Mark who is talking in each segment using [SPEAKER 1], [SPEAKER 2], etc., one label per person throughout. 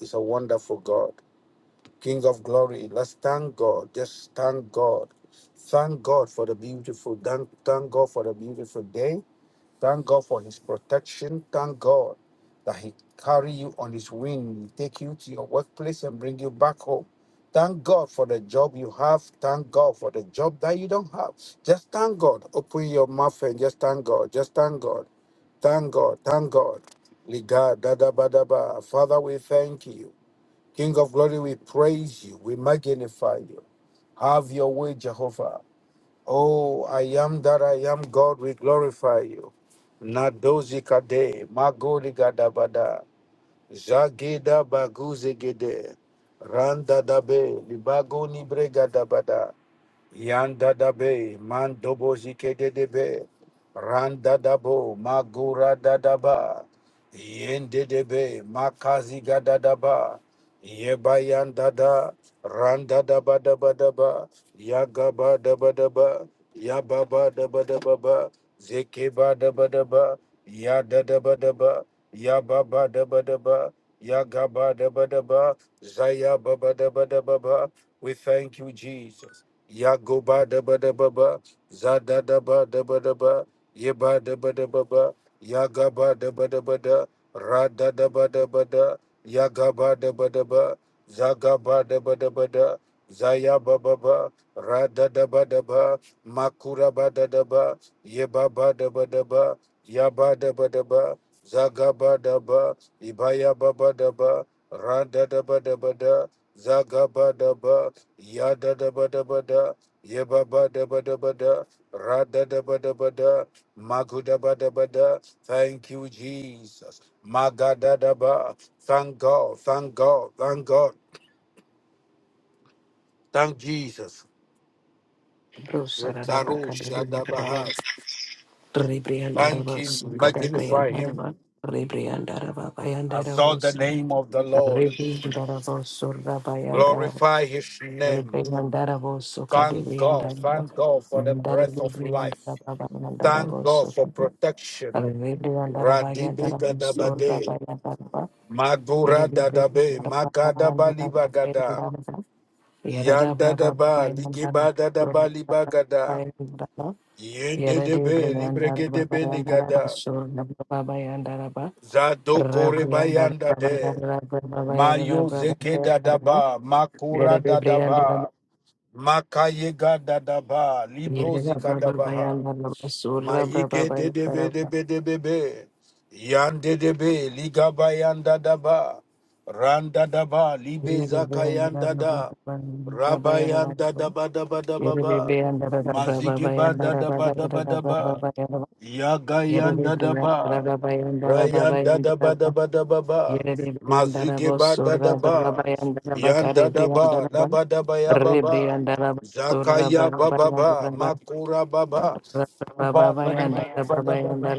[SPEAKER 1] Is a wonderful God, King of glory. Let's thank God. Just thank God. Thank God for the beautiful. Thank, thank God for the beautiful day. Thank God for His protection. Thank God that He carry you on His wing, take you to your workplace and bring you back home. Thank God for the job you have. Thank God for the job that you don't have. Just thank God. Open your mouth and just thank God. Just thank God. Thank God. Thank God. Liga, da, da, ba, da, ba. Father, we thank you. King of glory, we praise you. We magnify you. Have your way, Jehovah. Oh, I am that I am God. We glorify you. Nadozi kade, magoli gadabada, zageda baguze randa dabe, libagoni bregadabada. Yanda da be, mandobo zike de de randa dabo, magura da ba, yende de be, makazi ga da da ba, yeba yanda da, randa daba daba daba. Yagaba daba daba, yababa daba daba. ba da daba, yaba ba daba, ba da daba, ba, zeke daba. da zaya baba daba daba. ba. We thank you, Jesus. Yagoba daba daba ba, zada daba daba daba, yeba daba daba ba, yagaba daba daba da, rada daba daba da, yagaba daba daba, zagaba daba daba da, zaya baba ba, rada daba daba, makura ba da daba, yeba ba daba daba, yaba daba daba, zagaba daba, ibaya baba daba, rada daba daba da, zagaba daba,
[SPEAKER 2] Bro, sararaba kadabriyandaraba, rebriyandaraba, sukadabriyandaraba, rebriyandaraba, bayandarabo, san- rebriyandarabo, surabayandaraba,
[SPEAKER 1] Glorify his name.
[SPEAKER 2] rebriyandarabo,
[SPEAKER 1] Thank God.
[SPEAKER 2] sukadabriyandaraba,
[SPEAKER 1] Thank God for the breath of life.
[SPEAKER 2] mandarabriyandaraba, bayandarabo,
[SPEAKER 1] Thank God for
[SPEAKER 2] sukadabriyandaraba,
[SPEAKER 1] protection.
[SPEAKER 2] rebriyandaraba,
[SPEAKER 1] Radibi
[SPEAKER 2] bayandarabo,
[SPEAKER 1] gadabade.
[SPEAKER 2] surabayandaraba,
[SPEAKER 1] Magura dadabe.
[SPEAKER 2] yerebriyandaraba,
[SPEAKER 1] Magadaba libagada.
[SPEAKER 2] bayandaraba, Yerabra bayandaraba,
[SPEAKER 1] Yandadaba
[SPEAKER 2] yererabraba, bayandaraba,
[SPEAKER 1] ligibadadaba libagada.
[SPEAKER 2] surabayandaraba, Yarade
[SPEAKER 1] Yendedebe
[SPEAKER 2] Briandara
[SPEAKER 1] libregedebe
[SPEAKER 2] Babayandara
[SPEAKER 1] nigada.
[SPEAKER 2] Basur Nababayandara Ba
[SPEAKER 1] Zadoko
[SPEAKER 2] Rabriandara
[SPEAKER 1] rebayandade.
[SPEAKER 2] Babayandara Babayandara
[SPEAKER 1] Mayo zeke
[SPEAKER 2] Babayandara Ba
[SPEAKER 1] dadaba. Makura
[SPEAKER 2] Yarade Briandara
[SPEAKER 1] dadaba. Makaye gada daba,
[SPEAKER 2] Yarada
[SPEAKER 1] librozi kadabaha,
[SPEAKER 2] Babayandara Basur
[SPEAKER 1] mayige de de
[SPEAKER 2] Babayandara
[SPEAKER 1] be de
[SPEAKER 2] Ba
[SPEAKER 1] be de be be, yan de de be, ligaba yanda daba, randa daba, libe
[SPEAKER 2] Yarade
[SPEAKER 1] zaka yanda
[SPEAKER 2] Briandara
[SPEAKER 1] da, raba
[SPEAKER 2] Babayandara
[SPEAKER 1] yanda daba daba daba
[SPEAKER 2] Yarade
[SPEAKER 1] ba,
[SPEAKER 2] Briandara
[SPEAKER 1] mazige ba da
[SPEAKER 2] Babayandara
[SPEAKER 1] daba daba
[SPEAKER 2] Babayandara
[SPEAKER 1] daba,
[SPEAKER 2] Babayandara
[SPEAKER 1] Yagayan
[SPEAKER 2] Yarade Briandara
[SPEAKER 1] Dadaba,
[SPEAKER 2] Babayandara
[SPEAKER 1] Rayan Dadaba
[SPEAKER 2] Babayandara
[SPEAKER 1] Daba Dababa,
[SPEAKER 2] Yere de brianda da
[SPEAKER 1] Mazukeba
[SPEAKER 2] braba
[SPEAKER 1] Dadaba,
[SPEAKER 2] bayanda
[SPEAKER 1] Yan Dadaba, Daba Daba Yababa, Zakaya Bababa, Makura Baba, Iba Dadaba Daba Daba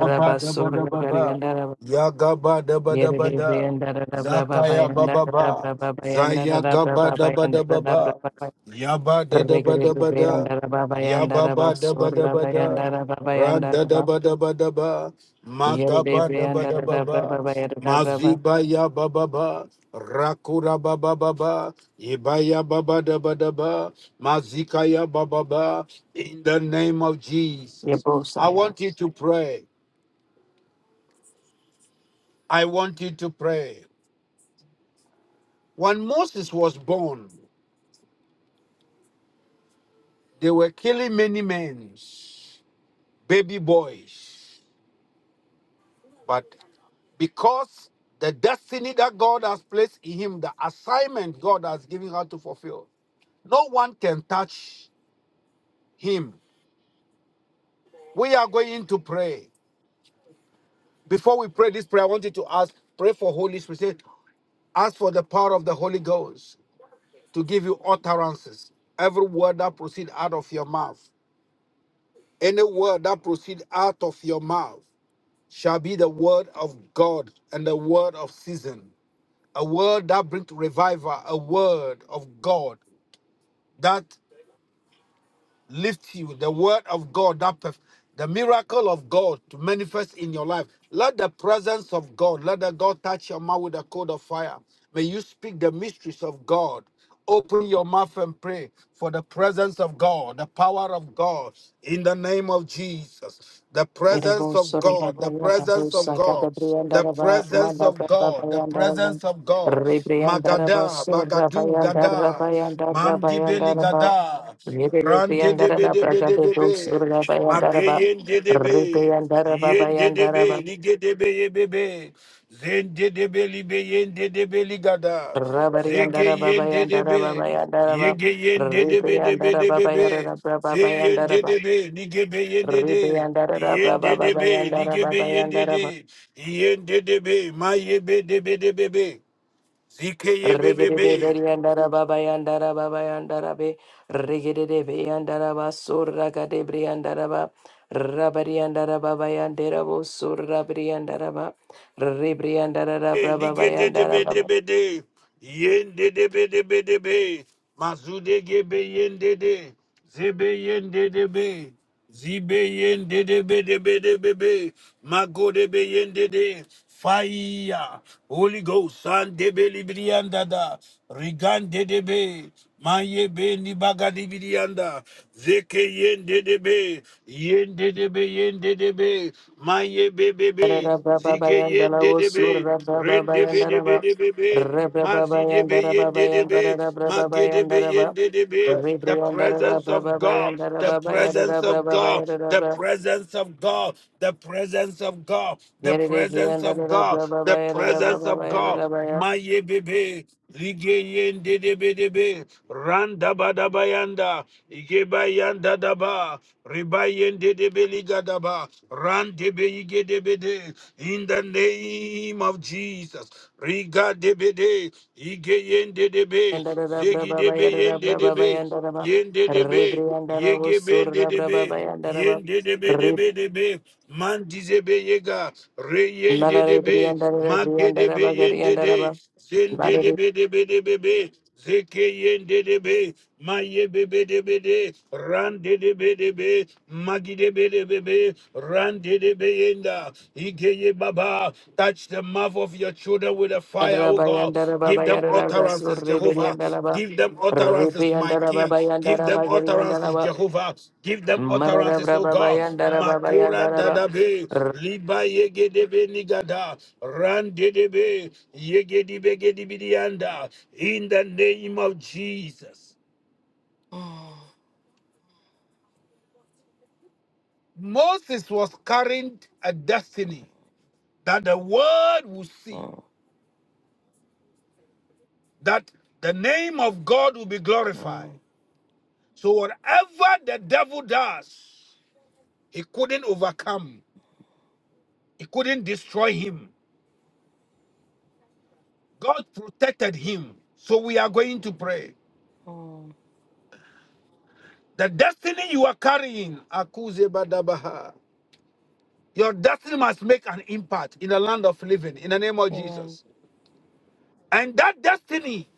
[SPEAKER 1] Abba da ba da ba ba. Yaga ba da ba da ba da. Zakaya ba ba ba. Zaya ga ba da ba da ba ba. Yaba da da ba da ba da. Yaba ba da ba da ba da. Ra da da ba da ba da ba. Maga ba da ba da ba ba.
[SPEAKER 2] da braba.
[SPEAKER 1] Maziba ya ba ba ba. Rakura ba ba ba ba. Ibaya ba ba da ba da ba. Mazika ya ba ba ba. In the name of Jesus. I
[SPEAKER 2] Yebo
[SPEAKER 1] want you to pray. I want you to pray. When Moses was born, they were killing many men, baby boys. But because the destiny that God has placed in him, the assignment God has given her to fulfill, no one can touch him. We are going to pray. Before we pray this prayer, I want you to ask, pray for Holy Spirit. Say, Ask for the power of the Holy Ghost to give you utterances. Every word that proceeds out of your mouth. Any word that proceeds out of your mouth shall be the word of God and the word of season, a word that brings revival, a word of God that lift you, the word of God, that perf- the miracle of God to manifest in your life. Let the presence of God, let the God touch your mouth with a coat of fire. May you speak the mysteries of God. Open your mouth and pray for the presence of God, the power of God in the name of Jesus. The presence of
[SPEAKER 2] Irabosora
[SPEAKER 1] God, the
[SPEAKER 2] Babayanda
[SPEAKER 1] presence of
[SPEAKER 2] Bosa
[SPEAKER 1] God, the
[SPEAKER 2] Gadabriandaraba
[SPEAKER 1] presence of
[SPEAKER 2] Madaba
[SPEAKER 1] God, the
[SPEAKER 2] Babayandaraba
[SPEAKER 1] presence of God.
[SPEAKER 2] Rebriandaraba
[SPEAKER 1] Magada,
[SPEAKER 2] Sura
[SPEAKER 1] Bagadu,
[SPEAKER 2] Bayandara
[SPEAKER 1] Gada,
[SPEAKER 2] Bayandara
[SPEAKER 1] Mandibeli
[SPEAKER 2] Bayandaraba
[SPEAKER 1] Gada, Ran de de
[SPEAKER 2] Rebriandara
[SPEAKER 1] be de be de
[SPEAKER 2] Bragade
[SPEAKER 1] be be.
[SPEAKER 2] raba Bayandaraba
[SPEAKER 1] Mageyen de de be.
[SPEAKER 2] Rebriandaraba
[SPEAKER 1] Yen de de be.
[SPEAKER 2] Bayandaraba
[SPEAKER 1] Lige de be ye be be. Zen de de be li be yen de de be ligada. Zege
[SPEAKER 2] Rabariandara
[SPEAKER 1] yen de de
[SPEAKER 2] Babayandara
[SPEAKER 1] be.
[SPEAKER 2] Babayandaraba
[SPEAKER 1] Yege yen de de be de be
[SPEAKER 2] Rebriandara
[SPEAKER 1] de be be.
[SPEAKER 2] Babayara
[SPEAKER 1] Ze yen de
[SPEAKER 2] Babayandaraba
[SPEAKER 1] de be. Lige be yen de de.
[SPEAKER 2] Rebriandara
[SPEAKER 1] Yen de de be.
[SPEAKER 2] Babayandara
[SPEAKER 1] Lige be yen de de.
[SPEAKER 2] Babayandaraba
[SPEAKER 1] Yen de de be. Ma ye be de be de be be. Zike ye be be
[SPEAKER 2] Regedede
[SPEAKER 1] be.
[SPEAKER 2] beriandara babayandara babayandara be regedede beyandara ba surra gade briandara ba rabariandara babayandara bo surra briandara ba rebriandara rabra babayandara ba
[SPEAKER 1] Ligedebedebede, yendedebedebedebe, mazudegebe yendede, zebe yendedebe, zibe yendedebedebedebe, magodebe yendede, Fire, Holy Ghost, and Debelibriandada, Rigandedebe, Mayebe Nibagadibrianda, Zeke Yendedebe, Yendedebe, Yendedebe, Mayebebe,
[SPEAKER 2] rabra
[SPEAKER 1] Zige
[SPEAKER 2] babayandara
[SPEAKER 1] yende
[SPEAKER 2] bo surra
[SPEAKER 1] debe,
[SPEAKER 2] braba
[SPEAKER 1] rende be
[SPEAKER 2] bayandara
[SPEAKER 1] debe
[SPEAKER 2] ba
[SPEAKER 1] debe be,
[SPEAKER 2] rabra
[SPEAKER 1] mazi debe
[SPEAKER 2] babayandara
[SPEAKER 1] yende
[SPEAKER 2] babayandara
[SPEAKER 1] debe,
[SPEAKER 2] rabra
[SPEAKER 1] mage debe
[SPEAKER 2] babayandara ba
[SPEAKER 1] yende debe. The
[SPEAKER 2] rebriandara
[SPEAKER 1] presence
[SPEAKER 2] rabra
[SPEAKER 1] of God,
[SPEAKER 2] babayandara
[SPEAKER 1] the
[SPEAKER 2] babayandara
[SPEAKER 1] presence of God, the
[SPEAKER 2] babayandara
[SPEAKER 1] presence of God, the presence of God, the
[SPEAKER 2] Yadada
[SPEAKER 1] presence of
[SPEAKER 2] Briandada
[SPEAKER 1] God,
[SPEAKER 2] Brababa
[SPEAKER 1] the
[SPEAKER 2] Yadada
[SPEAKER 1] presence
[SPEAKER 2] Brababa
[SPEAKER 1] of God.
[SPEAKER 2] Yadada Baya
[SPEAKER 1] Ma Maye bebe, zige yende debe debe, randa Yanda igebayanda daba, ribayende debe ligadaba, rande be liga da ba, ran de be ige de be de in the name of Jesus. Riga debede, ige yende debe,
[SPEAKER 2] Yandada
[SPEAKER 1] zegi
[SPEAKER 2] Brababa
[SPEAKER 1] debe
[SPEAKER 2] Yadada
[SPEAKER 1] yende
[SPEAKER 2] Brababa
[SPEAKER 1] debe,
[SPEAKER 2] Yandada
[SPEAKER 1] yende debe,
[SPEAKER 2] Rebriandada
[SPEAKER 1] yege bende
[SPEAKER 2] Usura
[SPEAKER 1] debe,
[SPEAKER 2] Brababa Yandada Ba
[SPEAKER 1] yende debe debe debe, man dizebe yega, re yende
[SPEAKER 2] Nalare
[SPEAKER 1] debe,
[SPEAKER 2] Briandada
[SPEAKER 1] mage
[SPEAKER 2] Briandada
[SPEAKER 1] debe
[SPEAKER 2] Bagari
[SPEAKER 1] yende
[SPEAKER 2] Yandada
[SPEAKER 1] de,
[SPEAKER 2] Ba Nalare
[SPEAKER 1] Zindidibidibidibidi. Zikiyindidibi. Mayibibidibidi. Randidibidibi. Magidibidibibi. ye Baba Touch the mouth of your children with a fire,
[SPEAKER 2] Yadada
[SPEAKER 1] O God.
[SPEAKER 2] Bayandada Baba
[SPEAKER 1] Give them
[SPEAKER 2] Yadada Dasur
[SPEAKER 1] utterances, Jehovah.
[SPEAKER 2] Rebriandada Ba
[SPEAKER 1] Give them utterances, my
[SPEAKER 2] Rebriandada
[SPEAKER 1] King.
[SPEAKER 2] Baba
[SPEAKER 1] Give
[SPEAKER 2] Yandada
[SPEAKER 1] them
[SPEAKER 2] Bagari Yandada
[SPEAKER 1] utterances,
[SPEAKER 2] Ba
[SPEAKER 1] Jehovah. Give them
[SPEAKER 2] Marada
[SPEAKER 1] utterances, O
[SPEAKER 2] Brababa
[SPEAKER 1] God.
[SPEAKER 2] Yandada Baba
[SPEAKER 1] Makura
[SPEAKER 2] Yandada
[SPEAKER 1] dadabe,
[SPEAKER 2] Ba
[SPEAKER 1] liba yegedebe nigada, randedebe, yegedibe gedibidianda. In the name of Jesus. Moses was carrying a destiny that the world will see,
[SPEAKER 2] Mm,
[SPEAKER 1] that the name of God will be glorified.
[SPEAKER 2] mm,
[SPEAKER 1] So whatever the devil does, he couldn't overcome. It couldn't destroy him. God protected him. So we are going to pray.
[SPEAKER 2] mm.
[SPEAKER 1] The destiny you are carrying, Akuze Badabaha, your destiny must make an impact in the land of living in the name of
[SPEAKER 2] Amen.
[SPEAKER 1] Jesus. And that destiny,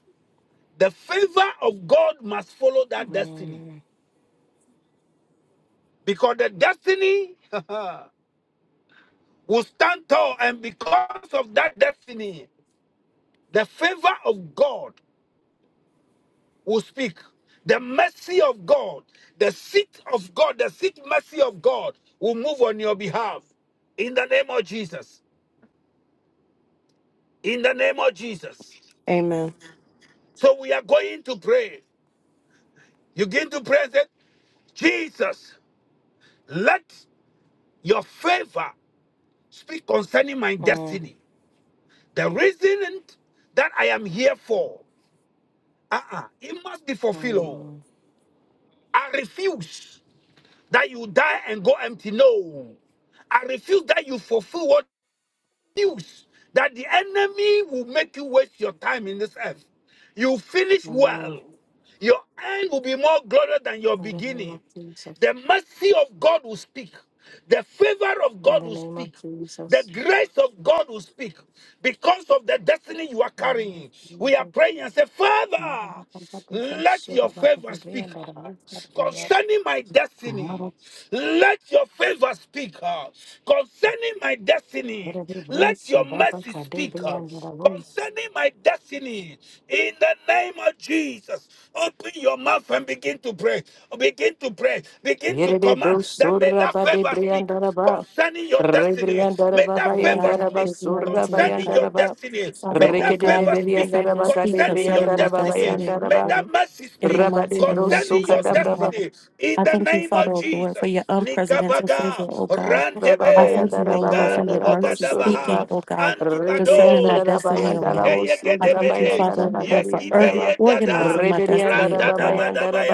[SPEAKER 1] the favor of God must follow that destiny.
[SPEAKER 2] Mm,
[SPEAKER 1] Because the destiny will stand tall, and because of that destiny, the favor of God will speak. The mercy of God, the seat of God, the seat mercy of God will move on your behalf in the name of Jesus. In the name of Jesus.
[SPEAKER 3] Amen.
[SPEAKER 1] So we are going to pray. You begin to pray that Jesus, let your favor speak concerning my
[SPEAKER 2] mm.
[SPEAKER 1] destiny. The reason that I am here for, uh-uh, it must be fulfilled. oh.
[SPEAKER 2] Mm,
[SPEAKER 1] I refuse that you die and go empty. No. I refuse that you fulfill what news that the enemy will make you waste your time in this earth. You finish
[SPEAKER 2] mm,
[SPEAKER 1] well. Your end will be more glorious than your
[SPEAKER 2] In the name
[SPEAKER 1] beginning.
[SPEAKER 2] of Jesus,
[SPEAKER 1] The mercy of God will speak. The favor of
[SPEAKER 2] in
[SPEAKER 1] God
[SPEAKER 2] the
[SPEAKER 1] will
[SPEAKER 2] name of
[SPEAKER 1] speak. The
[SPEAKER 2] Jesus,
[SPEAKER 1] grace of God will speak because of the destiny you are
[SPEAKER 2] in the name
[SPEAKER 1] carrying.
[SPEAKER 2] of
[SPEAKER 1] We are
[SPEAKER 2] Jesus.
[SPEAKER 1] praying and say,
[SPEAKER 2] Madam,
[SPEAKER 1] Father.
[SPEAKER 2] I'm talking some
[SPEAKER 1] Let
[SPEAKER 2] shit
[SPEAKER 1] your
[SPEAKER 2] about
[SPEAKER 1] favor
[SPEAKER 2] the day
[SPEAKER 1] speak
[SPEAKER 2] and that I miss that one.
[SPEAKER 1] concerning my
[SPEAKER 2] Mother,
[SPEAKER 1] destiny. Let your favor speak concerning my destiny.
[SPEAKER 2] whatever
[SPEAKER 1] Let
[SPEAKER 2] Bruce, I
[SPEAKER 1] your
[SPEAKER 2] love a
[SPEAKER 1] mercy speak
[SPEAKER 2] cadabri and the room.
[SPEAKER 1] concerning my destiny. In the name of Jesus, open your mouth and begin to pray. Begin to pray. Begin to
[SPEAKER 2] Here they
[SPEAKER 1] command
[SPEAKER 2] Bruce,
[SPEAKER 1] that may
[SPEAKER 2] Sura
[SPEAKER 1] that favor
[SPEAKER 2] Badibri
[SPEAKER 1] speak
[SPEAKER 2] and Daraba,
[SPEAKER 1] concerning your
[SPEAKER 2] Rebri
[SPEAKER 1] destiny.
[SPEAKER 2] and
[SPEAKER 1] May
[SPEAKER 2] Daraba
[SPEAKER 1] that
[SPEAKER 2] by
[SPEAKER 3] Oh
[SPEAKER 2] and
[SPEAKER 1] favor
[SPEAKER 3] God,
[SPEAKER 2] Daraba,
[SPEAKER 3] give
[SPEAKER 1] speak
[SPEAKER 3] me a
[SPEAKER 2] Sura by
[SPEAKER 3] reason, oh
[SPEAKER 2] and
[SPEAKER 1] concerning your
[SPEAKER 3] God.
[SPEAKER 2] Daraba,
[SPEAKER 1] destiny.
[SPEAKER 3] Father,
[SPEAKER 1] May
[SPEAKER 3] oh
[SPEAKER 1] that
[SPEAKER 2] Rickety de
[SPEAKER 3] God,
[SPEAKER 1] favor
[SPEAKER 3] let
[SPEAKER 2] Berry
[SPEAKER 3] your
[SPEAKER 1] speak
[SPEAKER 2] and
[SPEAKER 3] favor
[SPEAKER 2] Daraba,
[SPEAKER 3] speak
[SPEAKER 1] concerning
[SPEAKER 2] Cadabri and
[SPEAKER 1] your
[SPEAKER 3] concerning my
[SPEAKER 2] Daraba by
[SPEAKER 1] destiny.
[SPEAKER 2] and
[SPEAKER 3] destiny, oh
[SPEAKER 1] May
[SPEAKER 2] Daraba.
[SPEAKER 1] that
[SPEAKER 3] Lord.
[SPEAKER 1] mercy
[SPEAKER 3] In the
[SPEAKER 1] speak
[SPEAKER 3] mighty
[SPEAKER 2] Rabadi
[SPEAKER 3] name of
[SPEAKER 2] Bruce,
[SPEAKER 1] concerning your
[SPEAKER 3] Jesus, oh
[SPEAKER 2] Sukata,
[SPEAKER 3] God.
[SPEAKER 1] destiny. In
[SPEAKER 3] I
[SPEAKER 1] the
[SPEAKER 3] thank you,
[SPEAKER 1] name of
[SPEAKER 3] Father, oh Lord, for your
[SPEAKER 1] Jesus.
[SPEAKER 3] unprecedented
[SPEAKER 1] Nikabaga,
[SPEAKER 3] favor, oh God. I
[SPEAKER 2] Rabba
[SPEAKER 1] Randebe,
[SPEAKER 3] thank you, O Lord, for
[SPEAKER 1] Liganu
[SPEAKER 3] your mercy
[SPEAKER 1] Bogadabaha,
[SPEAKER 3] speaking, O God, concerning my
[SPEAKER 1] Andibado,
[SPEAKER 3] destiny, O God.
[SPEAKER 1] Mazike
[SPEAKER 3] I thank you,
[SPEAKER 1] Yegedebede,
[SPEAKER 3] Father, O Lord, for org-
[SPEAKER 1] Yegibe Yedada,
[SPEAKER 3] organizing my destiny, O God,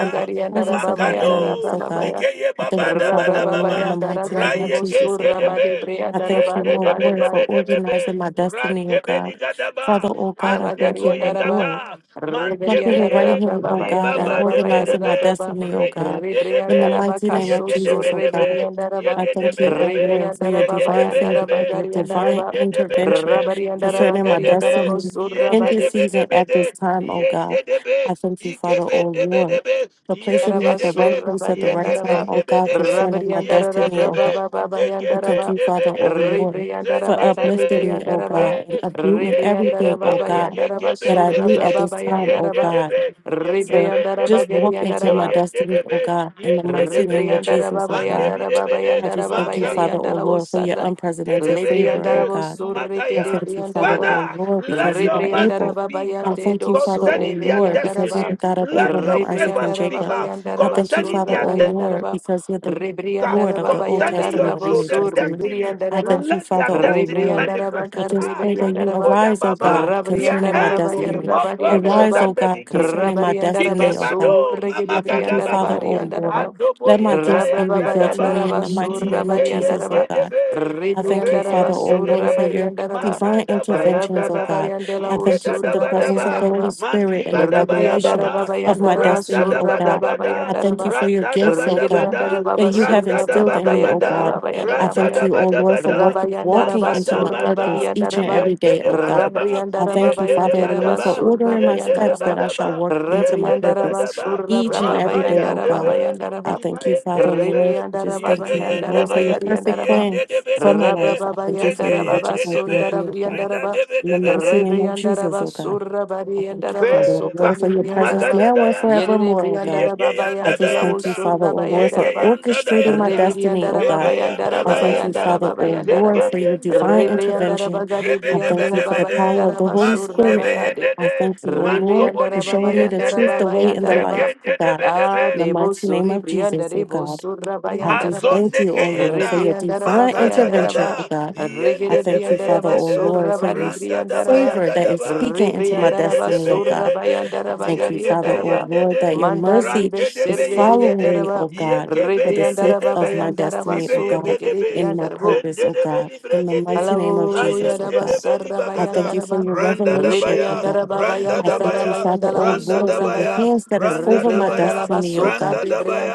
[SPEAKER 3] in the presence of my enemies,
[SPEAKER 1] Makado,
[SPEAKER 3] O God.
[SPEAKER 1] Ligeye
[SPEAKER 3] I thank
[SPEAKER 1] baba
[SPEAKER 3] you,
[SPEAKER 1] da ba
[SPEAKER 3] Father, O Lord, in the
[SPEAKER 1] baba.
[SPEAKER 3] mighty name of
[SPEAKER 1] Raye
[SPEAKER 3] Jesus,
[SPEAKER 1] gen
[SPEAKER 3] O
[SPEAKER 1] de de
[SPEAKER 3] God.
[SPEAKER 1] be.
[SPEAKER 3] I
[SPEAKER 1] Ye
[SPEAKER 3] thank you,
[SPEAKER 1] de
[SPEAKER 3] O
[SPEAKER 1] de be
[SPEAKER 3] Lord,
[SPEAKER 1] de
[SPEAKER 3] for
[SPEAKER 1] be de be
[SPEAKER 3] organizing
[SPEAKER 1] be.
[SPEAKER 3] my
[SPEAKER 1] Ran
[SPEAKER 3] destiny, O
[SPEAKER 1] de be li
[SPEAKER 3] God.
[SPEAKER 1] ga da
[SPEAKER 3] Father,
[SPEAKER 1] ba.
[SPEAKER 3] O God,
[SPEAKER 1] An
[SPEAKER 3] I
[SPEAKER 1] de
[SPEAKER 3] thank
[SPEAKER 1] go
[SPEAKER 3] you,
[SPEAKER 1] ye
[SPEAKER 3] O Lord.
[SPEAKER 1] gaga. Man
[SPEAKER 3] For
[SPEAKER 1] de be
[SPEAKER 3] plucking your right
[SPEAKER 1] ye.
[SPEAKER 2] Rebriandara
[SPEAKER 3] hand, O
[SPEAKER 2] Baba
[SPEAKER 1] Li
[SPEAKER 3] God, and
[SPEAKER 2] Yandara
[SPEAKER 1] baba de
[SPEAKER 2] Baba
[SPEAKER 1] be de
[SPEAKER 3] organizing my
[SPEAKER 2] Yara
[SPEAKER 1] be.
[SPEAKER 2] Baba
[SPEAKER 3] destiny, O
[SPEAKER 1] Reye
[SPEAKER 3] God,
[SPEAKER 1] de de
[SPEAKER 3] in the
[SPEAKER 1] be.
[SPEAKER 2] Rebriandara
[SPEAKER 3] mighty name
[SPEAKER 1] Ye
[SPEAKER 3] of
[SPEAKER 2] Bakaso
[SPEAKER 1] ge de
[SPEAKER 2] so
[SPEAKER 3] Jesus,
[SPEAKER 1] be
[SPEAKER 3] O
[SPEAKER 1] de
[SPEAKER 3] God.
[SPEAKER 1] be.
[SPEAKER 2] Rebriandara
[SPEAKER 1] Ye
[SPEAKER 2] Ba
[SPEAKER 3] I
[SPEAKER 1] ge de
[SPEAKER 3] thank
[SPEAKER 1] be
[SPEAKER 3] you,
[SPEAKER 1] de
[SPEAKER 3] O
[SPEAKER 1] be.
[SPEAKER 3] Lord, for your
[SPEAKER 2] Rebriandara
[SPEAKER 1] Ye ge
[SPEAKER 2] Baba
[SPEAKER 1] de
[SPEAKER 3] divine
[SPEAKER 1] be de
[SPEAKER 2] Yandara
[SPEAKER 3] favor and
[SPEAKER 1] be.
[SPEAKER 3] your
[SPEAKER 2] Bagariandara
[SPEAKER 1] Ye
[SPEAKER 3] divine
[SPEAKER 2] Ba
[SPEAKER 1] de de be de
[SPEAKER 3] intervention
[SPEAKER 1] be.
[SPEAKER 2] Rabariandara
[SPEAKER 1] Ye
[SPEAKER 3] concerning
[SPEAKER 1] de
[SPEAKER 3] my
[SPEAKER 1] de
[SPEAKER 2] Bagariandara
[SPEAKER 1] be.
[SPEAKER 3] destiny
[SPEAKER 1] Ye
[SPEAKER 2] Bosura
[SPEAKER 3] in
[SPEAKER 1] de
[SPEAKER 3] this
[SPEAKER 1] de
[SPEAKER 2] Badara
[SPEAKER 1] be de
[SPEAKER 3] season
[SPEAKER 1] be
[SPEAKER 3] at this
[SPEAKER 1] de.
[SPEAKER 3] time, O God.
[SPEAKER 1] Yendebe,
[SPEAKER 3] I thank you, Father, O Lord,
[SPEAKER 1] Ikebendebedebe,
[SPEAKER 3] for placing me at the right
[SPEAKER 1] Yendebe,
[SPEAKER 2] Basura
[SPEAKER 3] place at the right
[SPEAKER 2] Bariandara
[SPEAKER 3] time,
[SPEAKER 2] Ba
[SPEAKER 3] O God,
[SPEAKER 1] Yekebendebedebe,
[SPEAKER 3] concerning my
[SPEAKER 2] Rabariandara
[SPEAKER 3] destiny, O God.
[SPEAKER 1] Yendebe,
[SPEAKER 2] Baba Baba
[SPEAKER 3] I
[SPEAKER 2] Yandara
[SPEAKER 3] thank
[SPEAKER 2] Ba
[SPEAKER 3] you, Father, O
[SPEAKER 1] Zekebendebedebe,
[SPEAKER 3] Lord,
[SPEAKER 2] Rebriandara
[SPEAKER 3] for
[SPEAKER 2] Bakade
[SPEAKER 1] Zendebe,
[SPEAKER 3] uplifting me, O
[SPEAKER 2] Briandara Ba
[SPEAKER 3] God, and uprooting
[SPEAKER 2] Rebriandara
[SPEAKER 3] everything, O
[SPEAKER 2] Baba
[SPEAKER 1] Yendebe,
[SPEAKER 3] God,
[SPEAKER 2] Yandara
[SPEAKER 3] that I
[SPEAKER 2] Basura
[SPEAKER 3] need at
[SPEAKER 1] Yekebendebede,
[SPEAKER 2] Baba
[SPEAKER 3] this time,
[SPEAKER 2] Yandara
[SPEAKER 3] O
[SPEAKER 2] Ba
[SPEAKER 3] God.
[SPEAKER 1] Yendebe,
[SPEAKER 3] So
[SPEAKER 2] Rebriandara
[SPEAKER 3] just
[SPEAKER 1] Yekebendebede,
[SPEAKER 3] walk into my
[SPEAKER 2] Bagariandara
[SPEAKER 3] destiny, O
[SPEAKER 1] Zeyendebe,
[SPEAKER 3] God, in the mighty name of
[SPEAKER 1] Yendebedebe,
[SPEAKER 2] Ribriandara
[SPEAKER 3] Jesus,
[SPEAKER 2] baba
[SPEAKER 3] O God.
[SPEAKER 2] yandara baba
[SPEAKER 3] I
[SPEAKER 2] yandara
[SPEAKER 3] just
[SPEAKER 2] baba
[SPEAKER 3] thank you,
[SPEAKER 1] Andebidebede,
[SPEAKER 2] yari
[SPEAKER 3] Father, O
[SPEAKER 2] yandara wo
[SPEAKER 3] Lord, for your
[SPEAKER 2] sadra.
[SPEAKER 3] unprecedented favor, O
[SPEAKER 2] Libriandara
[SPEAKER 1] Gedebeyede,
[SPEAKER 2] wo
[SPEAKER 3] God.
[SPEAKER 2] surrike
[SPEAKER 3] I
[SPEAKER 2] de
[SPEAKER 1] Mataya.
[SPEAKER 3] thank you, Father, O
[SPEAKER 1] Father,
[SPEAKER 3] Lord,
[SPEAKER 1] let
[SPEAKER 3] because you
[SPEAKER 1] your
[SPEAKER 3] are
[SPEAKER 1] mercy
[SPEAKER 3] able.
[SPEAKER 2] Ribriandaraba
[SPEAKER 1] speak
[SPEAKER 3] I
[SPEAKER 1] uh,
[SPEAKER 2] Bayande
[SPEAKER 3] thank you, Father,
[SPEAKER 2] Doso
[SPEAKER 3] O
[SPEAKER 2] de
[SPEAKER 1] concerning their
[SPEAKER 3] Lord, because you're
[SPEAKER 2] Veriandaraba
[SPEAKER 1] destiny.
[SPEAKER 3] the God of
[SPEAKER 1] Let your
[SPEAKER 3] Abraham, Isaac,
[SPEAKER 1] favor
[SPEAKER 3] and
[SPEAKER 2] Ribriandaraba
[SPEAKER 1] speak
[SPEAKER 3] Jacob.
[SPEAKER 1] uh,
[SPEAKER 3] I
[SPEAKER 2] Bayandaraba
[SPEAKER 3] thank you,
[SPEAKER 1] concerning
[SPEAKER 3] Father,
[SPEAKER 2] Surda
[SPEAKER 1] their
[SPEAKER 3] O
[SPEAKER 1] destiny.
[SPEAKER 3] Lord,
[SPEAKER 2] Bayandaraba
[SPEAKER 3] because you're the Lord of
[SPEAKER 2] Ribriandaraba
[SPEAKER 3] the Old
[SPEAKER 1] Concerning your
[SPEAKER 3] Testament
[SPEAKER 2] Bayandaraba
[SPEAKER 3] and New
[SPEAKER 2] Sur
[SPEAKER 1] children's
[SPEAKER 3] Testament.
[SPEAKER 1] destiny,
[SPEAKER 3] I
[SPEAKER 2] Ribriandaraba
[SPEAKER 3] thank you,
[SPEAKER 1] let their
[SPEAKER 3] Father, O
[SPEAKER 1] destiny
[SPEAKER 3] Lord.
[SPEAKER 2] Ribriandaraba
[SPEAKER 1] manifest.
[SPEAKER 3] I just
[SPEAKER 1] Ah,
[SPEAKER 3] pray that you
[SPEAKER 2] Carribriandaraba
[SPEAKER 1] Kanuboya
[SPEAKER 3] arise, O
[SPEAKER 1] Baba,
[SPEAKER 3] God,
[SPEAKER 1] their
[SPEAKER 3] concerning my
[SPEAKER 2] Rabriandaraba
[SPEAKER 1] end will be
[SPEAKER 3] destiny.
[SPEAKER 1] more glorious
[SPEAKER 3] Arise,
[SPEAKER 2] Bayarabariandaraba
[SPEAKER 1] than
[SPEAKER 3] O
[SPEAKER 1] the
[SPEAKER 3] God,
[SPEAKER 1] beginning.
[SPEAKER 3] concerning my
[SPEAKER 1] Ike
[SPEAKER 2] Rabariandaraba
[SPEAKER 3] destiny, O God.
[SPEAKER 2] Sur
[SPEAKER 1] Bado,
[SPEAKER 3] I
[SPEAKER 1] Mama
[SPEAKER 3] thank you, Father,
[SPEAKER 2] Ribriandaraba
[SPEAKER 1] Gadabaha,
[SPEAKER 3] O Lord.
[SPEAKER 2] Riandaraba
[SPEAKER 3] Let my
[SPEAKER 1] Andoboye
[SPEAKER 3] gifts be
[SPEAKER 2] Rabraba
[SPEAKER 3] revealed to me
[SPEAKER 1] Gayandadaba.
[SPEAKER 3] in
[SPEAKER 2] Bayandaraba
[SPEAKER 3] the
[SPEAKER 2] Sur
[SPEAKER 3] mighty name of
[SPEAKER 1] Yende
[SPEAKER 3] Jesus,
[SPEAKER 1] yende
[SPEAKER 3] O
[SPEAKER 2] Rabariandaraba
[SPEAKER 3] God.
[SPEAKER 1] debe,
[SPEAKER 3] I thank
[SPEAKER 1] re
[SPEAKER 3] you, Father,
[SPEAKER 2] Ribriandaraba
[SPEAKER 1] yende
[SPEAKER 3] oh
[SPEAKER 2] Sur
[SPEAKER 3] Lord, for
[SPEAKER 1] debe,
[SPEAKER 3] your
[SPEAKER 2] Rabariandaraba
[SPEAKER 3] divine
[SPEAKER 1] magada
[SPEAKER 3] interventions,
[SPEAKER 1] bayanda
[SPEAKER 3] oh
[SPEAKER 1] da,
[SPEAKER 3] God.
[SPEAKER 2] Rabrabayandela
[SPEAKER 3] I thank you
[SPEAKER 1] igeda
[SPEAKER 3] for
[SPEAKER 1] da
[SPEAKER 3] the
[SPEAKER 2] Usurra
[SPEAKER 1] ba da
[SPEAKER 3] presence of the
[SPEAKER 1] ba,
[SPEAKER 3] Holy
[SPEAKER 2] Bayandaraba,
[SPEAKER 3] Spirit and the
[SPEAKER 1] ya ba
[SPEAKER 2] Ribriandara
[SPEAKER 3] revelation
[SPEAKER 1] ba,
[SPEAKER 3] of my
[SPEAKER 2] Babayandaraba,
[SPEAKER 1] randa
[SPEAKER 3] destiny,
[SPEAKER 1] da
[SPEAKER 3] oh
[SPEAKER 2] Surra
[SPEAKER 1] ba da
[SPEAKER 3] God.
[SPEAKER 1] ba da,
[SPEAKER 3] I thank you
[SPEAKER 2] Brababayandaraba,
[SPEAKER 3] for your
[SPEAKER 1] randa da
[SPEAKER 3] gifts,
[SPEAKER 1] ba
[SPEAKER 3] oh
[SPEAKER 1] da ba
[SPEAKER 3] God,
[SPEAKER 1] da,
[SPEAKER 2] Rigriandara Baba
[SPEAKER 3] that you have
[SPEAKER 1] randa
[SPEAKER 2] Surra
[SPEAKER 1] da
[SPEAKER 3] instilled
[SPEAKER 1] ba
[SPEAKER 3] in
[SPEAKER 1] da
[SPEAKER 3] me,
[SPEAKER 1] ba
[SPEAKER 3] oh
[SPEAKER 1] da,
[SPEAKER 2] Brababayandara
[SPEAKER 3] God. I
[SPEAKER 1] randa
[SPEAKER 3] thank
[SPEAKER 1] da
[SPEAKER 2] Bayandarabaya,
[SPEAKER 3] you,
[SPEAKER 1] ba
[SPEAKER 3] oh
[SPEAKER 1] da
[SPEAKER 3] Lord,
[SPEAKER 1] ba
[SPEAKER 3] for work,
[SPEAKER 1] da,
[SPEAKER 2] Rabayandara
[SPEAKER 3] walking into
[SPEAKER 1] magada
[SPEAKER 3] my
[SPEAKER 1] ba
[SPEAKER 2] Basurra
[SPEAKER 1] da,
[SPEAKER 3] purpose each and
[SPEAKER 2] Badiandaraba,
[SPEAKER 3] every
[SPEAKER 1] yende
[SPEAKER 3] day,
[SPEAKER 1] de
[SPEAKER 3] oh
[SPEAKER 1] ba da
[SPEAKER 3] God. I
[SPEAKER 2] Rabriandara
[SPEAKER 3] thank you,
[SPEAKER 1] yende de
[SPEAKER 3] Father, oh
[SPEAKER 2] Babayandaraba,
[SPEAKER 3] Lord, for
[SPEAKER 2] Surra
[SPEAKER 3] ordering my
[SPEAKER 1] yende de
[SPEAKER 3] steps that
[SPEAKER 2] Briandaraba,
[SPEAKER 3] I shall walk into my
[SPEAKER 1] yende de
[SPEAKER 2] Rebriandara
[SPEAKER 1] ba
[SPEAKER 3] purpose
[SPEAKER 2] Basurra
[SPEAKER 3] each and every day, oh
[SPEAKER 2] Brababayandara
[SPEAKER 3] God. I
[SPEAKER 2] Babayandaraba,
[SPEAKER 3] thank you, Father, oh
[SPEAKER 1] Ibayendedebe,
[SPEAKER 3] Lord. I
[SPEAKER 2] Ribriandara
[SPEAKER 3] just thank you, oh
[SPEAKER 2] Babayandara
[SPEAKER 3] Lord, for
[SPEAKER 1] yegeyendede,
[SPEAKER 3] your perfect
[SPEAKER 2] Bagariandaraba,
[SPEAKER 3] plan for my
[SPEAKER 1] yendedebedebede,
[SPEAKER 3] life. I thank you for your
[SPEAKER 2] Rabrabayandara Baba
[SPEAKER 3] riches and
[SPEAKER 1] zegeyendedebe,
[SPEAKER 3] glory, O God.
[SPEAKER 2] Sundara
[SPEAKER 3] In the
[SPEAKER 1] rinadebedebede.
[SPEAKER 3] mighty name of Jesus,
[SPEAKER 2] Rebriandaraba
[SPEAKER 3] O God. I
[SPEAKER 2] Surabari and
[SPEAKER 3] thank you,
[SPEAKER 2] Daraba
[SPEAKER 3] Father, O
[SPEAKER 1] Favor,
[SPEAKER 3] Lord, for
[SPEAKER 2] Sukari
[SPEAKER 3] your presence
[SPEAKER 2] Briandaraba
[SPEAKER 3] now and
[SPEAKER 1] magadadayanda,
[SPEAKER 2] Yere
[SPEAKER 3] forevermore, O God.
[SPEAKER 2] Briandaraba
[SPEAKER 3] I
[SPEAKER 2] Bayan
[SPEAKER 3] just
[SPEAKER 2] Delawo
[SPEAKER 3] thank you,
[SPEAKER 1] yegeyandadayanda,
[SPEAKER 3] Father, O
[SPEAKER 2] Surabayan
[SPEAKER 3] Lord, for
[SPEAKER 2] Daraba
[SPEAKER 3] orchestrating my
[SPEAKER 1] yegeyandadayanda,
[SPEAKER 3] destiny, O
[SPEAKER 2] Rebriandaraba
[SPEAKER 3] God.
[SPEAKER 2] Bayan
[SPEAKER 3] I
[SPEAKER 2] Daraba
[SPEAKER 3] thank
[SPEAKER 2] Bayan
[SPEAKER 3] you,
[SPEAKER 1] rebeyandadayanda,
[SPEAKER 3] Father,
[SPEAKER 2] Daraba
[SPEAKER 3] O
[SPEAKER 2] Bayan
[SPEAKER 3] Lord,
[SPEAKER 2] Daraba
[SPEAKER 3] for your divine
[SPEAKER 1] zegeyendedeyanda,
[SPEAKER 3] intervention.
[SPEAKER 2] Rebriandaraba Gadi
[SPEAKER 3] I thank you for
[SPEAKER 2] Briandaraba
[SPEAKER 3] the
[SPEAKER 1] rebedebedebede,
[SPEAKER 2] Bayan
[SPEAKER 3] power of the
[SPEAKER 2] Daraba
[SPEAKER 3] Holy Spirit.
[SPEAKER 2] Surabayade
[SPEAKER 3] I
[SPEAKER 1] magudebeyendede,
[SPEAKER 3] thank you, O Lord, for
[SPEAKER 2] Rebriandaraba
[SPEAKER 3] showing me
[SPEAKER 2] Bayan
[SPEAKER 3] the
[SPEAKER 1] mantobolibiriyendede,
[SPEAKER 3] truth,
[SPEAKER 2] Daraba
[SPEAKER 3] the way,
[SPEAKER 2] Bayan
[SPEAKER 3] and the
[SPEAKER 2] Daraba
[SPEAKER 3] life, O God.
[SPEAKER 2] Ah
[SPEAKER 3] In
[SPEAKER 1] zegendedebedebe.
[SPEAKER 3] the
[SPEAKER 2] Devo
[SPEAKER 3] mighty name
[SPEAKER 2] Suri
[SPEAKER 3] of Jesus, O
[SPEAKER 2] Briandarebo
[SPEAKER 3] God. I
[SPEAKER 2] Surabayan
[SPEAKER 3] just
[SPEAKER 2] Daraba
[SPEAKER 3] thank
[SPEAKER 1] Mazonde
[SPEAKER 3] you, O Lord,
[SPEAKER 1] keyenda,
[SPEAKER 3] for your
[SPEAKER 2] Rebriandaraba
[SPEAKER 3] divine
[SPEAKER 1] makada
[SPEAKER 2] Bayan
[SPEAKER 3] intervention,
[SPEAKER 1] dada,
[SPEAKER 2] Daraba
[SPEAKER 3] O God. I
[SPEAKER 1] yende
[SPEAKER 2] Rigere
[SPEAKER 3] thank
[SPEAKER 1] debe
[SPEAKER 3] you, Father,
[SPEAKER 2] Briandaraba
[SPEAKER 1] yende
[SPEAKER 3] O
[SPEAKER 1] de,
[SPEAKER 3] Lord,
[SPEAKER 2] Surra
[SPEAKER 3] for
[SPEAKER 2] Bari
[SPEAKER 3] your
[SPEAKER 1] randa daba ya
[SPEAKER 2] Briandaraba
[SPEAKER 3] favor that is
[SPEAKER 1] gadaba,
[SPEAKER 3] speaking into my
[SPEAKER 1] yende
[SPEAKER 2] Ribriandaraba
[SPEAKER 3] destiny,
[SPEAKER 1] debe
[SPEAKER 3] O
[SPEAKER 2] Surra
[SPEAKER 3] God.
[SPEAKER 1] yende de,
[SPEAKER 3] I
[SPEAKER 2] Bayandaraba
[SPEAKER 3] thank you,
[SPEAKER 1] yende
[SPEAKER 3] Father,
[SPEAKER 1] be
[SPEAKER 3] O
[SPEAKER 2] Gariandaraba
[SPEAKER 1] yende
[SPEAKER 3] Lord,
[SPEAKER 1] de,
[SPEAKER 3] that your
[SPEAKER 2] Mandar
[SPEAKER 3] mercy
[SPEAKER 1] rande
[SPEAKER 2] Ribe
[SPEAKER 3] is
[SPEAKER 1] debe
[SPEAKER 2] Serre
[SPEAKER 1] yende
[SPEAKER 3] following
[SPEAKER 1] de,
[SPEAKER 3] me, O
[SPEAKER 2] Briandaraba
[SPEAKER 3] God,
[SPEAKER 1] yende be
[SPEAKER 3] for the
[SPEAKER 1] yende
[SPEAKER 3] sake
[SPEAKER 2] Ribriandaraba
[SPEAKER 1] debe.
[SPEAKER 3] of my
[SPEAKER 2] Bayandaraba
[SPEAKER 3] destiny, O God,
[SPEAKER 2] Surre Gere
[SPEAKER 1] Zibeyegedebe,
[SPEAKER 3] and my purpose, O God.
[SPEAKER 1] Zendedebeli
[SPEAKER 3] In the
[SPEAKER 1] Bregede,
[SPEAKER 3] mighty name of
[SPEAKER 2] Hallelujah,
[SPEAKER 3] Jesus,
[SPEAKER 1] Lion
[SPEAKER 3] O
[SPEAKER 2] Rabba
[SPEAKER 3] God.
[SPEAKER 1] Dedebeli
[SPEAKER 2] Sarra
[SPEAKER 3] I thank
[SPEAKER 1] Bagada,
[SPEAKER 3] you for
[SPEAKER 2] Bayandaraba,
[SPEAKER 3] your
[SPEAKER 1] Randa
[SPEAKER 3] revelation, O
[SPEAKER 1] Dabaya,
[SPEAKER 3] God.
[SPEAKER 2] Ribriandaraba
[SPEAKER 1] Randa
[SPEAKER 3] I thank
[SPEAKER 2] Bayandaraba
[SPEAKER 3] you,
[SPEAKER 1] Dabaya,
[SPEAKER 3] Father,
[SPEAKER 2] Bayandala
[SPEAKER 3] oh
[SPEAKER 1] Randa
[SPEAKER 3] Lord, for
[SPEAKER 2] Usura
[SPEAKER 3] your
[SPEAKER 2] Baya,
[SPEAKER 1] Dabaya,
[SPEAKER 3] hands that is
[SPEAKER 1] Randa
[SPEAKER 3] over my
[SPEAKER 1] Dabaya,
[SPEAKER 2] Ribriandalaba
[SPEAKER 3] destiny, oh
[SPEAKER 2] Suka
[SPEAKER 3] God.
[SPEAKER 1] Randa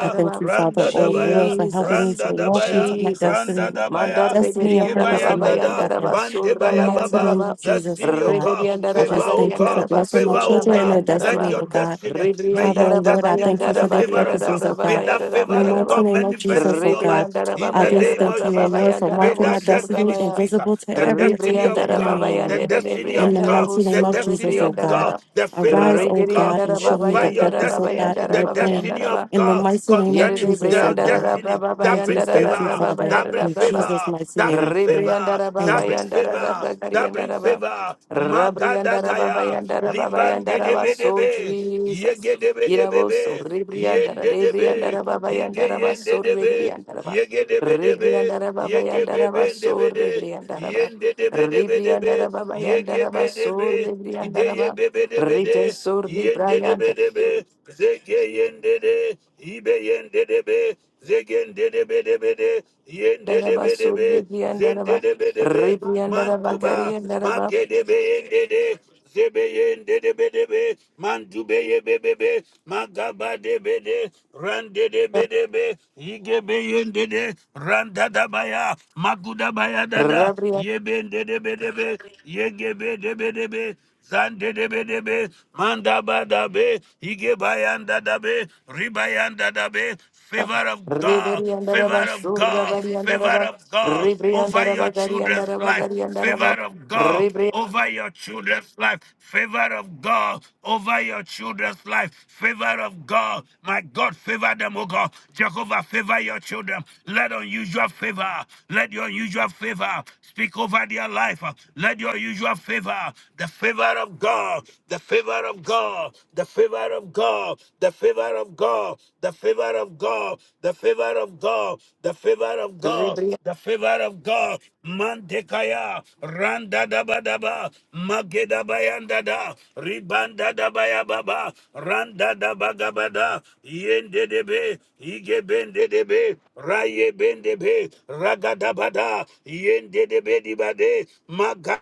[SPEAKER 3] I thank you, Father,
[SPEAKER 1] Randa
[SPEAKER 3] oh Lord,
[SPEAKER 1] Dabaya,
[SPEAKER 3] for helping me
[SPEAKER 2] Jesus,
[SPEAKER 3] to
[SPEAKER 1] Randa
[SPEAKER 3] walk into
[SPEAKER 1] Dabaya,
[SPEAKER 3] my
[SPEAKER 2] Jesus,
[SPEAKER 1] Randa
[SPEAKER 3] destiny,
[SPEAKER 2] Mandar
[SPEAKER 1] Dabaya,
[SPEAKER 3] destiny and purpose for
[SPEAKER 2] Ribriandalaba
[SPEAKER 3] my
[SPEAKER 1] Igebayanda
[SPEAKER 3] life,
[SPEAKER 1] da,
[SPEAKER 3] oh God.
[SPEAKER 2] Bayandaraba Surra
[SPEAKER 3] In the
[SPEAKER 1] Bandebaya
[SPEAKER 3] mighty
[SPEAKER 1] Baba,
[SPEAKER 3] name
[SPEAKER 2] Bayandaraba,
[SPEAKER 3] of Jesus, oh
[SPEAKER 1] destiny, O
[SPEAKER 3] God.
[SPEAKER 1] God,
[SPEAKER 3] I
[SPEAKER 1] favor,
[SPEAKER 2] Ribriandaraba
[SPEAKER 3] just
[SPEAKER 1] O
[SPEAKER 3] thank you for
[SPEAKER 1] God,
[SPEAKER 2] Gariandaraba
[SPEAKER 3] blessing my
[SPEAKER 1] favor,
[SPEAKER 2] Surra
[SPEAKER 1] O
[SPEAKER 3] children and
[SPEAKER 1] God,
[SPEAKER 3] their
[SPEAKER 1] let
[SPEAKER 2] Bayandaraba,
[SPEAKER 3] destiny,
[SPEAKER 1] your
[SPEAKER 3] oh God.
[SPEAKER 1] destiny, may
[SPEAKER 3] Father,
[SPEAKER 1] your
[SPEAKER 3] oh
[SPEAKER 1] destiny
[SPEAKER 2] Ribriandaraba
[SPEAKER 3] Lord, I
[SPEAKER 1] destiny,
[SPEAKER 3] thank
[SPEAKER 1] pull
[SPEAKER 3] you
[SPEAKER 1] the
[SPEAKER 3] for their
[SPEAKER 2] Bayandaraba
[SPEAKER 1] favor of
[SPEAKER 3] purposes,
[SPEAKER 1] God.
[SPEAKER 3] oh
[SPEAKER 2] Diarababa
[SPEAKER 1] May
[SPEAKER 3] God.
[SPEAKER 1] that
[SPEAKER 3] In
[SPEAKER 2] Bayaraba
[SPEAKER 1] favor
[SPEAKER 3] the
[SPEAKER 1] of
[SPEAKER 3] mighty
[SPEAKER 2] Yaraba,
[SPEAKER 1] God
[SPEAKER 3] name of
[SPEAKER 1] manifest
[SPEAKER 3] Jesus,
[SPEAKER 1] in
[SPEAKER 3] oh
[SPEAKER 1] your
[SPEAKER 3] God,
[SPEAKER 1] life
[SPEAKER 2] Ribriandaraba
[SPEAKER 1] in
[SPEAKER 3] I
[SPEAKER 1] the
[SPEAKER 3] just
[SPEAKER 1] name
[SPEAKER 2] Bayaraba
[SPEAKER 3] thank
[SPEAKER 1] of
[SPEAKER 3] you, oh
[SPEAKER 1] Jesus.
[SPEAKER 3] Lord, for
[SPEAKER 1] May
[SPEAKER 3] marking
[SPEAKER 2] Bayandaraba
[SPEAKER 3] my
[SPEAKER 1] that
[SPEAKER 2] Surra
[SPEAKER 1] destiny
[SPEAKER 3] destiny
[SPEAKER 2] Baya.
[SPEAKER 1] speaker,
[SPEAKER 3] invisible to
[SPEAKER 1] the
[SPEAKER 3] every attack
[SPEAKER 1] destiny
[SPEAKER 3] of the
[SPEAKER 1] of
[SPEAKER 2] Rebriandara
[SPEAKER 1] God,
[SPEAKER 3] enemy,
[SPEAKER 2] Baba
[SPEAKER 3] oh
[SPEAKER 1] the
[SPEAKER 3] Lord.
[SPEAKER 2] Yandere
[SPEAKER 1] destiny of
[SPEAKER 3] In the
[SPEAKER 2] Rebriandara
[SPEAKER 1] God,
[SPEAKER 3] mighty
[SPEAKER 1] the
[SPEAKER 3] name
[SPEAKER 2] Busur
[SPEAKER 3] of
[SPEAKER 1] destiny
[SPEAKER 3] Jesus, oh
[SPEAKER 1] of
[SPEAKER 2] Rebriandara
[SPEAKER 3] God,
[SPEAKER 1] God,
[SPEAKER 2] Ba
[SPEAKER 1] the favor
[SPEAKER 3] arise,
[SPEAKER 1] of
[SPEAKER 3] oh
[SPEAKER 1] God
[SPEAKER 3] God, and
[SPEAKER 2] Rebriandara
[SPEAKER 3] show
[SPEAKER 2] Baba
[SPEAKER 3] me
[SPEAKER 1] over
[SPEAKER 3] the
[SPEAKER 1] your
[SPEAKER 2] Yandara
[SPEAKER 3] purpose,
[SPEAKER 2] Baba
[SPEAKER 3] oh
[SPEAKER 1] destiny,
[SPEAKER 3] God, in
[SPEAKER 2] Yandara
[SPEAKER 1] the
[SPEAKER 3] your
[SPEAKER 2] Baba
[SPEAKER 3] plan.
[SPEAKER 1] destiny
[SPEAKER 2] Yandara Ba
[SPEAKER 1] of
[SPEAKER 3] In the
[SPEAKER 1] God
[SPEAKER 3] mighty name of
[SPEAKER 2] Yere
[SPEAKER 1] concerning
[SPEAKER 3] Jesus, oh
[SPEAKER 1] their
[SPEAKER 2] Rebriandara
[SPEAKER 3] God,
[SPEAKER 1] destiny
[SPEAKER 2] Rabra Baba
[SPEAKER 3] I
[SPEAKER 1] that bring
[SPEAKER 3] just
[SPEAKER 2] Yandara
[SPEAKER 3] thank you,
[SPEAKER 2] Rabra
[SPEAKER 1] favor,
[SPEAKER 2] Baba
[SPEAKER 3] Father.
[SPEAKER 1] that bring
[SPEAKER 2] Yandara
[SPEAKER 3] In
[SPEAKER 2] Braba
[SPEAKER 3] Jesus'
[SPEAKER 1] favor,
[SPEAKER 3] mighty
[SPEAKER 1] that
[SPEAKER 3] name, I
[SPEAKER 1] bring
[SPEAKER 3] pray.
[SPEAKER 1] favor,
[SPEAKER 2] Ribriandara baba
[SPEAKER 1] that
[SPEAKER 3] Amen.
[SPEAKER 1] bring
[SPEAKER 2] yandara
[SPEAKER 1] favor,
[SPEAKER 2] raba
[SPEAKER 1] that bring
[SPEAKER 2] gariandara ba.
[SPEAKER 1] favor. Magadabaya
[SPEAKER 2] Rabriandara baba
[SPEAKER 1] Dagaya,
[SPEAKER 2] yandara baba
[SPEAKER 1] Liban de
[SPEAKER 2] yandara
[SPEAKER 1] de
[SPEAKER 2] ba.
[SPEAKER 1] be de
[SPEAKER 2] So
[SPEAKER 1] be,
[SPEAKER 2] Jesus.
[SPEAKER 1] Yege de be de be
[SPEAKER 2] Irabo so
[SPEAKER 1] be, Yen
[SPEAKER 2] ribriandara
[SPEAKER 1] de de be,
[SPEAKER 2] ribriandara baba
[SPEAKER 1] Yege
[SPEAKER 2] yandara ba.
[SPEAKER 1] yen de
[SPEAKER 2] So
[SPEAKER 1] de be,
[SPEAKER 2] ribriandara ba.
[SPEAKER 1] Yege de be
[SPEAKER 2] Ribriandara baba
[SPEAKER 1] Yege be
[SPEAKER 2] yandara ba.
[SPEAKER 1] de
[SPEAKER 2] So
[SPEAKER 1] be
[SPEAKER 2] ribriandara ba.
[SPEAKER 1] Yen de de de be
[SPEAKER 2] Ribriandara baba
[SPEAKER 1] Yege
[SPEAKER 2] yandara ba.
[SPEAKER 1] be de
[SPEAKER 2] So
[SPEAKER 1] be,
[SPEAKER 2] ribriandara ba.
[SPEAKER 1] de be
[SPEAKER 2] Rite so
[SPEAKER 1] Yen de de
[SPEAKER 2] ribriandara
[SPEAKER 1] Zege yen de de, Ibe yen de de Zegen de de Yen de de
[SPEAKER 2] ba.
[SPEAKER 1] be
[SPEAKER 2] So ribriandara
[SPEAKER 1] de
[SPEAKER 2] ba.
[SPEAKER 1] Zebedebedebe,
[SPEAKER 2] Ribriandara ba
[SPEAKER 1] Mantuba,
[SPEAKER 2] gariandara ba.
[SPEAKER 1] Makedebeyendede, Zebeyendedebedebe, Mantubeyebebebe, Magabadebede, Randedebedebe, Igebeyendede, Randadabaya, Magudabaya dada, Yebendedebedebe, Yegebedebedebe, Zandedebedebe, Mandabadabe, Igebayandadabe, be. de be, manda ba da be, ige bayanda da be, ribayanda da be, favor of God, favor
[SPEAKER 2] Ribriandaraba,
[SPEAKER 1] of God,
[SPEAKER 2] Surabariandaraba,
[SPEAKER 1] favor of God over your
[SPEAKER 2] Ribriandaraba,
[SPEAKER 1] children's
[SPEAKER 2] Gariandaraba,
[SPEAKER 1] life, favor
[SPEAKER 2] Gariandaraba,
[SPEAKER 1] of God
[SPEAKER 2] Ribri,
[SPEAKER 1] over your children's life, favor of God over your children's life, favor of God. My God, favor them, oh God. Jehovah, favor your children. Let unusual favor, let your unusual favor Speak over their life. Let your usual favor, the favor of God, the favor of God, the favor of God, the favor of God, the favor of God, the favor of God, the favor of
[SPEAKER 2] and Daraba,
[SPEAKER 1] God,
[SPEAKER 2] gari and Daraba, gari and Daraba, ribri ribri
[SPEAKER 1] the favor of God. Mandekaya, randa da ba da ba, mageda bayanda da, ribanda da baya baba, randa da baga bada, yende de be, ige bende de be, raye bende be, raga bada, yende de be di bade, maga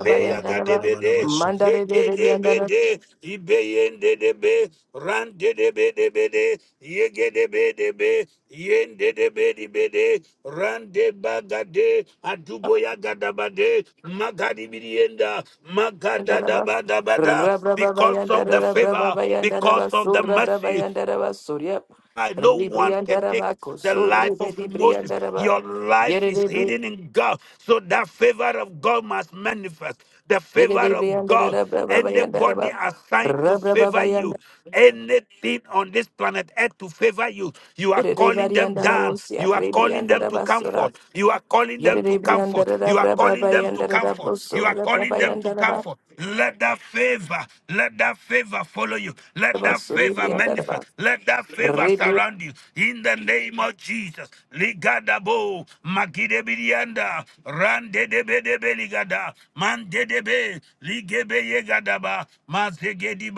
[SPEAKER 2] Ribriandaraba,
[SPEAKER 1] Beyakadebede,
[SPEAKER 4] Dabarabantalabalabasop-
[SPEAKER 2] Mandare de Beriandaraba,
[SPEAKER 1] zegedebede, ibeyendedebe, randedebedebede, yegedebedebe, yendedebedebede, randebagade, aduboyagadabade, magadibidienda, magadadabadabada. Because of the
[SPEAKER 2] Rabrabayandaraba,
[SPEAKER 1] favor, because
[SPEAKER 2] Brabayandaraba,
[SPEAKER 1] of the mercy,
[SPEAKER 2] Surabrabayandaraba, Surya,
[SPEAKER 1] I- No
[SPEAKER 2] ribri
[SPEAKER 1] one can take
[SPEAKER 2] Ribriandaraba,
[SPEAKER 1] the life of
[SPEAKER 2] Kusuribedi
[SPEAKER 1] Moses.
[SPEAKER 2] Briandaraba,
[SPEAKER 1] Your life is
[SPEAKER 2] Yeridibri,
[SPEAKER 1] hidden in God. So that favor of God must manifest. The favor of God.
[SPEAKER 2] Yeridibriandaraba,
[SPEAKER 1] Anybody
[SPEAKER 2] Brabayandaraba,
[SPEAKER 1] assigned to favor you,
[SPEAKER 2] Rabrababayanda,
[SPEAKER 1] anything on this planet earth to favor you, you are calling them down.
[SPEAKER 2] Yeribariandalawosia,
[SPEAKER 1] You are calling them to
[SPEAKER 2] sura
[SPEAKER 1] comfort. You are calling them to
[SPEAKER 2] Yerere
[SPEAKER 1] comfort.
[SPEAKER 2] briandara da
[SPEAKER 1] You are
[SPEAKER 2] braba
[SPEAKER 1] calling them to
[SPEAKER 2] bayandara
[SPEAKER 1] comfort
[SPEAKER 2] da
[SPEAKER 1] come forth. You are
[SPEAKER 2] brosura braba
[SPEAKER 1] calling them to
[SPEAKER 2] yandara
[SPEAKER 1] come
[SPEAKER 2] ba
[SPEAKER 1] forth. Let that favor, let that favor follow you. Let
[SPEAKER 2] braba
[SPEAKER 1] that
[SPEAKER 2] suri
[SPEAKER 1] favor
[SPEAKER 2] briandara
[SPEAKER 1] manifest.
[SPEAKER 2] ba
[SPEAKER 1] Let that favor
[SPEAKER 2] rebriandara
[SPEAKER 1] surround you. In the name of Jesus. Ligadabo, Magidebilianda, Randedebedebeligada, Mandedebe, Ligebeyega. Gadaba, Mazegedi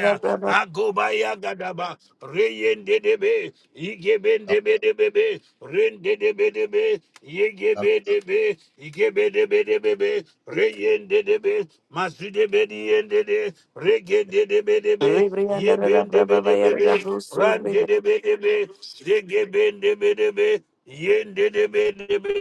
[SPEAKER 2] da braba
[SPEAKER 1] Agobaya gadaba, reyende debe, igebe debe debe be, rende debe debe, yegebe debe, igebe debe debe be, reyende debe, masu debe diende de, rege debe debe,
[SPEAKER 2] rebriandara
[SPEAKER 1] yebe
[SPEAKER 2] da
[SPEAKER 1] debe
[SPEAKER 2] braba
[SPEAKER 1] debe
[SPEAKER 2] bayara da
[SPEAKER 1] be, rande
[SPEAKER 2] brosura
[SPEAKER 1] debe debe, zegebe debe debe, yende debe.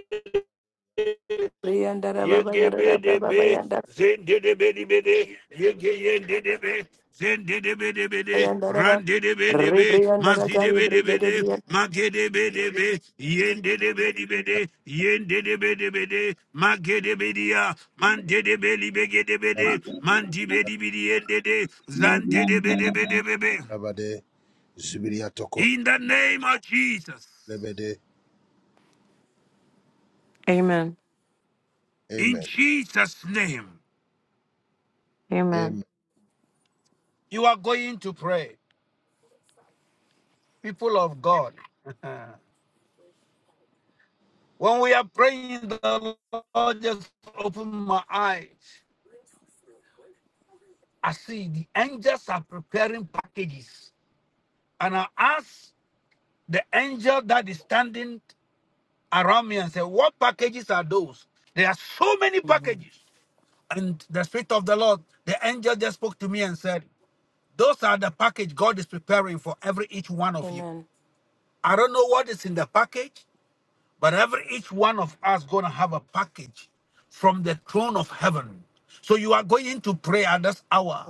[SPEAKER 2] rebriandara ba bayara da braba
[SPEAKER 1] Yigibidibidi,
[SPEAKER 2] bayandara
[SPEAKER 1] zindidibidibidi, yigiyindidibi, zindidibidibidi,
[SPEAKER 2] bayandara ba
[SPEAKER 1] randidibidibidi,
[SPEAKER 2] rebriandara kari brigade
[SPEAKER 1] mazidibidibidi,
[SPEAKER 2] briandara
[SPEAKER 1] magidibidibi, yindidibidibidi, yindidibidibidi, magidibidiya, mandidibidibidi,
[SPEAKER 5] Maga bara bara bara.
[SPEAKER 1] mandibidibidiyendidi,
[SPEAKER 5] Lebran bara bara.
[SPEAKER 1] zandidibidibidibibi.
[SPEAKER 4] Dabarabade, Zibiriyatoko,
[SPEAKER 1] In the name of Jesus,
[SPEAKER 4] Lebede.
[SPEAKER 3] Amen.
[SPEAKER 1] in
[SPEAKER 4] Amen.
[SPEAKER 1] Jesus' name,
[SPEAKER 3] Amen.
[SPEAKER 4] Amen.
[SPEAKER 1] you are going to pray, people of God. When we are praying, the Lord just opened my eyes. I see the angels are preparing packages. And I asked the angel that is standing around me and said, What packages are those? There are so many packages. And the Spirit of the Lord, the angel just spoke to me and said, Those are the package God is preparing for every each one of you. I don't know what is in the package. But every each one of us gonna have a package from the throne of heaven. So you are going to pray at this hour.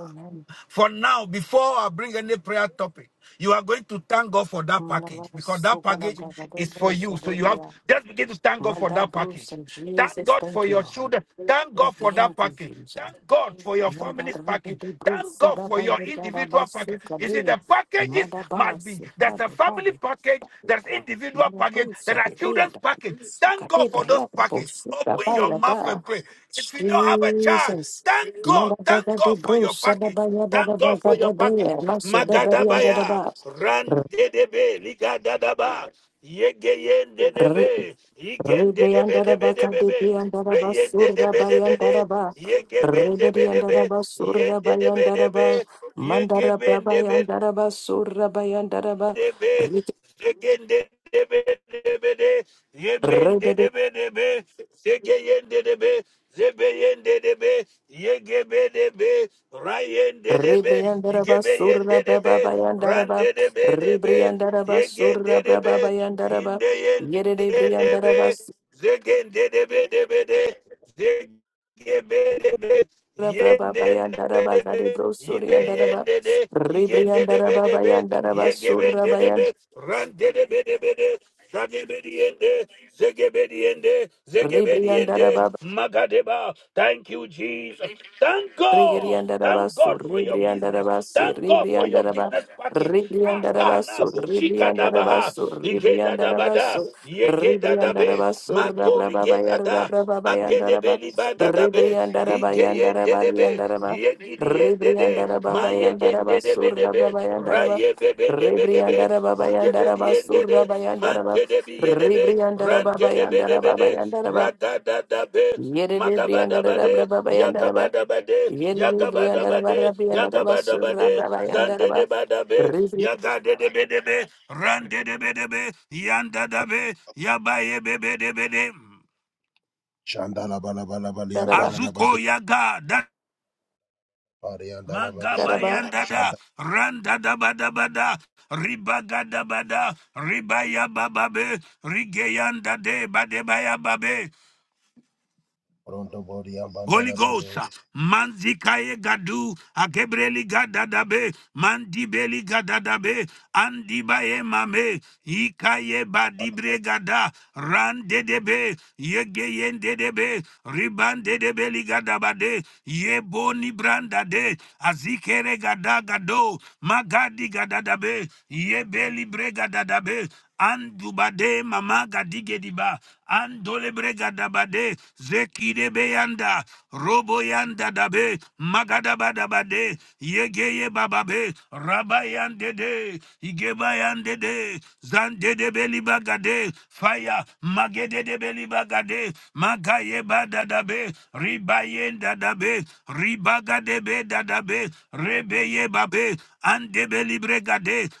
[SPEAKER 1] For now, before I bring any prayer topic, you are going to thank God for that
[SPEAKER 2] manava
[SPEAKER 1] package because that
[SPEAKER 2] sukada
[SPEAKER 1] package
[SPEAKER 2] braba
[SPEAKER 1] is for
[SPEAKER 2] braba
[SPEAKER 1] you. So you have
[SPEAKER 2] sadebria
[SPEAKER 1] just begin to thank God for
[SPEAKER 2] manda
[SPEAKER 1] that package.
[SPEAKER 2] brusa
[SPEAKER 1] Thank
[SPEAKER 2] Jesus
[SPEAKER 1] God for
[SPEAKER 2] thank you
[SPEAKER 1] your
[SPEAKER 2] Lord
[SPEAKER 1] children. Thank
[SPEAKER 2] Father,
[SPEAKER 1] God for that
[SPEAKER 2] thank you
[SPEAKER 1] package.
[SPEAKER 2] Jesus
[SPEAKER 1] Thank God for your family's
[SPEAKER 2] Mandaribe
[SPEAKER 1] package.
[SPEAKER 2] de
[SPEAKER 1] Thank
[SPEAKER 2] bruxo
[SPEAKER 1] God
[SPEAKER 2] da
[SPEAKER 1] for
[SPEAKER 2] baia
[SPEAKER 1] your
[SPEAKER 2] da da
[SPEAKER 1] individual package.
[SPEAKER 2] basuca
[SPEAKER 1] You see,
[SPEAKER 2] de
[SPEAKER 1] the packages must be.
[SPEAKER 2] madabasso,
[SPEAKER 1] There's a
[SPEAKER 2] vade,
[SPEAKER 1] family
[SPEAKER 2] vade,
[SPEAKER 1] package package, there's individual package, there
[SPEAKER 2] madabusa
[SPEAKER 1] are
[SPEAKER 2] de breia
[SPEAKER 1] children's
[SPEAKER 2] da
[SPEAKER 1] package. Thank
[SPEAKER 2] basuca
[SPEAKER 1] God
[SPEAKER 2] de
[SPEAKER 1] for those
[SPEAKER 2] breia da
[SPEAKER 1] packages.
[SPEAKER 2] bolsuca
[SPEAKER 1] Open your
[SPEAKER 2] baia
[SPEAKER 1] mouth
[SPEAKER 2] da
[SPEAKER 1] and pray. If you don't have a child,
[SPEAKER 2] Jesus.
[SPEAKER 1] thank God. Thank
[SPEAKER 2] Madabaga de
[SPEAKER 1] God for your
[SPEAKER 2] bruxa da
[SPEAKER 1] package.
[SPEAKER 2] baia da da
[SPEAKER 1] Thank God for
[SPEAKER 2] baga
[SPEAKER 1] your
[SPEAKER 2] de
[SPEAKER 1] package.
[SPEAKER 2] beia, maço da beria da da
[SPEAKER 1] Magadabaya,
[SPEAKER 2] ba.
[SPEAKER 1] Randedebe, Ligadadaba, Yegeyendedebe,
[SPEAKER 2] Ribriandara baka
[SPEAKER 1] Yigendedebedebedebe,
[SPEAKER 2] dibriandara basurda bayandara
[SPEAKER 1] Reyendedebedebede,
[SPEAKER 2] ba. Ribriandara
[SPEAKER 1] Yegebendebedebe,
[SPEAKER 2] basurda bayandara ba.
[SPEAKER 1] Yendedebedebe,
[SPEAKER 2] Mandara
[SPEAKER 1] Yegebendebedebe
[SPEAKER 2] brabayandara basurda bayandara ba.
[SPEAKER 1] debe,
[SPEAKER 2] Ribri
[SPEAKER 1] segende debe debe de, yebende debe debe, segeyende debe, zebeyende debe, yegebe debe, rayende debe,
[SPEAKER 2] Ribriandara basurda
[SPEAKER 1] yigebeyende
[SPEAKER 2] baba
[SPEAKER 1] debe,
[SPEAKER 2] bayandara ba.
[SPEAKER 1] rande debe debe,
[SPEAKER 2] Ribriandara basurda
[SPEAKER 1] yegende debe,
[SPEAKER 2] baba bayandara ba. Yere
[SPEAKER 1] indeyende
[SPEAKER 2] briandara
[SPEAKER 1] debe,
[SPEAKER 2] basurda
[SPEAKER 1] zegende debe debe de, zegebe
[SPEAKER 2] baba bayandara ba. Gade
[SPEAKER 1] Yendedebedebe,
[SPEAKER 2] brosuriandara ba.
[SPEAKER 1] ibeyendede,
[SPEAKER 2] Ribriandara baba
[SPEAKER 1] igendedebedebe,
[SPEAKER 2] yandara basurda
[SPEAKER 1] yegebendedebe,
[SPEAKER 2] bayan.
[SPEAKER 1] randedebedebede, zadebediende, zegebediende,
[SPEAKER 2] Rebriandara
[SPEAKER 1] zegebediende, magadeba. Thank you, Jesus. Thank God. Thank
[SPEAKER 2] Rigriandarabasu,
[SPEAKER 1] God for your business.
[SPEAKER 2] Ribriandarabasu,
[SPEAKER 1] Thank God for your
[SPEAKER 2] Ribriandaraba,
[SPEAKER 1] business package. Akana
[SPEAKER 2] Ribriandarabasu,
[SPEAKER 1] bushika dabaha.
[SPEAKER 2] Ribriandarabasu,
[SPEAKER 1] Igeda dabada.
[SPEAKER 2] Ribriandarabasu,
[SPEAKER 1] Yegeda dabe.
[SPEAKER 2] Ribriandarabasu,
[SPEAKER 1] Magori
[SPEAKER 2] Rabrababaya,
[SPEAKER 1] geda da.
[SPEAKER 2] Rabrababayandaraba,
[SPEAKER 1] Adedebe libada dabe, igeyen
[SPEAKER 2] Ribriandarabayandaraba,
[SPEAKER 1] dedebe,
[SPEAKER 2] Riandaraba,
[SPEAKER 1] yegidiyen dede, ma yegen
[SPEAKER 2] Ribriandarababayandarabasu,
[SPEAKER 1] dedebe debe,
[SPEAKER 2] Rabrabayandaraba,
[SPEAKER 1] raye bebe debe debe, zigebe diyen
[SPEAKER 2] Ribriandarababayandarabasu,
[SPEAKER 1] dede, man
[SPEAKER 2] Rabayandaraba,
[SPEAKER 1] dedebi yedebe, ran dedebe debe de,
[SPEAKER 2] Ribriandarababayandarababayandaraba,
[SPEAKER 1] radada dabe,
[SPEAKER 2] Yere
[SPEAKER 1] Magabadabade,
[SPEAKER 2] Ribriandarababayandaraba,
[SPEAKER 1] Yagabadabade,
[SPEAKER 2] Yeni briandara
[SPEAKER 1] Yagabadabade,
[SPEAKER 2] barra briandara basura
[SPEAKER 1] Yagabadabade,
[SPEAKER 2] brava yandara ba.
[SPEAKER 1] Zandedebadabe,
[SPEAKER 2] Ribri
[SPEAKER 1] Yagadedebedebe, Randedebedebe, Yandadabe, Yabayebebedebede.
[SPEAKER 2] daraba
[SPEAKER 4] Shandalabalabalabaliyampararabadu,
[SPEAKER 1] Azuko yaga da
[SPEAKER 4] Pariyandalabade,
[SPEAKER 2] daraba.
[SPEAKER 1] magabayandada yandada
[SPEAKER 4] Shanda-
[SPEAKER 1] randa bada bada ribaga da bada ribaya bababe rigeyanda de bade baya babe Holy Ghost,
[SPEAKER 4] Rondobodiyambandalabade,
[SPEAKER 1] Manzikaye Gadu, Akebreli Gadadabe, Mandibeli Gadadabe, Andibaye Mame, Ikaye Badibre Gada, Randedebe, Yegeyen Dedebe, Riban Dedebeli Gadabade, Yeboni Brandade, Azikere Gada Gado, Magadi Gadadabe, Yebeli Bregadadabe, Andubade Mama Gadigediba, Andole brega dabade, zekide beyanda, robo yanda dabe, magadaba dabade, yegeye bababe, rabayande de, igebayande de, zande de beli fire, magede de beli magaye badadabe, ribayenda dabe, ribagade be dadabe, rebeye babe, ande beli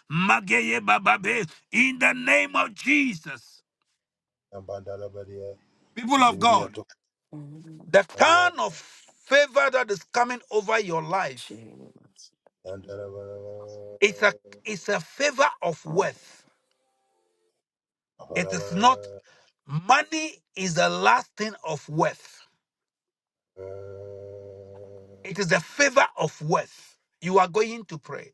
[SPEAKER 1] mageye bababe, in the name of Jesus.
[SPEAKER 4] Apariyambandalabadiya,
[SPEAKER 1] People of God.
[SPEAKER 4] Zibiriyatoko,
[SPEAKER 2] Mm,
[SPEAKER 1] The
[SPEAKER 4] Pariya,
[SPEAKER 1] kind of favor that is coming over your life
[SPEAKER 2] Jesus.
[SPEAKER 4] Yandalabalaba,
[SPEAKER 1] is a it's a favor of
[SPEAKER 2] Mm,
[SPEAKER 1] worth. It
[SPEAKER 4] Abalaba,
[SPEAKER 1] is not money is the last thing of worth. It is
[SPEAKER 4] Abalaba,
[SPEAKER 1] the favor of worth. You are going to pray.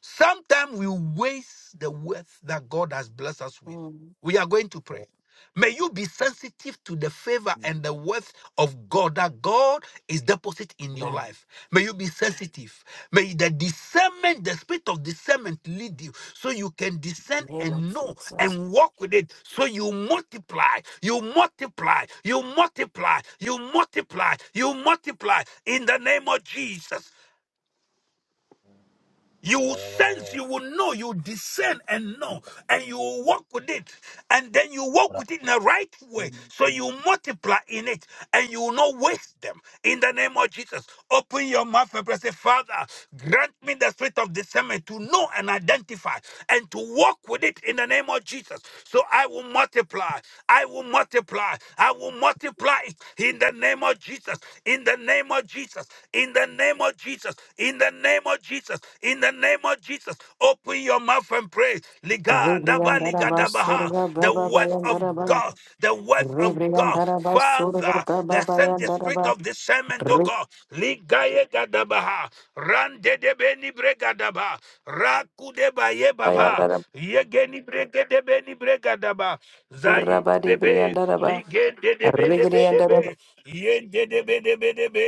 [SPEAKER 1] Sometimes we waste the wealth that God has blessed us with.
[SPEAKER 2] mm.
[SPEAKER 1] We are going to pray. May you be sensitive to the favor and the worth of God that God is deposited in your
[SPEAKER 2] Amen.
[SPEAKER 1] life. May you be sensitive. May the discernment, the spirit of discernment lead you so you can discern
[SPEAKER 2] Name of
[SPEAKER 1] and know
[SPEAKER 2] Jesus.
[SPEAKER 1] and walk with it so you multiply, you multiply, you multiply, you multiply, you multiply in the name of Jesus. You will sense,
[SPEAKER 4] Abalaba,
[SPEAKER 1] you will know, you will discern and know, and you will walk with it. And then you walk
[SPEAKER 4] Abalaba.
[SPEAKER 1] with it in the right way. So you multiply in it and you will not waste them. In the name of Jesus, open your mouth and pray, say, Father, grant me the spirit of discernment to know and identify and to walk with it in the name of Jesus. So I will multiply. I will multiply. I will multiply it in the name of Jesus. Jesus, in the name of Jesus, in the name of Jesus, in the name of Jesus, in the name of Jesus. Open your mouth and pray. Liga, daba,
[SPEAKER 2] Ribriandara
[SPEAKER 1] liga, daba, ha.
[SPEAKER 2] basura
[SPEAKER 1] The
[SPEAKER 2] brava
[SPEAKER 1] word
[SPEAKER 2] bayandara
[SPEAKER 1] of
[SPEAKER 2] ba.
[SPEAKER 1] God, the word of God.
[SPEAKER 2] Ribriandara basura
[SPEAKER 1] Father, they
[SPEAKER 2] brava
[SPEAKER 1] sent the
[SPEAKER 2] bayandara
[SPEAKER 1] spirit
[SPEAKER 2] ba.
[SPEAKER 1] of discernment to God. Liga, ye, ga, daba, ha. Ran, de, de, be, ni, daba. Ra, de, ba, ye, baba.
[SPEAKER 2] Ribriandara
[SPEAKER 1] Ye, ge, ni, de, be, ni, daba. Za,
[SPEAKER 2] basura badi
[SPEAKER 1] bebe
[SPEAKER 2] daraba. ba.
[SPEAKER 1] ligende de bede bede be
[SPEAKER 2] Ribriandara
[SPEAKER 1] yende de bede bede be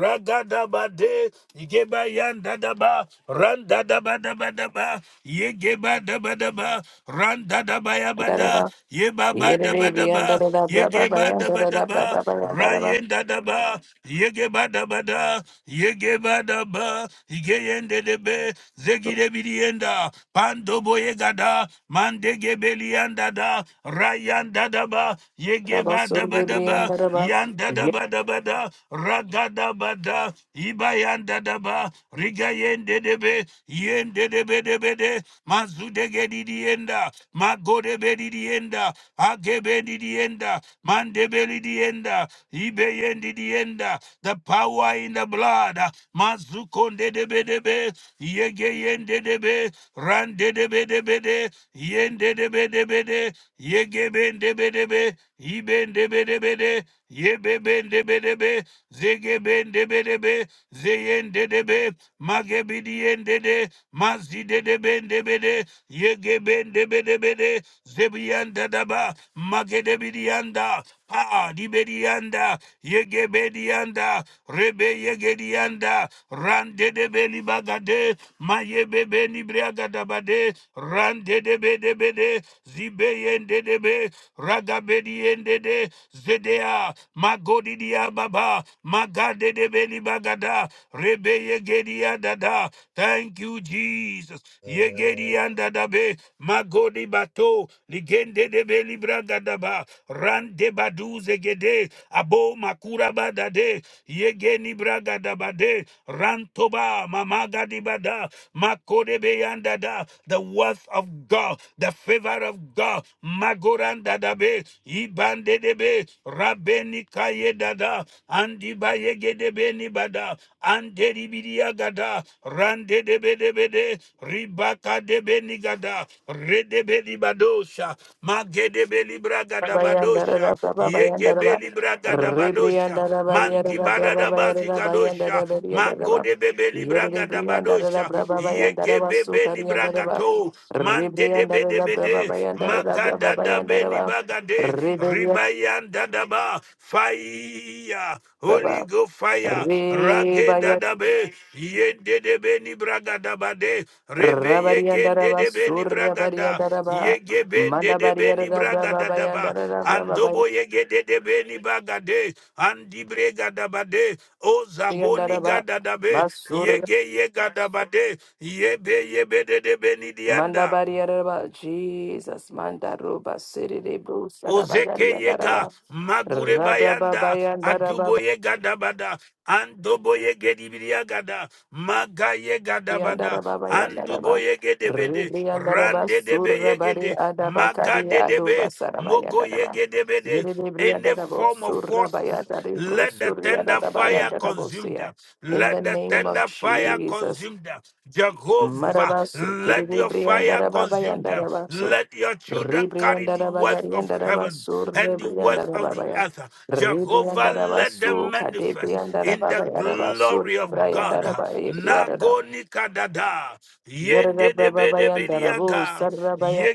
[SPEAKER 1] ragada bade yigeba yanda da da ba randa da da ba da ba da ba yegeba da ba da ba randa da da ba ya ba
[SPEAKER 2] bayandara
[SPEAKER 1] da
[SPEAKER 2] ba.
[SPEAKER 1] yeba ba da
[SPEAKER 2] Yeni
[SPEAKER 1] ba da ba
[SPEAKER 2] briandara brava
[SPEAKER 1] yegeba da ba da ba
[SPEAKER 2] bayandara brava
[SPEAKER 1] rayenda da da ba yegeba da ba da yegeba da ba yigeyende de de be zegide birienda pando boyegada mandegebelianda da rayanda daba
[SPEAKER 2] Rabba
[SPEAKER 1] yegeba daba
[SPEAKER 2] Surri
[SPEAKER 1] daba
[SPEAKER 2] Briandaraba,
[SPEAKER 1] yanda daba daba da ragada bada ibayanda daba rigayende debe yende debe debe de mazudege didienda magodebe didienda agebe didienda mandebeli dienda ibeyendi dienda the power in the blood mazukonde debe debe yegeyende debe rande debe debe de Yende de be de be de. Yege ben de be de be. Iben de be de be de. Yebe ben de be de be. Zege ben de be de be. Zeyen de de be. Mage bi di yen de de. Mazi de de ben de be de. Yege ben de be de be de. Zebiyan da ba. Mage de bi di yan Pa di be di yan da. Yege be di yan da. Rebe yege di yan da. Ran de de be li baga de maye bebe ni nibriaga dabade, rande de be de be de, zibe yende de be, ragabe di yende de, zedea, magodi dia baba, magade de be ni bagada, rebe yegedi dada. Thank you, Jesus. Yegedi anda dabe, magodi bato, ligende de be libraga daba, rande badu zegede, abo makura badade, yegeni braga dabade rantoba mamaga dibada makodebe yanda da the worth of God the favor of God magoranda dabe ibande debe rabeni kaye dada andiba yegedebe nibada Andedibiriagada, Randedebedebede, Ribaka debenigada, Redebeli badosha, Magedebeli bragada badosha,
[SPEAKER 2] Yabayandarada, Brava Bayandaraba,
[SPEAKER 1] Yegebeli bragada badosha,
[SPEAKER 2] Ribriandaraba, Bayarada,
[SPEAKER 1] Mandibada
[SPEAKER 2] Brava Bayarada,
[SPEAKER 1] bazikadosha,
[SPEAKER 2] Bayandara, Bariandaraba,
[SPEAKER 1] Magodebebeli
[SPEAKER 2] Yeri
[SPEAKER 1] braga da
[SPEAKER 2] Briandarada,
[SPEAKER 1] badosha
[SPEAKER 2] Brava
[SPEAKER 1] yeke
[SPEAKER 2] Bayandaraba,
[SPEAKER 1] bebe ni
[SPEAKER 2] Sutariandaraba,
[SPEAKER 1] bragato mante de bede
[SPEAKER 2] Ribriandarada, Brava
[SPEAKER 1] bede
[SPEAKER 2] Bayandarada, Brava
[SPEAKER 1] makada da beni
[SPEAKER 2] Bayandaraba,
[SPEAKER 1] bagade
[SPEAKER 2] Ribriandaraba,
[SPEAKER 1] ribayanda da ba fire holy go fire ragenda
[SPEAKER 2] Ribaya,
[SPEAKER 1] da be yende de beni bragada bade rebe yegende
[SPEAKER 2] Rabariandaraba,
[SPEAKER 1] de beni bragada
[SPEAKER 2] Surabariandaraba,
[SPEAKER 1] yege bende de beni
[SPEAKER 2] Mandabariandarada,
[SPEAKER 1] bragada
[SPEAKER 2] Brava
[SPEAKER 1] da da ba
[SPEAKER 2] Bayandarada, Brava
[SPEAKER 1] andobo yegede de de beni bagade andi brega da bade o zaboni
[SPEAKER 2] Bayandaraba,
[SPEAKER 1] gada da be
[SPEAKER 2] Basur
[SPEAKER 1] Yege yega dabade, yebe yebe de de
[SPEAKER 2] Manda
[SPEAKER 1] benidianda.
[SPEAKER 2] bariaraba Jesus manda roba serere bro saraba
[SPEAKER 1] Ozeke
[SPEAKER 2] gari
[SPEAKER 1] yega,
[SPEAKER 2] andaraba
[SPEAKER 1] magure
[SPEAKER 2] raba baba
[SPEAKER 1] bayanda,
[SPEAKER 2] yandaraba
[SPEAKER 1] adubo yega dabada, andobo yege dibriagada, maga yega dabada,
[SPEAKER 2] yandaraba
[SPEAKER 1] andubo
[SPEAKER 2] yandaraba
[SPEAKER 1] yege debede,
[SPEAKER 2] ribri yandaraba
[SPEAKER 1] rande debe
[SPEAKER 2] surra
[SPEAKER 1] yege
[SPEAKER 2] bari
[SPEAKER 1] de,
[SPEAKER 2] adaba
[SPEAKER 1] maga
[SPEAKER 2] kari
[SPEAKER 1] de
[SPEAKER 2] adoba
[SPEAKER 1] debe,
[SPEAKER 2] saraba
[SPEAKER 1] mogo
[SPEAKER 2] yandaraba
[SPEAKER 1] yege debede,
[SPEAKER 2] yere ribri
[SPEAKER 1] any
[SPEAKER 2] yandaraba
[SPEAKER 1] form of
[SPEAKER 2] surra
[SPEAKER 1] force
[SPEAKER 2] bayadari bro
[SPEAKER 1] Let the
[SPEAKER 2] surri
[SPEAKER 1] tender
[SPEAKER 2] adaba
[SPEAKER 1] fire
[SPEAKER 2] yandaraba
[SPEAKER 1] consume
[SPEAKER 2] sia
[SPEAKER 1] them.
[SPEAKER 2] in the
[SPEAKER 1] Let the
[SPEAKER 2] name of
[SPEAKER 1] tender fire
[SPEAKER 2] Jesus
[SPEAKER 1] consume them. Jehovah,
[SPEAKER 2] marabaso kiri
[SPEAKER 1] let your
[SPEAKER 2] ribri
[SPEAKER 1] fire
[SPEAKER 2] yandaraba
[SPEAKER 1] consume them.
[SPEAKER 2] yandaraba
[SPEAKER 1] Let your children carry
[SPEAKER 2] Ribrianda
[SPEAKER 1] the
[SPEAKER 2] da
[SPEAKER 1] wealth of
[SPEAKER 2] bagarianda da
[SPEAKER 1] heaven
[SPEAKER 2] basu,
[SPEAKER 1] and the
[SPEAKER 2] ribrianda
[SPEAKER 1] wealth
[SPEAKER 2] da
[SPEAKER 1] of the
[SPEAKER 2] babaya.
[SPEAKER 1] earth. Jehovah,
[SPEAKER 2] Ribrianda da
[SPEAKER 1] let them
[SPEAKER 2] basu,
[SPEAKER 1] manifest
[SPEAKER 2] kadebrianda da
[SPEAKER 1] in the
[SPEAKER 2] babaya da basu,
[SPEAKER 1] glory of
[SPEAKER 2] ribrianda
[SPEAKER 1] God.
[SPEAKER 2] da babaya, ribrianda da.
[SPEAKER 1] Nagoni kadada,
[SPEAKER 2] Yere da
[SPEAKER 1] yende debe
[SPEAKER 2] brababayanda da bu, sarabaya,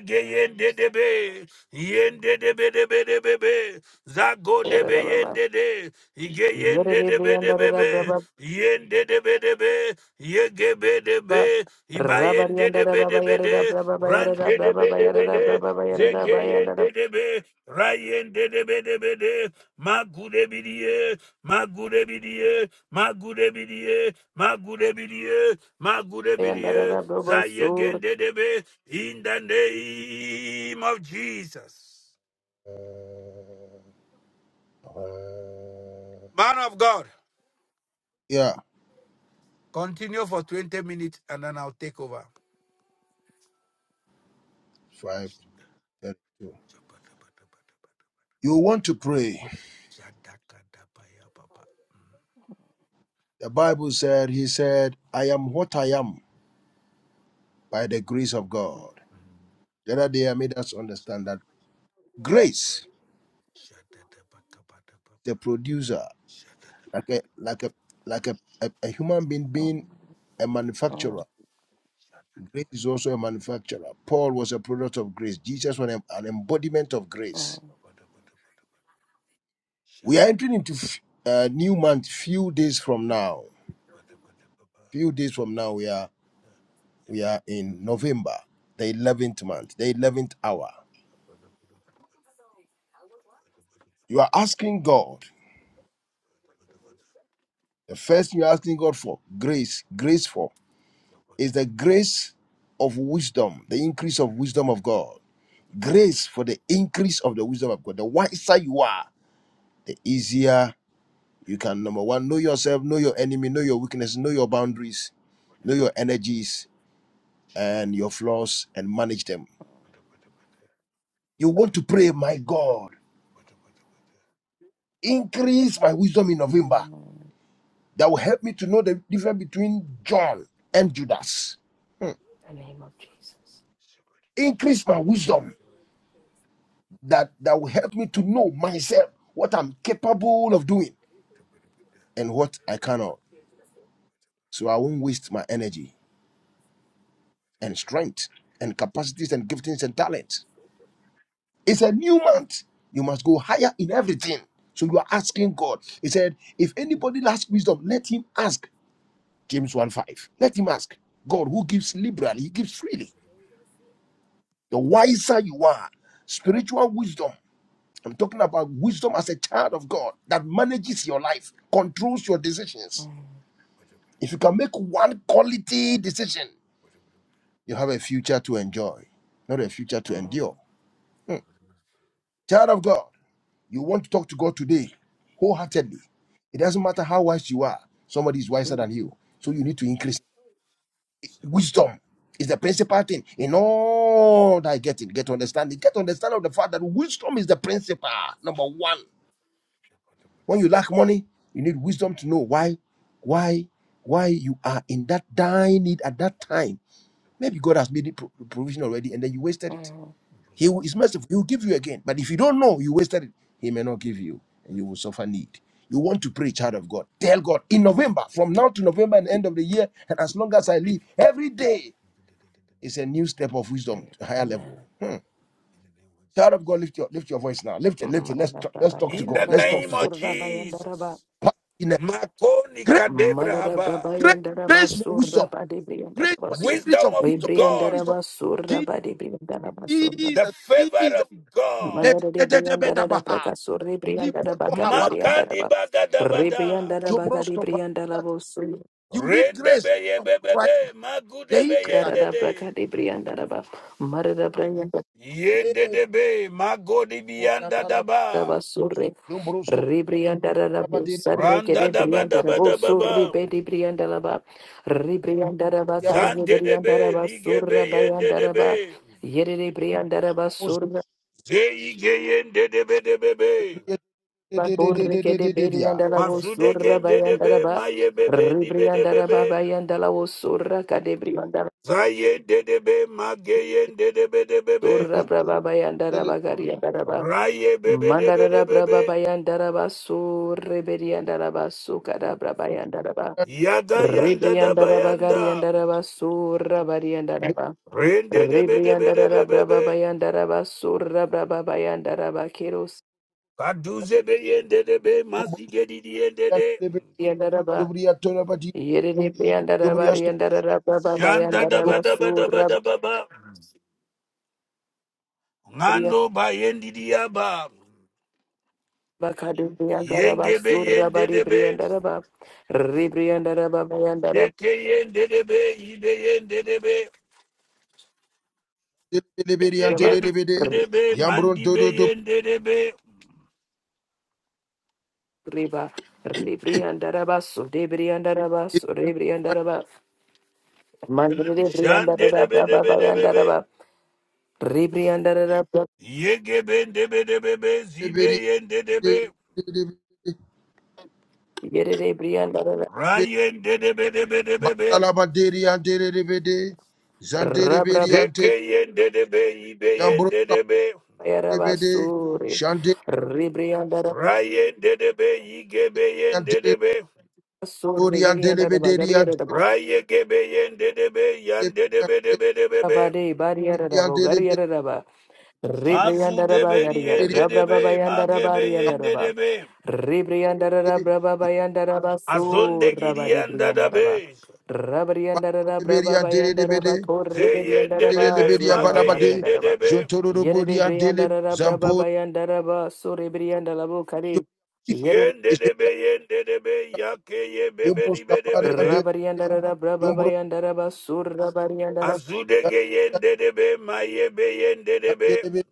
[SPEAKER 1] Zago de
[SPEAKER 2] yere
[SPEAKER 1] be
[SPEAKER 2] da baba.
[SPEAKER 1] yende de, ye
[SPEAKER 2] Yere
[SPEAKER 1] yende de be de
[SPEAKER 2] ribrianda
[SPEAKER 1] be
[SPEAKER 2] da
[SPEAKER 1] be,
[SPEAKER 2] brababa.
[SPEAKER 1] yende de be de be, ye ge be de be, iba yende
[SPEAKER 2] Rabarianda
[SPEAKER 1] de
[SPEAKER 2] da
[SPEAKER 1] be
[SPEAKER 2] baba,
[SPEAKER 1] de be
[SPEAKER 2] yere da
[SPEAKER 1] de,
[SPEAKER 2] brababa,
[SPEAKER 1] ran
[SPEAKER 2] yere da
[SPEAKER 1] de de be
[SPEAKER 2] brababa,
[SPEAKER 1] de
[SPEAKER 2] yere
[SPEAKER 1] be
[SPEAKER 2] da
[SPEAKER 1] de,
[SPEAKER 2] brababa, yere
[SPEAKER 1] ze
[SPEAKER 2] da
[SPEAKER 1] ge
[SPEAKER 2] bayanda da
[SPEAKER 1] yende de be, ra yende de be de be de, ma gu de bi ma gu de bi ma gu de bi ma gu de bi ma gu de bi
[SPEAKER 2] bayanda da
[SPEAKER 1] za
[SPEAKER 2] brabu,
[SPEAKER 1] ye
[SPEAKER 2] sur.
[SPEAKER 1] gende de be, in the name of Jesus. Man of God.
[SPEAKER 4] Yeah.
[SPEAKER 1] Continue for 20 minutes and then I'll take over.
[SPEAKER 4] 532. You want to pray. The Bible said, He said, I am what I am by the grace of God. The other day I made us understand that grace, the producer, like a like a like a, a, a human being
[SPEAKER 2] Mm,
[SPEAKER 4] being a manufacturer.
[SPEAKER 2] mm.
[SPEAKER 4] Grace is also a manufacturer. Paul was a product of grace. Jesus was an an embodiment of grace. We are entering into f- a new month few days from now. Few days from now, we are. We are in November, the 11th month, the 11th hour. You are asking God, the first thing you're asking God for, grace, grace for, is the grace of wisdom, the increase of wisdom of God. Grace for the increase of the wisdom of God. The wiser you are, the easier you can, number one, know yourself, know your enemy, know your weakness, know your boundaries, know your energies and your flaws, and manage them. You want to pray, my God, increase my wisdom in November that will help me to know the difference between John and Judas.
[SPEAKER 2] In the name of Jesus.
[SPEAKER 4] Increase my wisdom that, that will help me to know myself what I'm capable of doing and what I cannot. So I won't waste my energy and strength and capacities and giftings and talents. It's a new month. You must go higher in everything. So you are asking God. He said, if anybody lacks wisdom, let him ask. James 1 5. Let him ask. God who gives liberally, he gives freely. The wiser you are, spiritual wisdom I'm talking about wisdom as a child of God that manages your life, controls your decisions. If you can make one quality decision, you have a future to enjoy, not a future to endure. Hmm. Child of God, you want to talk to God today wholeheartedly. It doesn't matter how wise you are, somebody is wiser than you. So you need to increase wisdom. Is the principal thing in all that getting, get understanding, get understanding of the fact that wisdom is the principal number one When you lack money, you need wisdom to know why, why, why you are in that dire need at that time. Maybe God has made it pro- provision already, and then you wasted it.
[SPEAKER 2] Mm,
[SPEAKER 4] He will- is merciful; He will give you again. But if you don't know you wasted it, He may not give you, and you will suffer need. You want to pray, child of God. Tell God in November, from now to November and end of the year, and as long as I live, every day is a new step of
[SPEAKER 2] and
[SPEAKER 4] wisdom to a higher
[SPEAKER 2] Amen.
[SPEAKER 4] level. Hmm. Child of God, lift your lift your voice now. Lift it, lift it. Let's talk, let's talk to
[SPEAKER 1] In the
[SPEAKER 4] God. Let's
[SPEAKER 2] Mandarabayandaraba
[SPEAKER 4] talk
[SPEAKER 1] name of
[SPEAKER 4] to
[SPEAKER 2] Surabayandaraba.
[SPEAKER 1] Jesus.
[SPEAKER 4] God.
[SPEAKER 1] Makoni kadebra haba.
[SPEAKER 4] Grace,
[SPEAKER 2] Mandarabayandaraba
[SPEAKER 4] grace for wisdom, grace
[SPEAKER 2] Surabadibriyandaraba
[SPEAKER 4] for
[SPEAKER 2] So.
[SPEAKER 4] increase
[SPEAKER 1] Wisdom
[SPEAKER 4] of
[SPEAKER 1] of
[SPEAKER 4] wisdom,
[SPEAKER 1] God,
[SPEAKER 4] increase of
[SPEAKER 2] Vibriyandaraba Surabadibriyandaraba Suraba.
[SPEAKER 1] the
[SPEAKER 4] Jesus,
[SPEAKER 1] favor
[SPEAKER 4] Jesus.
[SPEAKER 1] of God.
[SPEAKER 4] Let let- let- let- let-
[SPEAKER 2] Mandarabriyandarada
[SPEAKER 4] let- ah.
[SPEAKER 2] Prakasuri Briyandaraba
[SPEAKER 4] Lipoto haba,
[SPEAKER 1] Makadi
[SPEAKER 2] Kadibriyandaraba.
[SPEAKER 1] bagadabada.
[SPEAKER 2] Ribriyandaraba
[SPEAKER 4] jobrosto pa-
[SPEAKER 2] Kadibriyandaraba Suraba.
[SPEAKER 4] You need grace of Christ.
[SPEAKER 1] Rendebeyebebebe.
[SPEAKER 4] The incarnate.
[SPEAKER 2] Darada
[SPEAKER 1] Magudebeyendede.
[SPEAKER 2] Prakadibriyandaraba.
[SPEAKER 4] Le-
[SPEAKER 1] Yendedebe.
[SPEAKER 4] oriantala,
[SPEAKER 1] Magodibiyandadaba.
[SPEAKER 2] Rabasure,
[SPEAKER 4] jombrosto,
[SPEAKER 2] Ribriandarabo,
[SPEAKER 4] abadiri,
[SPEAKER 2] Sarrekede, Briandarabo, Surri,
[SPEAKER 1] Randadabadabadababa.
[SPEAKER 2] Bedi, Briandaraba, Ribriandaraba,
[SPEAKER 4] yato,
[SPEAKER 2] Carne,
[SPEAKER 1] Zandedebe.
[SPEAKER 2] Briandaraba, Surra, Bayandaraba,
[SPEAKER 1] Ligebeyendedebe.
[SPEAKER 2] Yere, Briandaraba,
[SPEAKER 4] kumosi,
[SPEAKER 2] Surra,
[SPEAKER 1] Zeyi geyen de de be de be
[SPEAKER 4] de- de- de- de- de- de- de-
[SPEAKER 2] Bakurrekede,
[SPEAKER 4] de- de- dia.
[SPEAKER 2] Briandarabo,
[SPEAKER 1] Mazude
[SPEAKER 2] Surra,
[SPEAKER 1] gen de de be
[SPEAKER 2] Bayandaraba,
[SPEAKER 1] ma ye be be di be de be
[SPEAKER 2] Ribriandaraba, Bayandalabo, Surra, Cadebriandaraba,
[SPEAKER 1] Zayen de de be ma geyen de de be de be be.
[SPEAKER 2] Surra,
[SPEAKER 4] Jobrios,
[SPEAKER 2] Braba,
[SPEAKER 4] dele-
[SPEAKER 2] Bayandaraba, Gariandaraba.
[SPEAKER 1] Raye be de be de
[SPEAKER 2] Mandarara
[SPEAKER 1] be
[SPEAKER 2] braba bayandaraba surre beriandaraba sukara braba yandaraba
[SPEAKER 1] Yaga yanda da
[SPEAKER 2] Ribriandara babarian
[SPEAKER 1] bayanda.
[SPEAKER 2] dara basura bariandara ba
[SPEAKER 1] Ren de de be de be de
[SPEAKER 2] ribriandara
[SPEAKER 1] be be
[SPEAKER 2] bababayan dara basura bababayan dara ba kirusiandara
[SPEAKER 1] Kaduze be yen de de be mazi
[SPEAKER 4] jombrosto,
[SPEAKER 1] di di yen de de.
[SPEAKER 4] dele-
[SPEAKER 2] ba
[SPEAKER 4] jobriato, abadi,
[SPEAKER 2] yerenipian dara
[SPEAKER 4] jobriasto,
[SPEAKER 2] bariandara bababayan
[SPEAKER 1] Shanda da
[SPEAKER 2] dara
[SPEAKER 1] ba
[SPEAKER 4] jombrosto,
[SPEAKER 1] da ba da ba
[SPEAKER 2] basura
[SPEAKER 1] da ba ba.
[SPEAKER 2] bariandara
[SPEAKER 1] Ngano ba yen di di ya ba.
[SPEAKER 2] ba kahadipian dara
[SPEAKER 1] Yenge be
[SPEAKER 2] basura
[SPEAKER 1] yen de de be.
[SPEAKER 2] bariandara ba ribriandara bababayan dara
[SPEAKER 1] Ekeyendedebe, ibeyendedebe,
[SPEAKER 4] dele- dele- dele- dele-
[SPEAKER 2] ba
[SPEAKER 4] dele- dele.
[SPEAKER 1] yegebedebe,
[SPEAKER 4] Yambron, do- do- do.
[SPEAKER 1] mandibeyendedebe,
[SPEAKER 2] ribriandara basu de brian dara basu brian dara ba mandiri brian dara bababayan dara
[SPEAKER 1] shandedebedebedebe,
[SPEAKER 2] ba Ribriandarabra,
[SPEAKER 1] yegebendebedebebe, zibeyendedebe,
[SPEAKER 2] Yeribriandarabra,
[SPEAKER 1] rayendedebedebedebe,
[SPEAKER 4] Batalabaderi anterebede, zanterebedi ante,
[SPEAKER 1] zekeyendedebe,
[SPEAKER 4] yambrosta
[SPEAKER 1] ibeyendedebe,
[SPEAKER 4] bede,
[SPEAKER 2] Rabrabayarabasuri,
[SPEAKER 4] shantere
[SPEAKER 2] Ribriandarabasuri,
[SPEAKER 1] rayendedebe,
[SPEAKER 4] ante,
[SPEAKER 1] yigebeyendedebe,
[SPEAKER 4] tori
[SPEAKER 2] Yeriandaraba,
[SPEAKER 4] antelebederi
[SPEAKER 2] Gariarabo,
[SPEAKER 1] rayegebeyendedebe,
[SPEAKER 4] antelebederi
[SPEAKER 1] yandedebedebedebe.
[SPEAKER 2] Abade, Bariarabo,
[SPEAKER 4] antelebederi
[SPEAKER 2] Gariaraba,
[SPEAKER 1] Mazu
[SPEAKER 2] Ribriandaraba,
[SPEAKER 1] debe diende debe, magebe yende
[SPEAKER 2] Gariarabrabayandarabaraba,
[SPEAKER 1] debe, azonde
[SPEAKER 2] Ribriandarabrababayandarabasuraba,
[SPEAKER 1] gidiende
[SPEAKER 2] Ribriandaraba.
[SPEAKER 1] debe,
[SPEAKER 2] Rabriandaraba,
[SPEAKER 4] antelebederi antelebede,
[SPEAKER 2] Brababayandaraba,
[SPEAKER 1] zeyende
[SPEAKER 2] Corribriandaraba,
[SPEAKER 1] debe,
[SPEAKER 4] antelebedi
[SPEAKER 1] mage
[SPEAKER 4] ambalabade,
[SPEAKER 1] yende
[SPEAKER 2] Zurabariandaraba.
[SPEAKER 1] debe,
[SPEAKER 4] jontorobodi
[SPEAKER 2] Yerede
[SPEAKER 4] antele,
[SPEAKER 2] brianda da da braba
[SPEAKER 4] zampori,
[SPEAKER 2] bayanda da ba sore brianda la bo kare. Yere
[SPEAKER 1] shende debe yende debe, yake ye bebe
[SPEAKER 4] yambrosta
[SPEAKER 1] dibe
[SPEAKER 4] pari
[SPEAKER 1] debe be,
[SPEAKER 2] rabarianda
[SPEAKER 4] antele,
[SPEAKER 2] da da braba bayanda da ba sur rabarianda da
[SPEAKER 1] azude ge yende debe, maye be yende debe,
[SPEAKER 4] Zabura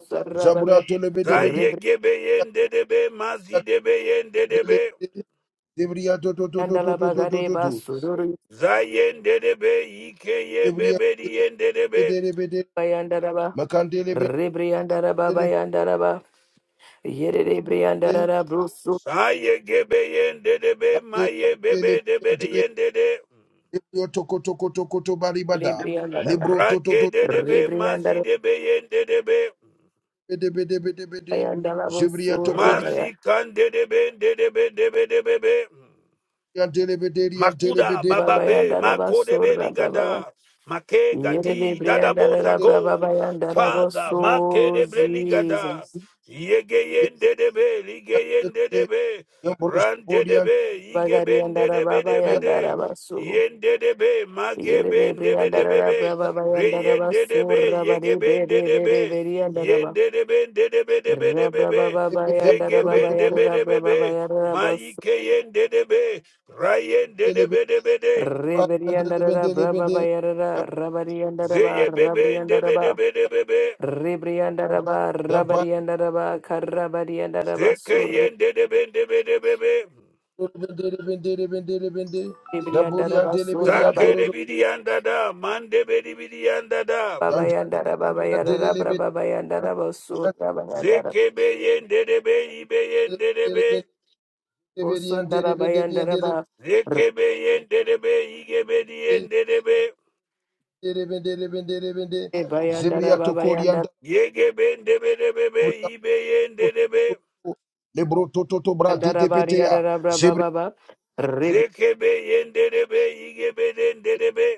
[SPEAKER 2] sarra bare.
[SPEAKER 4] to lebedebedi
[SPEAKER 1] zaye
[SPEAKER 2] Rebrianda
[SPEAKER 1] gebe yende debe, mazi debe yende debe,
[SPEAKER 4] Zebria to to to to to
[SPEAKER 2] la
[SPEAKER 4] to to to
[SPEAKER 2] bagade
[SPEAKER 4] to
[SPEAKER 2] ba
[SPEAKER 4] to
[SPEAKER 2] sururu
[SPEAKER 1] zayende debe, ike ye
[SPEAKER 4] Zebria
[SPEAKER 1] bebe diende debe,
[SPEAKER 4] bedebede
[SPEAKER 2] bayanda da ba.
[SPEAKER 4] Makandele
[SPEAKER 2] Rebrianda da ba
[SPEAKER 4] bedele
[SPEAKER 2] Yerede brianda brusu.
[SPEAKER 1] Aye gebe yende debe maye bebe debe de yende de.
[SPEAKER 4] Zebrio toko toko toko to
[SPEAKER 2] Yere
[SPEAKER 4] baribada
[SPEAKER 2] brianda da ba.
[SPEAKER 4] Libro to to
[SPEAKER 1] Rake
[SPEAKER 4] to
[SPEAKER 1] de debe
[SPEAKER 2] Rebrianda
[SPEAKER 1] mazi
[SPEAKER 2] da
[SPEAKER 1] debe yende debe.
[SPEAKER 4] bedebedebede Zebria toko
[SPEAKER 1] Mazi kan de debe de debe debe debe be. de be be.
[SPEAKER 4] diantele bederi antele
[SPEAKER 1] Makuda,
[SPEAKER 4] bedere
[SPEAKER 1] Bababe, Makodebe Ligada, Make
[SPEAKER 2] Yerede
[SPEAKER 1] Gadi,
[SPEAKER 2] brianda
[SPEAKER 1] Dadabo
[SPEAKER 2] da da bra ba
[SPEAKER 1] Zago,
[SPEAKER 2] ba yanda da bo
[SPEAKER 1] Father,
[SPEAKER 2] so,
[SPEAKER 1] Makedebre Ligada,
[SPEAKER 2] Jesus.
[SPEAKER 1] Yegeyende debe, Ligeyende debe,
[SPEAKER 4] Yambros
[SPEAKER 1] Rande
[SPEAKER 4] kodian
[SPEAKER 1] debe,
[SPEAKER 2] Bagari yanda
[SPEAKER 1] Yigebende
[SPEAKER 2] da ba
[SPEAKER 1] debe
[SPEAKER 2] ba
[SPEAKER 1] debe
[SPEAKER 4] Zebria
[SPEAKER 2] yanda
[SPEAKER 1] de,
[SPEAKER 2] da ba so.
[SPEAKER 1] Yende debe,
[SPEAKER 2] Yerede
[SPEAKER 1] Magebende debe
[SPEAKER 2] brianda da da
[SPEAKER 1] debe,
[SPEAKER 2] bra ba ba yanda da ba
[SPEAKER 1] Reyende
[SPEAKER 2] so,
[SPEAKER 1] debe,
[SPEAKER 2] rabari
[SPEAKER 1] Yegebende
[SPEAKER 2] bere bere
[SPEAKER 1] debe,
[SPEAKER 2] bere yanda da ba.
[SPEAKER 1] Yende debe debe debe
[SPEAKER 2] Ra bra ba
[SPEAKER 1] debe,
[SPEAKER 2] ba ba yanda da
[SPEAKER 4] toko
[SPEAKER 2] ba
[SPEAKER 4] diantele
[SPEAKER 2] ba
[SPEAKER 1] Zegebende
[SPEAKER 2] yara
[SPEAKER 4] bedere
[SPEAKER 2] da
[SPEAKER 1] debe
[SPEAKER 2] bra ba ba
[SPEAKER 1] debe,
[SPEAKER 2] yara da ba so.
[SPEAKER 1] Maike yende debe, Ryan de de be de be de.
[SPEAKER 2] Re
[SPEAKER 4] Hallelujah.
[SPEAKER 2] yanda da da bra ba ba
[SPEAKER 4] Amen. Amen.
[SPEAKER 2] yara da, rabari yanda da ba,
[SPEAKER 1] Zeye be be
[SPEAKER 2] rabri
[SPEAKER 1] de
[SPEAKER 2] yanda da
[SPEAKER 1] be de
[SPEAKER 2] ba.
[SPEAKER 1] be de be be.
[SPEAKER 2] Re yanda da ba, rabari yanda da ba, karabari yanda da ba
[SPEAKER 1] Zeke
[SPEAKER 2] so, re
[SPEAKER 1] de de be de be de be be.
[SPEAKER 2] yanda da ba so, rabari
[SPEAKER 1] Zake de bi anda da. Man de be di bi anda da.
[SPEAKER 2] Baba Yandara Baba Yara Bra Baba Yandara Basur Baba Yandara
[SPEAKER 1] Zeke be yen de de be i yen de de be.
[SPEAKER 2] Bosundara Bayandara Ba Re
[SPEAKER 1] Zeke be yen de de be i be di yen de de be.
[SPEAKER 2] Bayandara Baba Yandara
[SPEAKER 1] Yege be de be de be be i yen de de be.
[SPEAKER 2] Yandara Bari Bra Baba Ba Rib
[SPEAKER 1] Zeke be yen de de be i be de de be.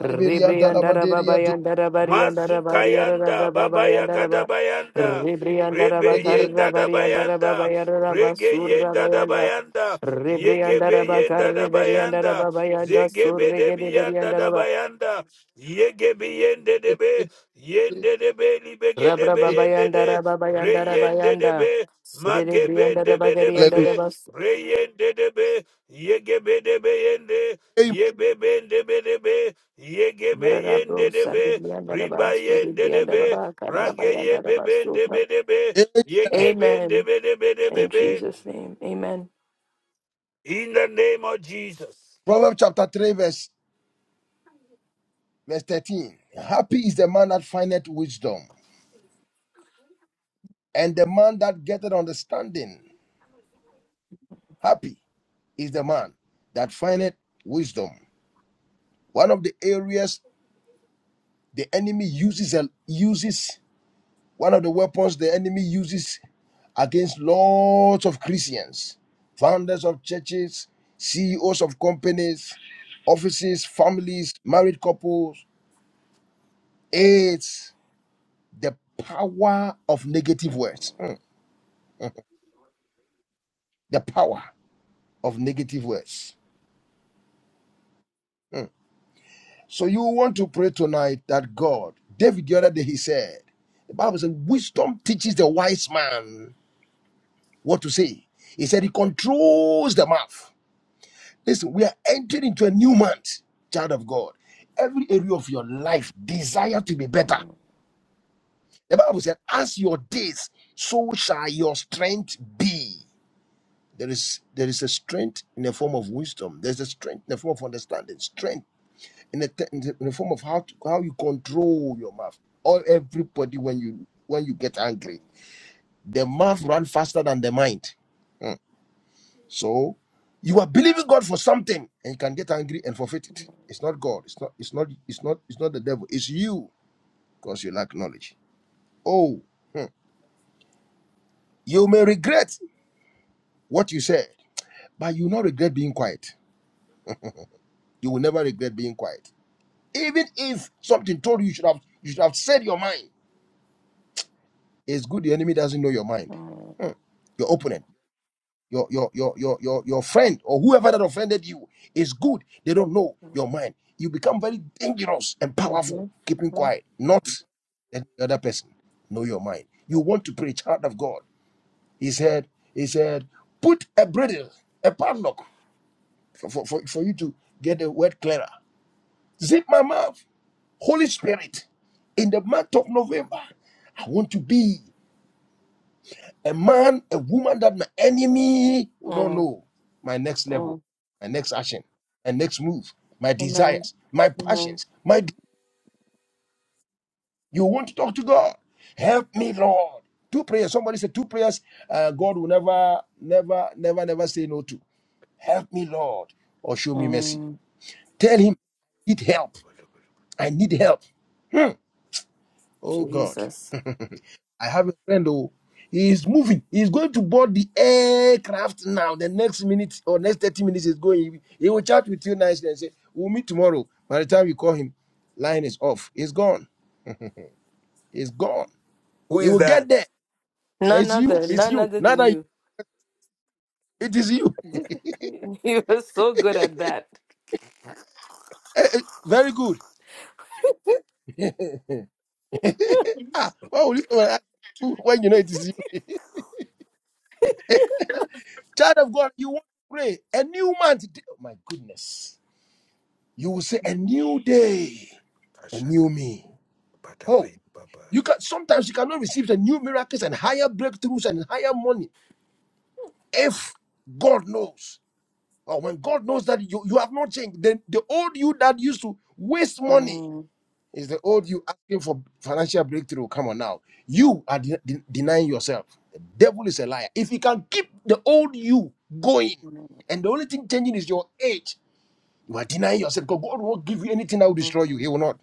[SPEAKER 2] Ribri Yandara Baba Yandara Bari Yandara
[SPEAKER 1] Mazukayanda,
[SPEAKER 2] Bra Baba
[SPEAKER 1] Babaya
[SPEAKER 2] Yandara Ba
[SPEAKER 1] Gadabayanda,
[SPEAKER 2] Ribri Yandara Bakarra
[SPEAKER 1] Rebeyenda
[SPEAKER 2] Bari Yandara basura
[SPEAKER 1] Dabayanda,
[SPEAKER 2] Yara Basur Baba
[SPEAKER 1] Regeyenda
[SPEAKER 2] Yanda
[SPEAKER 1] Dabayanda,
[SPEAKER 2] Ribri Yandara
[SPEAKER 1] Yegebeyenda
[SPEAKER 2] Bakarre Beri Yandara
[SPEAKER 1] Dabayanda,
[SPEAKER 2] Baba Yanda
[SPEAKER 1] Zegebe
[SPEAKER 2] Surre Gede Beri
[SPEAKER 1] Debianda
[SPEAKER 2] Yandara
[SPEAKER 1] Dabayanda, Yegebeyende Debe, Yende Debe, Libege
[SPEAKER 2] Rabra
[SPEAKER 1] Debe, Yende
[SPEAKER 2] babayanda
[SPEAKER 1] De,
[SPEAKER 2] rababayanda
[SPEAKER 1] Reyende
[SPEAKER 2] rabayanda.
[SPEAKER 1] Debe,
[SPEAKER 2] Sirere brianda
[SPEAKER 1] Magebende
[SPEAKER 2] rabagarianda
[SPEAKER 1] Bedebebe,
[SPEAKER 2] rabas.
[SPEAKER 1] Reyende Debe, Yegebe Debe Yende, Yebebende Bedebe, Yegebe Yende
[SPEAKER 2] Mararabro
[SPEAKER 1] Debe,
[SPEAKER 2] sarri brianda rabas. Sori
[SPEAKER 1] Ribayen de
[SPEAKER 2] brianda rabaka
[SPEAKER 1] Rageye
[SPEAKER 2] rabayanda
[SPEAKER 1] beben
[SPEAKER 2] rabasu.
[SPEAKER 1] debe Yegeben
[SPEAKER 2] Amen.
[SPEAKER 1] debe
[SPEAKER 2] In Jesus' name, amen.
[SPEAKER 1] In the name of Jesus.
[SPEAKER 4] Proverbs chapter 3, verse Verse 13 Happy is the man that findeth wisdom, and the man that getteth understanding. Happy is the man that findeth wisdom. One of the areas the enemy uses uh, uses one of the weapons the enemy uses against lots of Christians, founders of churches, CEOs of companies, offices, families, married couples. It's the power of negative words. Mm, the power. of negative words. So you want to pray tonight that God, David the other day he said, the Bible says, wisdom teaches the wise man what to say. He said he controls the mouth. Listen, we are entering into a new month, child of God. Every area of your life desire to be better. The Bible said, as your days, so shall your strength be. There is there is a strength in the form of wisdom. There's a strength in the form of understanding. Strength in a, te- in the in the form of how to, how you control your mouth. All everybody when you when you get angry, the mouth run faster than the mind. Hmm. So you are believing God for something and you can get angry and forfeit it. It's not God. It's not. It's not. It's not. It's not the devil. It's you because you lack knowledge. Oh, hmm. you may regret what you said, but you will not regret being quiet. You will never regret being quiet, even if something told you you should have you should have said your mind. It's good the enemy doesn't know your mind.
[SPEAKER 2] Mm,
[SPEAKER 4] Your opponent. your your your your your your friend or whoever that offended you is good. They don't know your mind. You become very dangerous and powerful.
[SPEAKER 2] mhm,
[SPEAKER 4] Keeping
[SPEAKER 2] mhm,
[SPEAKER 4] quiet, not let the other person. Know your mind. You want to pray, child of God. He said. He said, put a bridle, a padlock for for, for, for you to get the word clearer. Zip my mouth, Holy Spirit. In the month of November, I want to be. A man, a woman that my enemy will not
[SPEAKER 2] mm,
[SPEAKER 4] know my next level,
[SPEAKER 2] mm.
[SPEAKER 4] my next action, my next move, my
[SPEAKER 2] Amen.
[SPEAKER 4] desires, my
[SPEAKER 2] Amen.
[SPEAKER 4] passions, my. You want to talk to God? Help me, Lord. Two prayers. Somebody said two prayers. Uh, God will never, never, never, never say no to. Help me, Lord, or show me mercy.
[SPEAKER 2] Mm,
[SPEAKER 4] Tell Him, I need help. I need help. Oh God.
[SPEAKER 2] Jesus.
[SPEAKER 4] I have a friend who he is moving. He is going to board the aircraft now. The next minute or next 30 minutes is going. He he will chat with you nicely and say, We'll meet tomorrow. By the time you call him, line is off. He's gone. He's gone.
[SPEAKER 1] Who
[SPEAKER 4] He
[SPEAKER 1] is
[SPEAKER 4] will get
[SPEAKER 1] that?
[SPEAKER 4] there. And
[SPEAKER 2] None
[SPEAKER 4] It's you.
[SPEAKER 2] other,
[SPEAKER 4] It's
[SPEAKER 2] none
[SPEAKER 4] you.
[SPEAKER 2] other
[SPEAKER 4] Now
[SPEAKER 2] than
[SPEAKER 4] that you-
[SPEAKER 2] you.
[SPEAKER 4] it is you.
[SPEAKER 2] You are so good at that.
[SPEAKER 4] Eh, eh, Very good. ah, why would you come and ask who when you know it is you? Child of God, you want to pray. A new month. Oh my goodness. You will say a new day. A new me. Oh, You can sometimes you cannot receive the new miracles and higher breakthroughs and higher money if God knows. Or when God knows that you, you have not changed, then the old you that used to waste money is the old you asking for financial breakthrough. Come on now. You are de- de- denying yourself. The devil is a liar. If he can keep the old you going, and the only thing changing is your age, you are denying yourself because God won't give you anything that will destroy you. He will not.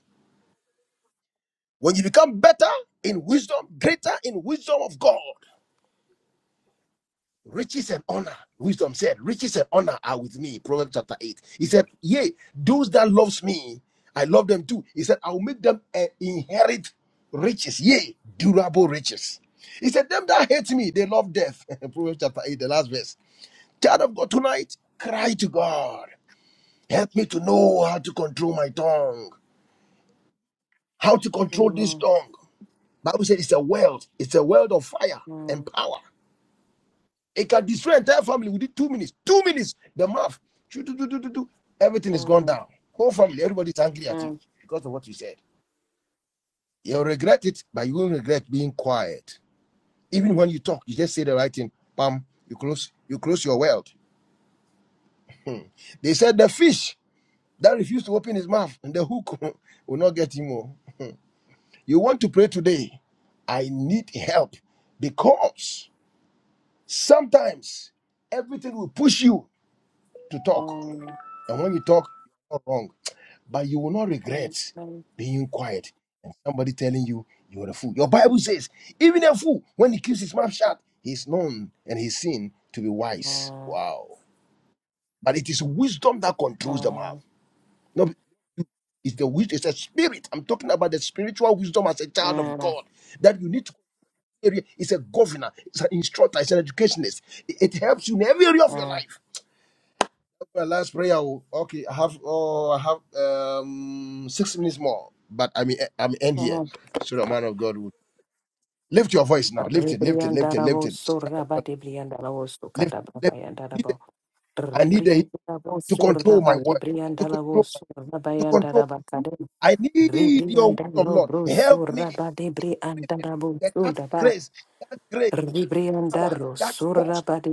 [SPEAKER 4] When you become better in wisdom, greater in wisdom of God. riches and honor wisdom said riches and honor are with me proverbs chapter 8 he said yea those that loves me i love them too he said i will make them eh, inherit riches yea durable riches he said them that hate me they love death proverbs chapter 8 the last verse child of god tonight cry to god help me to know how to control my tongue how to control this tongue bible said it's a world it's a world of fire and power It can destroy entire family within two minutes. Two minutes. The mouth. Shoo, do, do, do, do, do. Everything is gone down. Whole family, everybody's angry at you because of what you said. You'll regret it, but you won't regret being quiet. Even when you talk, you just say the right thing. Bam, you close, you close your world. They said the fish that refused to open his mouth and the hook will not get him. more. You want to pray today. I need help because sometimes everything will push you to talk. And when you talk, you're wrong. but you will not regret being quiet and somebody telling you you are a fool. Your Bible says, even a fool, when he keeps his mouth shut, he is known and he is seen to be wise.
[SPEAKER 2] Mm,
[SPEAKER 4] Wow. But it is wisdom that controls the mouth.
[SPEAKER 2] mm,
[SPEAKER 4] No, it's the wisdom, it's a spirit. I'm talking about the spiritual wisdom as a child of
[SPEAKER 2] mm,
[SPEAKER 4] God that you need to It's a governor, it's an instructor, it's an educationist. It, it helps you in every area of your
[SPEAKER 2] mm.
[SPEAKER 4] life. Well, last prayer. oh, Okay, I have oh, I have um six minutes more, but I mean I'm end
[SPEAKER 2] mm,
[SPEAKER 4] here, so the man of God will lift your voice now. Lift it, lift it, lift it, lift
[SPEAKER 2] Ribriandarabo
[SPEAKER 4] it,
[SPEAKER 2] surabati briandarabo
[SPEAKER 4] lift, lift. I need
[SPEAKER 2] sukadabrabayandarabo.
[SPEAKER 4] the, I need the,
[SPEAKER 2] Ribriandarabo
[SPEAKER 4] to control my
[SPEAKER 2] surabati
[SPEAKER 4] words, to
[SPEAKER 2] briandarabo
[SPEAKER 4] control, my, to control.
[SPEAKER 2] surabayandarabakade.
[SPEAKER 4] I need your wisdom,
[SPEAKER 2] Ribriandalo
[SPEAKER 4] Lord.
[SPEAKER 2] bro
[SPEAKER 4] Help me
[SPEAKER 2] surabati
[SPEAKER 4] increase it.
[SPEAKER 2] briandarabo
[SPEAKER 4] That, that
[SPEAKER 2] sudaba.
[SPEAKER 4] grace, that grace, power,
[SPEAKER 2] Ribriandaro,
[SPEAKER 4] that
[SPEAKER 2] Sura
[SPEAKER 4] force.
[SPEAKER 2] Badi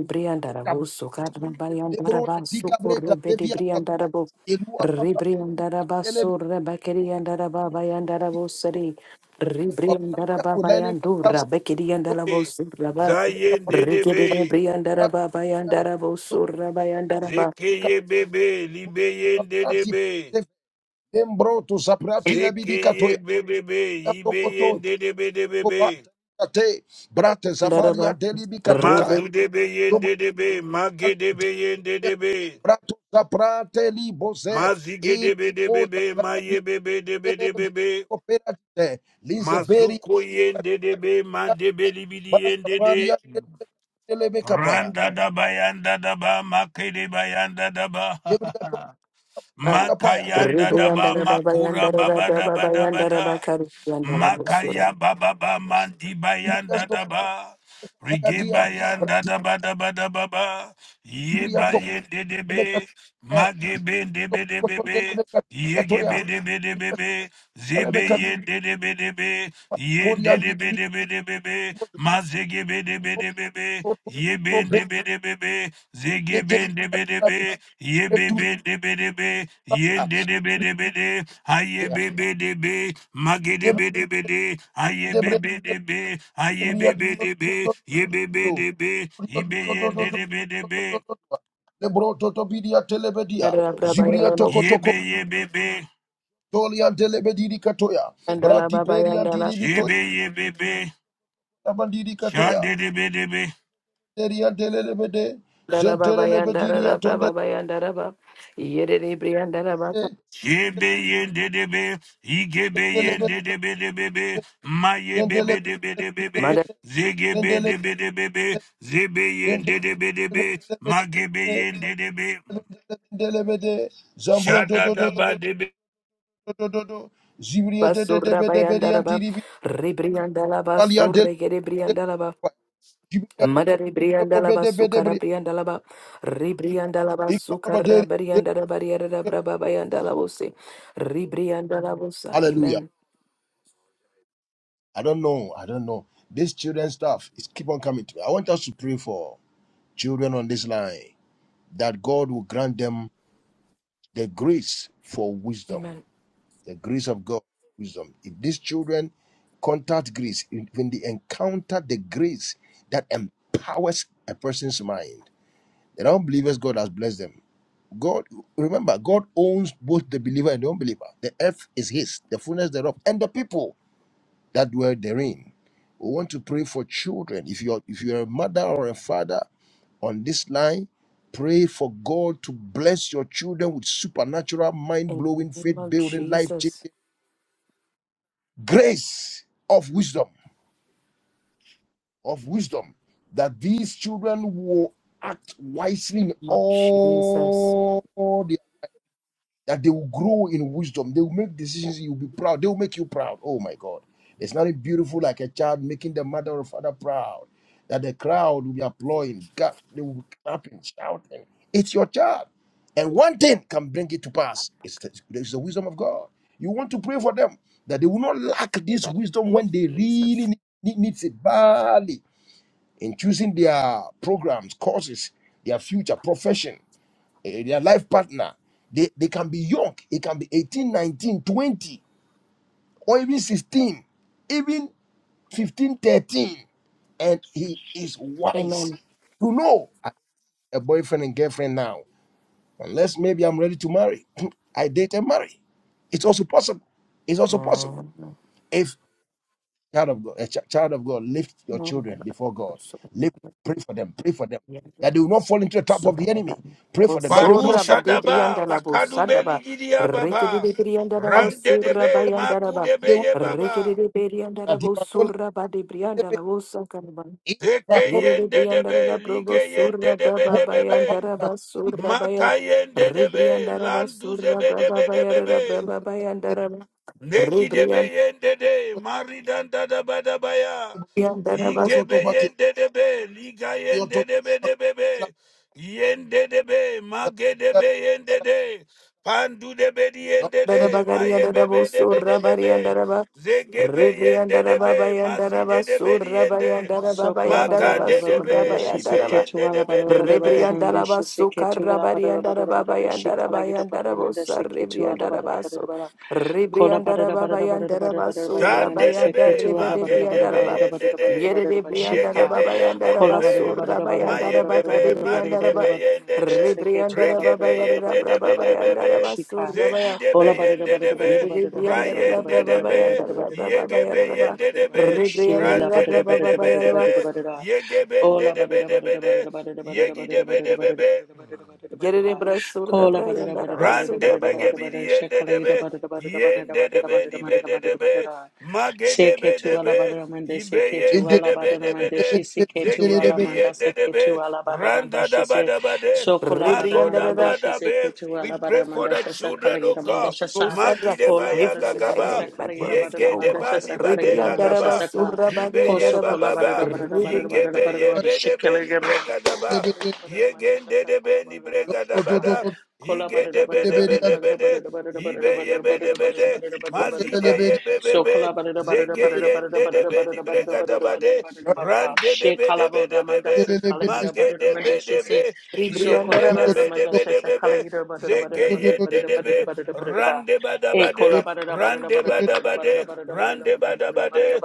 [SPEAKER 4] that
[SPEAKER 2] Briandarabo, Sukadra
[SPEAKER 4] Lebron,
[SPEAKER 2] Bariandaraba,
[SPEAKER 4] Digabre,
[SPEAKER 2] Sukure Bedi
[SPEAKER 4] Davia,
[SPEAKER 2] Briandarabo,
[SPEAKER 4] Elua, Sabra,
[SPEAKER 2] Ribriandaraba,
[SPEAKER 4] Telebe,
[SPEAKER 2] Sura Bakiri and Daraba, Bayandarabo, Sari,
[SPEAKER 4] Babra,
[SPEAKER 2] Ribriandaraba,
[SPEAKER 4] Masasa.
[SPEAKER 2] Bayandura, Bekiri and Darabo, Suraba,
[SPEAKER 1] Zayen de
[SPEAKER 2] Rikiri Briandaraba, Bayandarabo, Sura Bayandaraba,
[SPEAKER 1] Zekeye bebe, Libeyen de
[SPEAKER 4] Embroto saprati
[SPEAKER 1] Zekeye
[SPEAKER 4] labidikatoya
[SPEAKER 1] bebebe, Ibeyen
[SPEAKER 4] tokoto
[SPEAKER 1] de
[SPEAKER 4] kobata kate brate zafalia
[SPEAKER 2] Daraba,
[SPEAKER 4] delibikatokaya
[SPEAKER 2] Ribri,
[SPEAKER 1] Mazu debe yen
[SPEAKER 4] dobralia
[SPEAKER 1] Mage debe yen
[SPEAKER 4] brato saprate libose
[SPEAKER 1] Mazige
[SPEAKER 4] il
[SPEAKER 1] debe
[SPEAKER 4] ota sapali
[SPEAKER 1] Maye bebe debe
[SPEAKER 4] operate lizeberi
[SPEAKER 1] Masuko yende debe mandebe libidi
[SPEAKER 4] basa
[SPEAKER 1] yende de
[SPEAKER 4] paria delebe kapaya
[SPEAKER 1] randa daba yanda daba makede bayanda daba
[SPEAKER 4] jebria tokapaya
[SPEAKER 1] makayanda daba
[SPEAKER 2] Ribriandaraba,
[SPEAKER 1] makura baba
[SPEAKER 2] Bayandaraba,
[SPEAKER 1] daba daba da.
[SPEAKER 2] Bayandaraba, Kari, Yandarabo, Sura,
[SPEAKER 1] Makaya baba ba mandi
[SPEAKER 4] jebria
[SPEAKER 1] bayanda daba.
[SPEAKER 4] tokapaya
[SPEAKER 1] Rige
[SPEAKER 4] dia
[SPEAKER 1] bayanda
[SPEAKER 4] brati
[SPEAKER 1] daba daba daba ba. Ye
[SPEAKER 4] jebria
[SPEAKER 1] baye de debe.
[SPEAKER 4] tokapaya
[SPEAKER 1] Mage debe debe be. Ye
[SPEAKER 4] Katoya,
[SPEAKER 1] gebe debe debe be. Zebe ye de debe debe. Ye de debe debe debe be. Mazege debe debe be. Ye be debe debe be. Zege debe debe. Ye be debe debe. Ye de debe debe de. Aye be debe. Ma ye bebe de be, ibe ye de bede be,
[SPEAKER 4] Lebro totobidia telebedia, Zibria
[SPEAKER 2] Yandaraba,
[SPEAKER 1] ye be
[SPEAKER 4] tokotoko,
[SPEAKER 1] ye bebe,
[SPEAKER 4] Tolian telebediri katoya,
[SPEAKER 2] Andala
[SPEAKER 4] Brati
[SPEAKER 2] baba
[SPEAKER 4] perian
[SPEAKER 2] yandala,
[SPEAKER 1] she
[SPEAKER 4] diribitoya,
[SPEAKER 1] be ye bebe,
[SPEAKER 4] Abandiri katoya,
[SPEAKER 1] shande de bede be,
[SPEAKER 4] Terian telebede,
[SPEAKER 2] andala baba yandara
[SPEAKER 4] Zentelebediria
[SPEAKER 2] rabra baba yandara ba, yere ribri yandara ba,
[SPEAKER 1] she be ye de be, ige be ye
[SPEAKER 4] Zambron
[SPEAKER 1] de bede bebe, ma ye bebe de bede bebe,
[SPEAKER 2] mada
[SPEAKER 1] zege be de bede bebe, zebe ye de shande Magedebedebede, ayebebedebe, ayebebedebe, yebebedebe, ibeyendebedebe, yebeyebebe, shebeyebebe, shandebedebe, shebeyendebe, igebeyendebedebe, mayebebedebedebe, zegebedebedebe, zebeyendebedebe, magebeyendebe,
[SPEAKER 4] to to to
[SPEAKER 1] shadadabadebe.
[SPEAKER 4] to to to to Zibria te te te
[SPEAKER 2] basura
[SPEAKER 4] be
[SPEAKER 2] ba
[SPEAKER 4] de be di
[SPEAKER 2] yandara ba, ribri yandala ba
[SPEAKER 4] Alian te
[SPEAKER 2] surre gere bri
[SPEAKER 4] te
[SPEAKER 2] yandala ba,
[SPEAKER 4] Zibria to
[SPEAKER 2] mada
[SPEAKER 4] to
[SPEAKER 2] ribri
[SPEAKER 4] to to
[SPEAKER 2] yandala
[SPEAKER 4] be
[SPEAKER 2] ba
[SPEAKER 4] de be de
[SPEAKER 2] sukara
[SPEAKER 4] bria
[SPEAKER 2] bri yandala ba, ribri yandala ba
[SPEAKER 4] Ikalaba
[SPEAKER 2] sukara bri yandara ba yere rabra baba yandala bose, ribri yandala bosa.
[SPEAKER 4] Hallelujah
[SPEAKER 2] Amen.
[SPEAKER 4] I don't know I don't know this children stuff is keep on coming to me I want us to pray for children on this line that God will grant them the grace for wisdom
[SPEAKER 2] Amen.
[SPEAKER 4] the grace of God, wisdom. If these children contact grace, if- when they encounter the grace that empowers a person's mind, the non-believers God has blessed them. God, remember, God owns both the believer and the unbeliever. The earth is His, the fullness thereof, and the people that dwell therein. We want to pray for children. If you're if you're a mother or a father on this line, pray for God to bless your children with supernatural,
[SPEAKER 2] In the
[SPEAKER 4] mind-blowing,
[SPEAKER 2] name of
[SPEAKER 4] faith-building, life-changing
[SPEAKER 2] Jesus,
[SPEAKER 4] grace of wisdom, of wisdom, that these children will act wisely in
[SPEAKER 2] of Jesus.
[SPEAKER 4] all that they will grow in wisdom. They will make decisions. You'll be proud. They will make you proud. Oh my God. It's nothing beautiful like a child making the mother or father proud. That the crowd will be applauding. God, they will be clapping, shouting. It's your child. And one thing can bring it to pass. It's the, it's the wisdom of God. You want to pray for them that they will not lack this wisdom when they really need, need needs it badly in choosing their programs, courses, their future, profession eh, their life partner. They, they can be young, it can be 18, 19, 20, or even 16, even 15, 13, And he is wise
[SPEAKER 2] Amen.
[SPEAKER 4] to know I have a boyfriend and girlfriend now, unless maybe I'm ready to marry. I date and marry. It's also possible. It's also possible.
[SPEAKER 2] Mm.
[SPEAKER 4] If child of God, a ch- child of God, lift your children before God. Lift, pray for them, pray for them,
[SPEAKER 2] Mm.
[SPEAKER 4] that they will not fall into the trap of the enemy. Pray for them, that they will not
[SPEAKER 2] Osora
[SPEAKER 4] stop
[SPEAKER 2] badi
[SPEAKER 1] Barushadaba,
[SPEAKER 2] brianda la bosada
[SPEAKER 1] Bakadubeli
[SPEAKER 2] ba
[SPEAKER 1] Gidia
[SPEAKER 2] rekede
[SPEAKER 1] Baba,
[SPEAKER 2] de brianda la
[SPEAKER 4] them,
[SPEAKER 2] bosura
[SPEAKER 1] Randedebe,
[SPEAKER 2] bayanda la ba
[SPEAKER 4] they
[SPEAKER 1] Makudebe
[SPEAKER 4] will
[SPEAKER 1] ye
[SPEAKER 2] rekede
[SPEAKER 1] Baba,
[SPEAKER 2] de brianda la
[SPEAKER 4] not
[SPEAKER 2] bosura badi
[SPEAKER 4] Amen.
[SPEAKER 2] brianda la
[SPEAKER 4] Amen.
[SPEAKER 2] bosakana ba
[SPEAKER 4] Amen. Amen.
[SPEAKER 2] yede
[SPEAKER 4] Amen.
[SPEAKER 2] de
[SPEAKER 1] Ekeyen
[SPEAKER 2] brianda
[SPEAKER 1] Dedebe,
[SPEAKER 2] la probo
[SPEAKER 1] Ligeyen
[SPEAKER 2] sura
[SPEAKER 1] Dedebe
[SPEAKER 2] baba bayanda
[SPEAKER 1] Debebe,
[SPEAKER 2] la basura baya
[SPEAKER 1] Makayen Dedebe,
[SPEAKER 2] rebrianda la basura
[SPEAKER 1] Landuzebe
[SPEAKER 2] baba bayanda la
[SPEAKER 1] Debedebebe,
[SPEAKER 2] baba bayanda la ba rebrianda
[SPEAKER 1] Negidebeyende de maridanda da badabaya. Negidebeyendede, maridandadabadabaya, igebeyendedebe, ligayendedebedebebe, yendedebe, magedebeyendede,
[SPEAKER 2] Dada
[SPEAKER 1] pandudebediyendede,
[SPEAKER 2] bagaria dada bo surra
[SPEAKER 1] mayebebedebedebebe,
[SPEAKER 2] Dadabagariadadabu Surabariandaraba Ribriandaraba
[SPEAKER 1] zegebeyendedebe,
[SPEAKER 2] Bayandaraba
[SPEAKER 1] mazidedebediyende,
[SPEAKER 2] Surabayandaraba
[SPEAKER 6] Sokola bara
[SPEAKER 2] Bayandaraba
[SPEAKER 6] bara bara mande
[SPEAKER 1] magadedebe,
[SPEAKER 6] shise
[SPEAKER 2] Surabayandaraba
[SPEAKER 6] ketu wala bara bara bara
[SPEAKER 1] libeyendedebedebebe,
[SPEAKER 6] mande
[SPEAKER 2] Ribriandaraba
[SPEAKER 6] shise ketu wala bara bara
[SPEAKER 2] Sukarabariandaraba
[SPEAKER 6] bara shi kala
[SPEAKER 2] Bayandaraba
[SPEAKER 6] gira bara
[SPEAKER 2] Yandarabu
[SPEAKER 6] mande shise ketu wala bara
[SPEAKER 2] Saribriandaraba
[SPEAKER 6] bara
[SPEAKER 2] Su
[SPEAKER 6] bara kola bara bara
[SPEAKER 2] Ribriandaraba
[SPEAKER 6] bara bara
[SPEAKER 2] Bayandaraba
[SPEAKER 6] bara bara mande shise
[SPEAKER 1] Shandedebe,
[SPEAKER 2] Surabayandar
[SPEAKER 6] ketu wala bara bara bara
[SPEAKER 1] magedebe
[SPEAKER 6] bara
[SPEAKER 2] Ribedebriandaraba
[SPEAKER 1] yendede,
[SPEAKER 6] bara bara bara shi ka
[SPEAKER 2] Yerebriandaraba
[SPEAKER 1] yegebe
[SPEAKER 2] Bayandaraba
[SPEAKER 6] kola
[SPEAKER 1] yendedebe,
[SPEAKER 6] bara bara bara bara bara
[SPEAKER 2] Surabayandaraba
[SPEAKER 1] mayebebe,
[SPEAKER 6] bara bara
[SPEAKER 2] Gadibriandaraba
[SPEAKER 6] bara
[SPEAKER 1] maridebe
[SPEAKER 6] bara
[SPEAKER 1] yendede,
[SPEAKER 6] mandesha seketu ala bara
[SPEAKER 2] Ribriandaraba
[SPEAKER 6] mande shise ketu
[SPEAKER 1] regebe yendedebe debebe,
[SPEAKER 2] Bayandaraba surra
[SPEAKER 6] Shika.
[SPEAKER 2] Surabaya
[SPEAKER 1] zegidebe
[SPEAKER 6] Ola barada barada
[SPEAKER 1] yendedebe,
[SPEAKER 6] barada barada barada barada barada
[SPEAKER 1] rayendedebe,
[SPEAKER 6] barada barada barada
[SPEAKER 1] yegebe
[SPEAKER 6] barada barada barada barada
[SPEAKER 1] yendedebe,
[SPEAKER 6] barada shela barada
[SPEAKER 1] randedebe
[SPEAKER 6] barada
[SPEAKER 1] debe
[SPEAKER 6] barada
[SPEAKER 1] debe,
[SPEAKER 6] barada barada
[SPEAKER 1] yegebe
[SPEAKER 6] ola
[SPEAKER 1] ndedebe
[SPEAKER 6] barada
[SPEAKER 1] debe
[SPEAKER 6] barada
[SPEAKER 1] de,
[SPEAKER 6] barada barada barada barada
[SPEAKER 1] yegidebe
[SPEAKER 6] barada barada
[SPEAKER 1] debebe.
[SPEAKER 6] barada barada barada barada kola barada barada barada
[SPEAKER 1] Rande
[SPEAKER 6] barada
[SPEAKER 1] bege
[SPEAKER 6] barada
[SPEAKER 1] bidi
[SPEAKER 6] barada
[SPEAKER 1] yende
[SPEAKER 6] shekala ida
[SPEAKER 1] debe,
[SPEAKER 6] barada barada barada
[SPEAKER 1] yende
[SPEAKER 6] barada
[SPEAKER 1] debe
[SPEAKER 6] barada
[SPEAKER 1] dibe de
[SPEAKER 6] barada barada
[SPEAKER 1] debe,
[SPEAKER 6] barada
[SPEAKER 1] mage debe
[SPEAKER 6] Seketu
[SPEAKER 1] debe,
[SPEAKER 6] alabadamanda,
[SPEAKER 1] ibe
[SPEAKER 6] seketu
[SPEAKER 1] yende debe debe
[SPEAKER 6] alabadamanda,
[SPEAKER 1] de,
[SPEAKER 6] she
[SPEAKER 1] zegi
[SPEAKER 6] seketu
[SPEAKER 1] debi
[SPEAKER 6] alamanda,
[SPEAKER 1] yende debe,
[SPEAKER 6] seketu alabadamanda,
[SPEAKER 1] randa
[SPEAKER 6] she
[SPEAKER 1] daba
[SPEAKER 6] se
[SPEAKER 1] daba de,
[SPEAKER 6] sokola
[SPEAKER 1] mago
[SPEAKER 6] badamanda,
[SPEAKER 1] daba
[SPEAKER 6] she
[SPEAKER 1] dabe.
[SPEAKER 6] seketu
[SPEAKER 1] We pray for
[SPEAKER 6] alabadamanda,
[SPEAKER 1] the
[SPEAKER 6] she
[SPEAKER 1] children of
[SPEAKER 6] sakalayamanda,
[SPEAKER 1] God.
[SPEAKER 6] she sa
[SPEAKER 1] Magi deba
[SPEAKER 6] ola
[SPEAKER 1] ya
[SPEAKER 6] badamanda,
[SPEAKER 1] gagaba, yege
[SPEAKER 6] sakalayamanda, she
[SPEAKER 1] deba niba de
[SPEAKER 6] sakalayamanda, she
[SPEAKER 1] gagaba,
[SPEAKER 6] saka
[SPEAKER 1] ibe ye
[SPEAKER 6] kosokola
[SPEAKER 1] bababa,
[SPEAKER 6] badamanda, badamanda,
[SPEAKER 1] igebe ye
[SPEAKER 6] badamanda,
[SPEAKER 1] be debe nibre
[SPEAKER 6] she
[SPEAKER 1] gadaba, yegende debe nibre gadaba de de de de de de
[SPEAKER 4] Amen.
[SPEAKER 1] be de Ibe ye be de be de Mazide ye be be be. Zege ye de. de be ni brega da ba de Ran de de be de. be de be be. Mage de be de be.
[SPEAKER 6] so in
[SPEAKER 1] Yen de de be de be de be be. Zege ye de. de be. Ran de ba ba ba de. Ran de ba da da Igedebedebedebede, de ba da ba de. yendedebedebedebebe,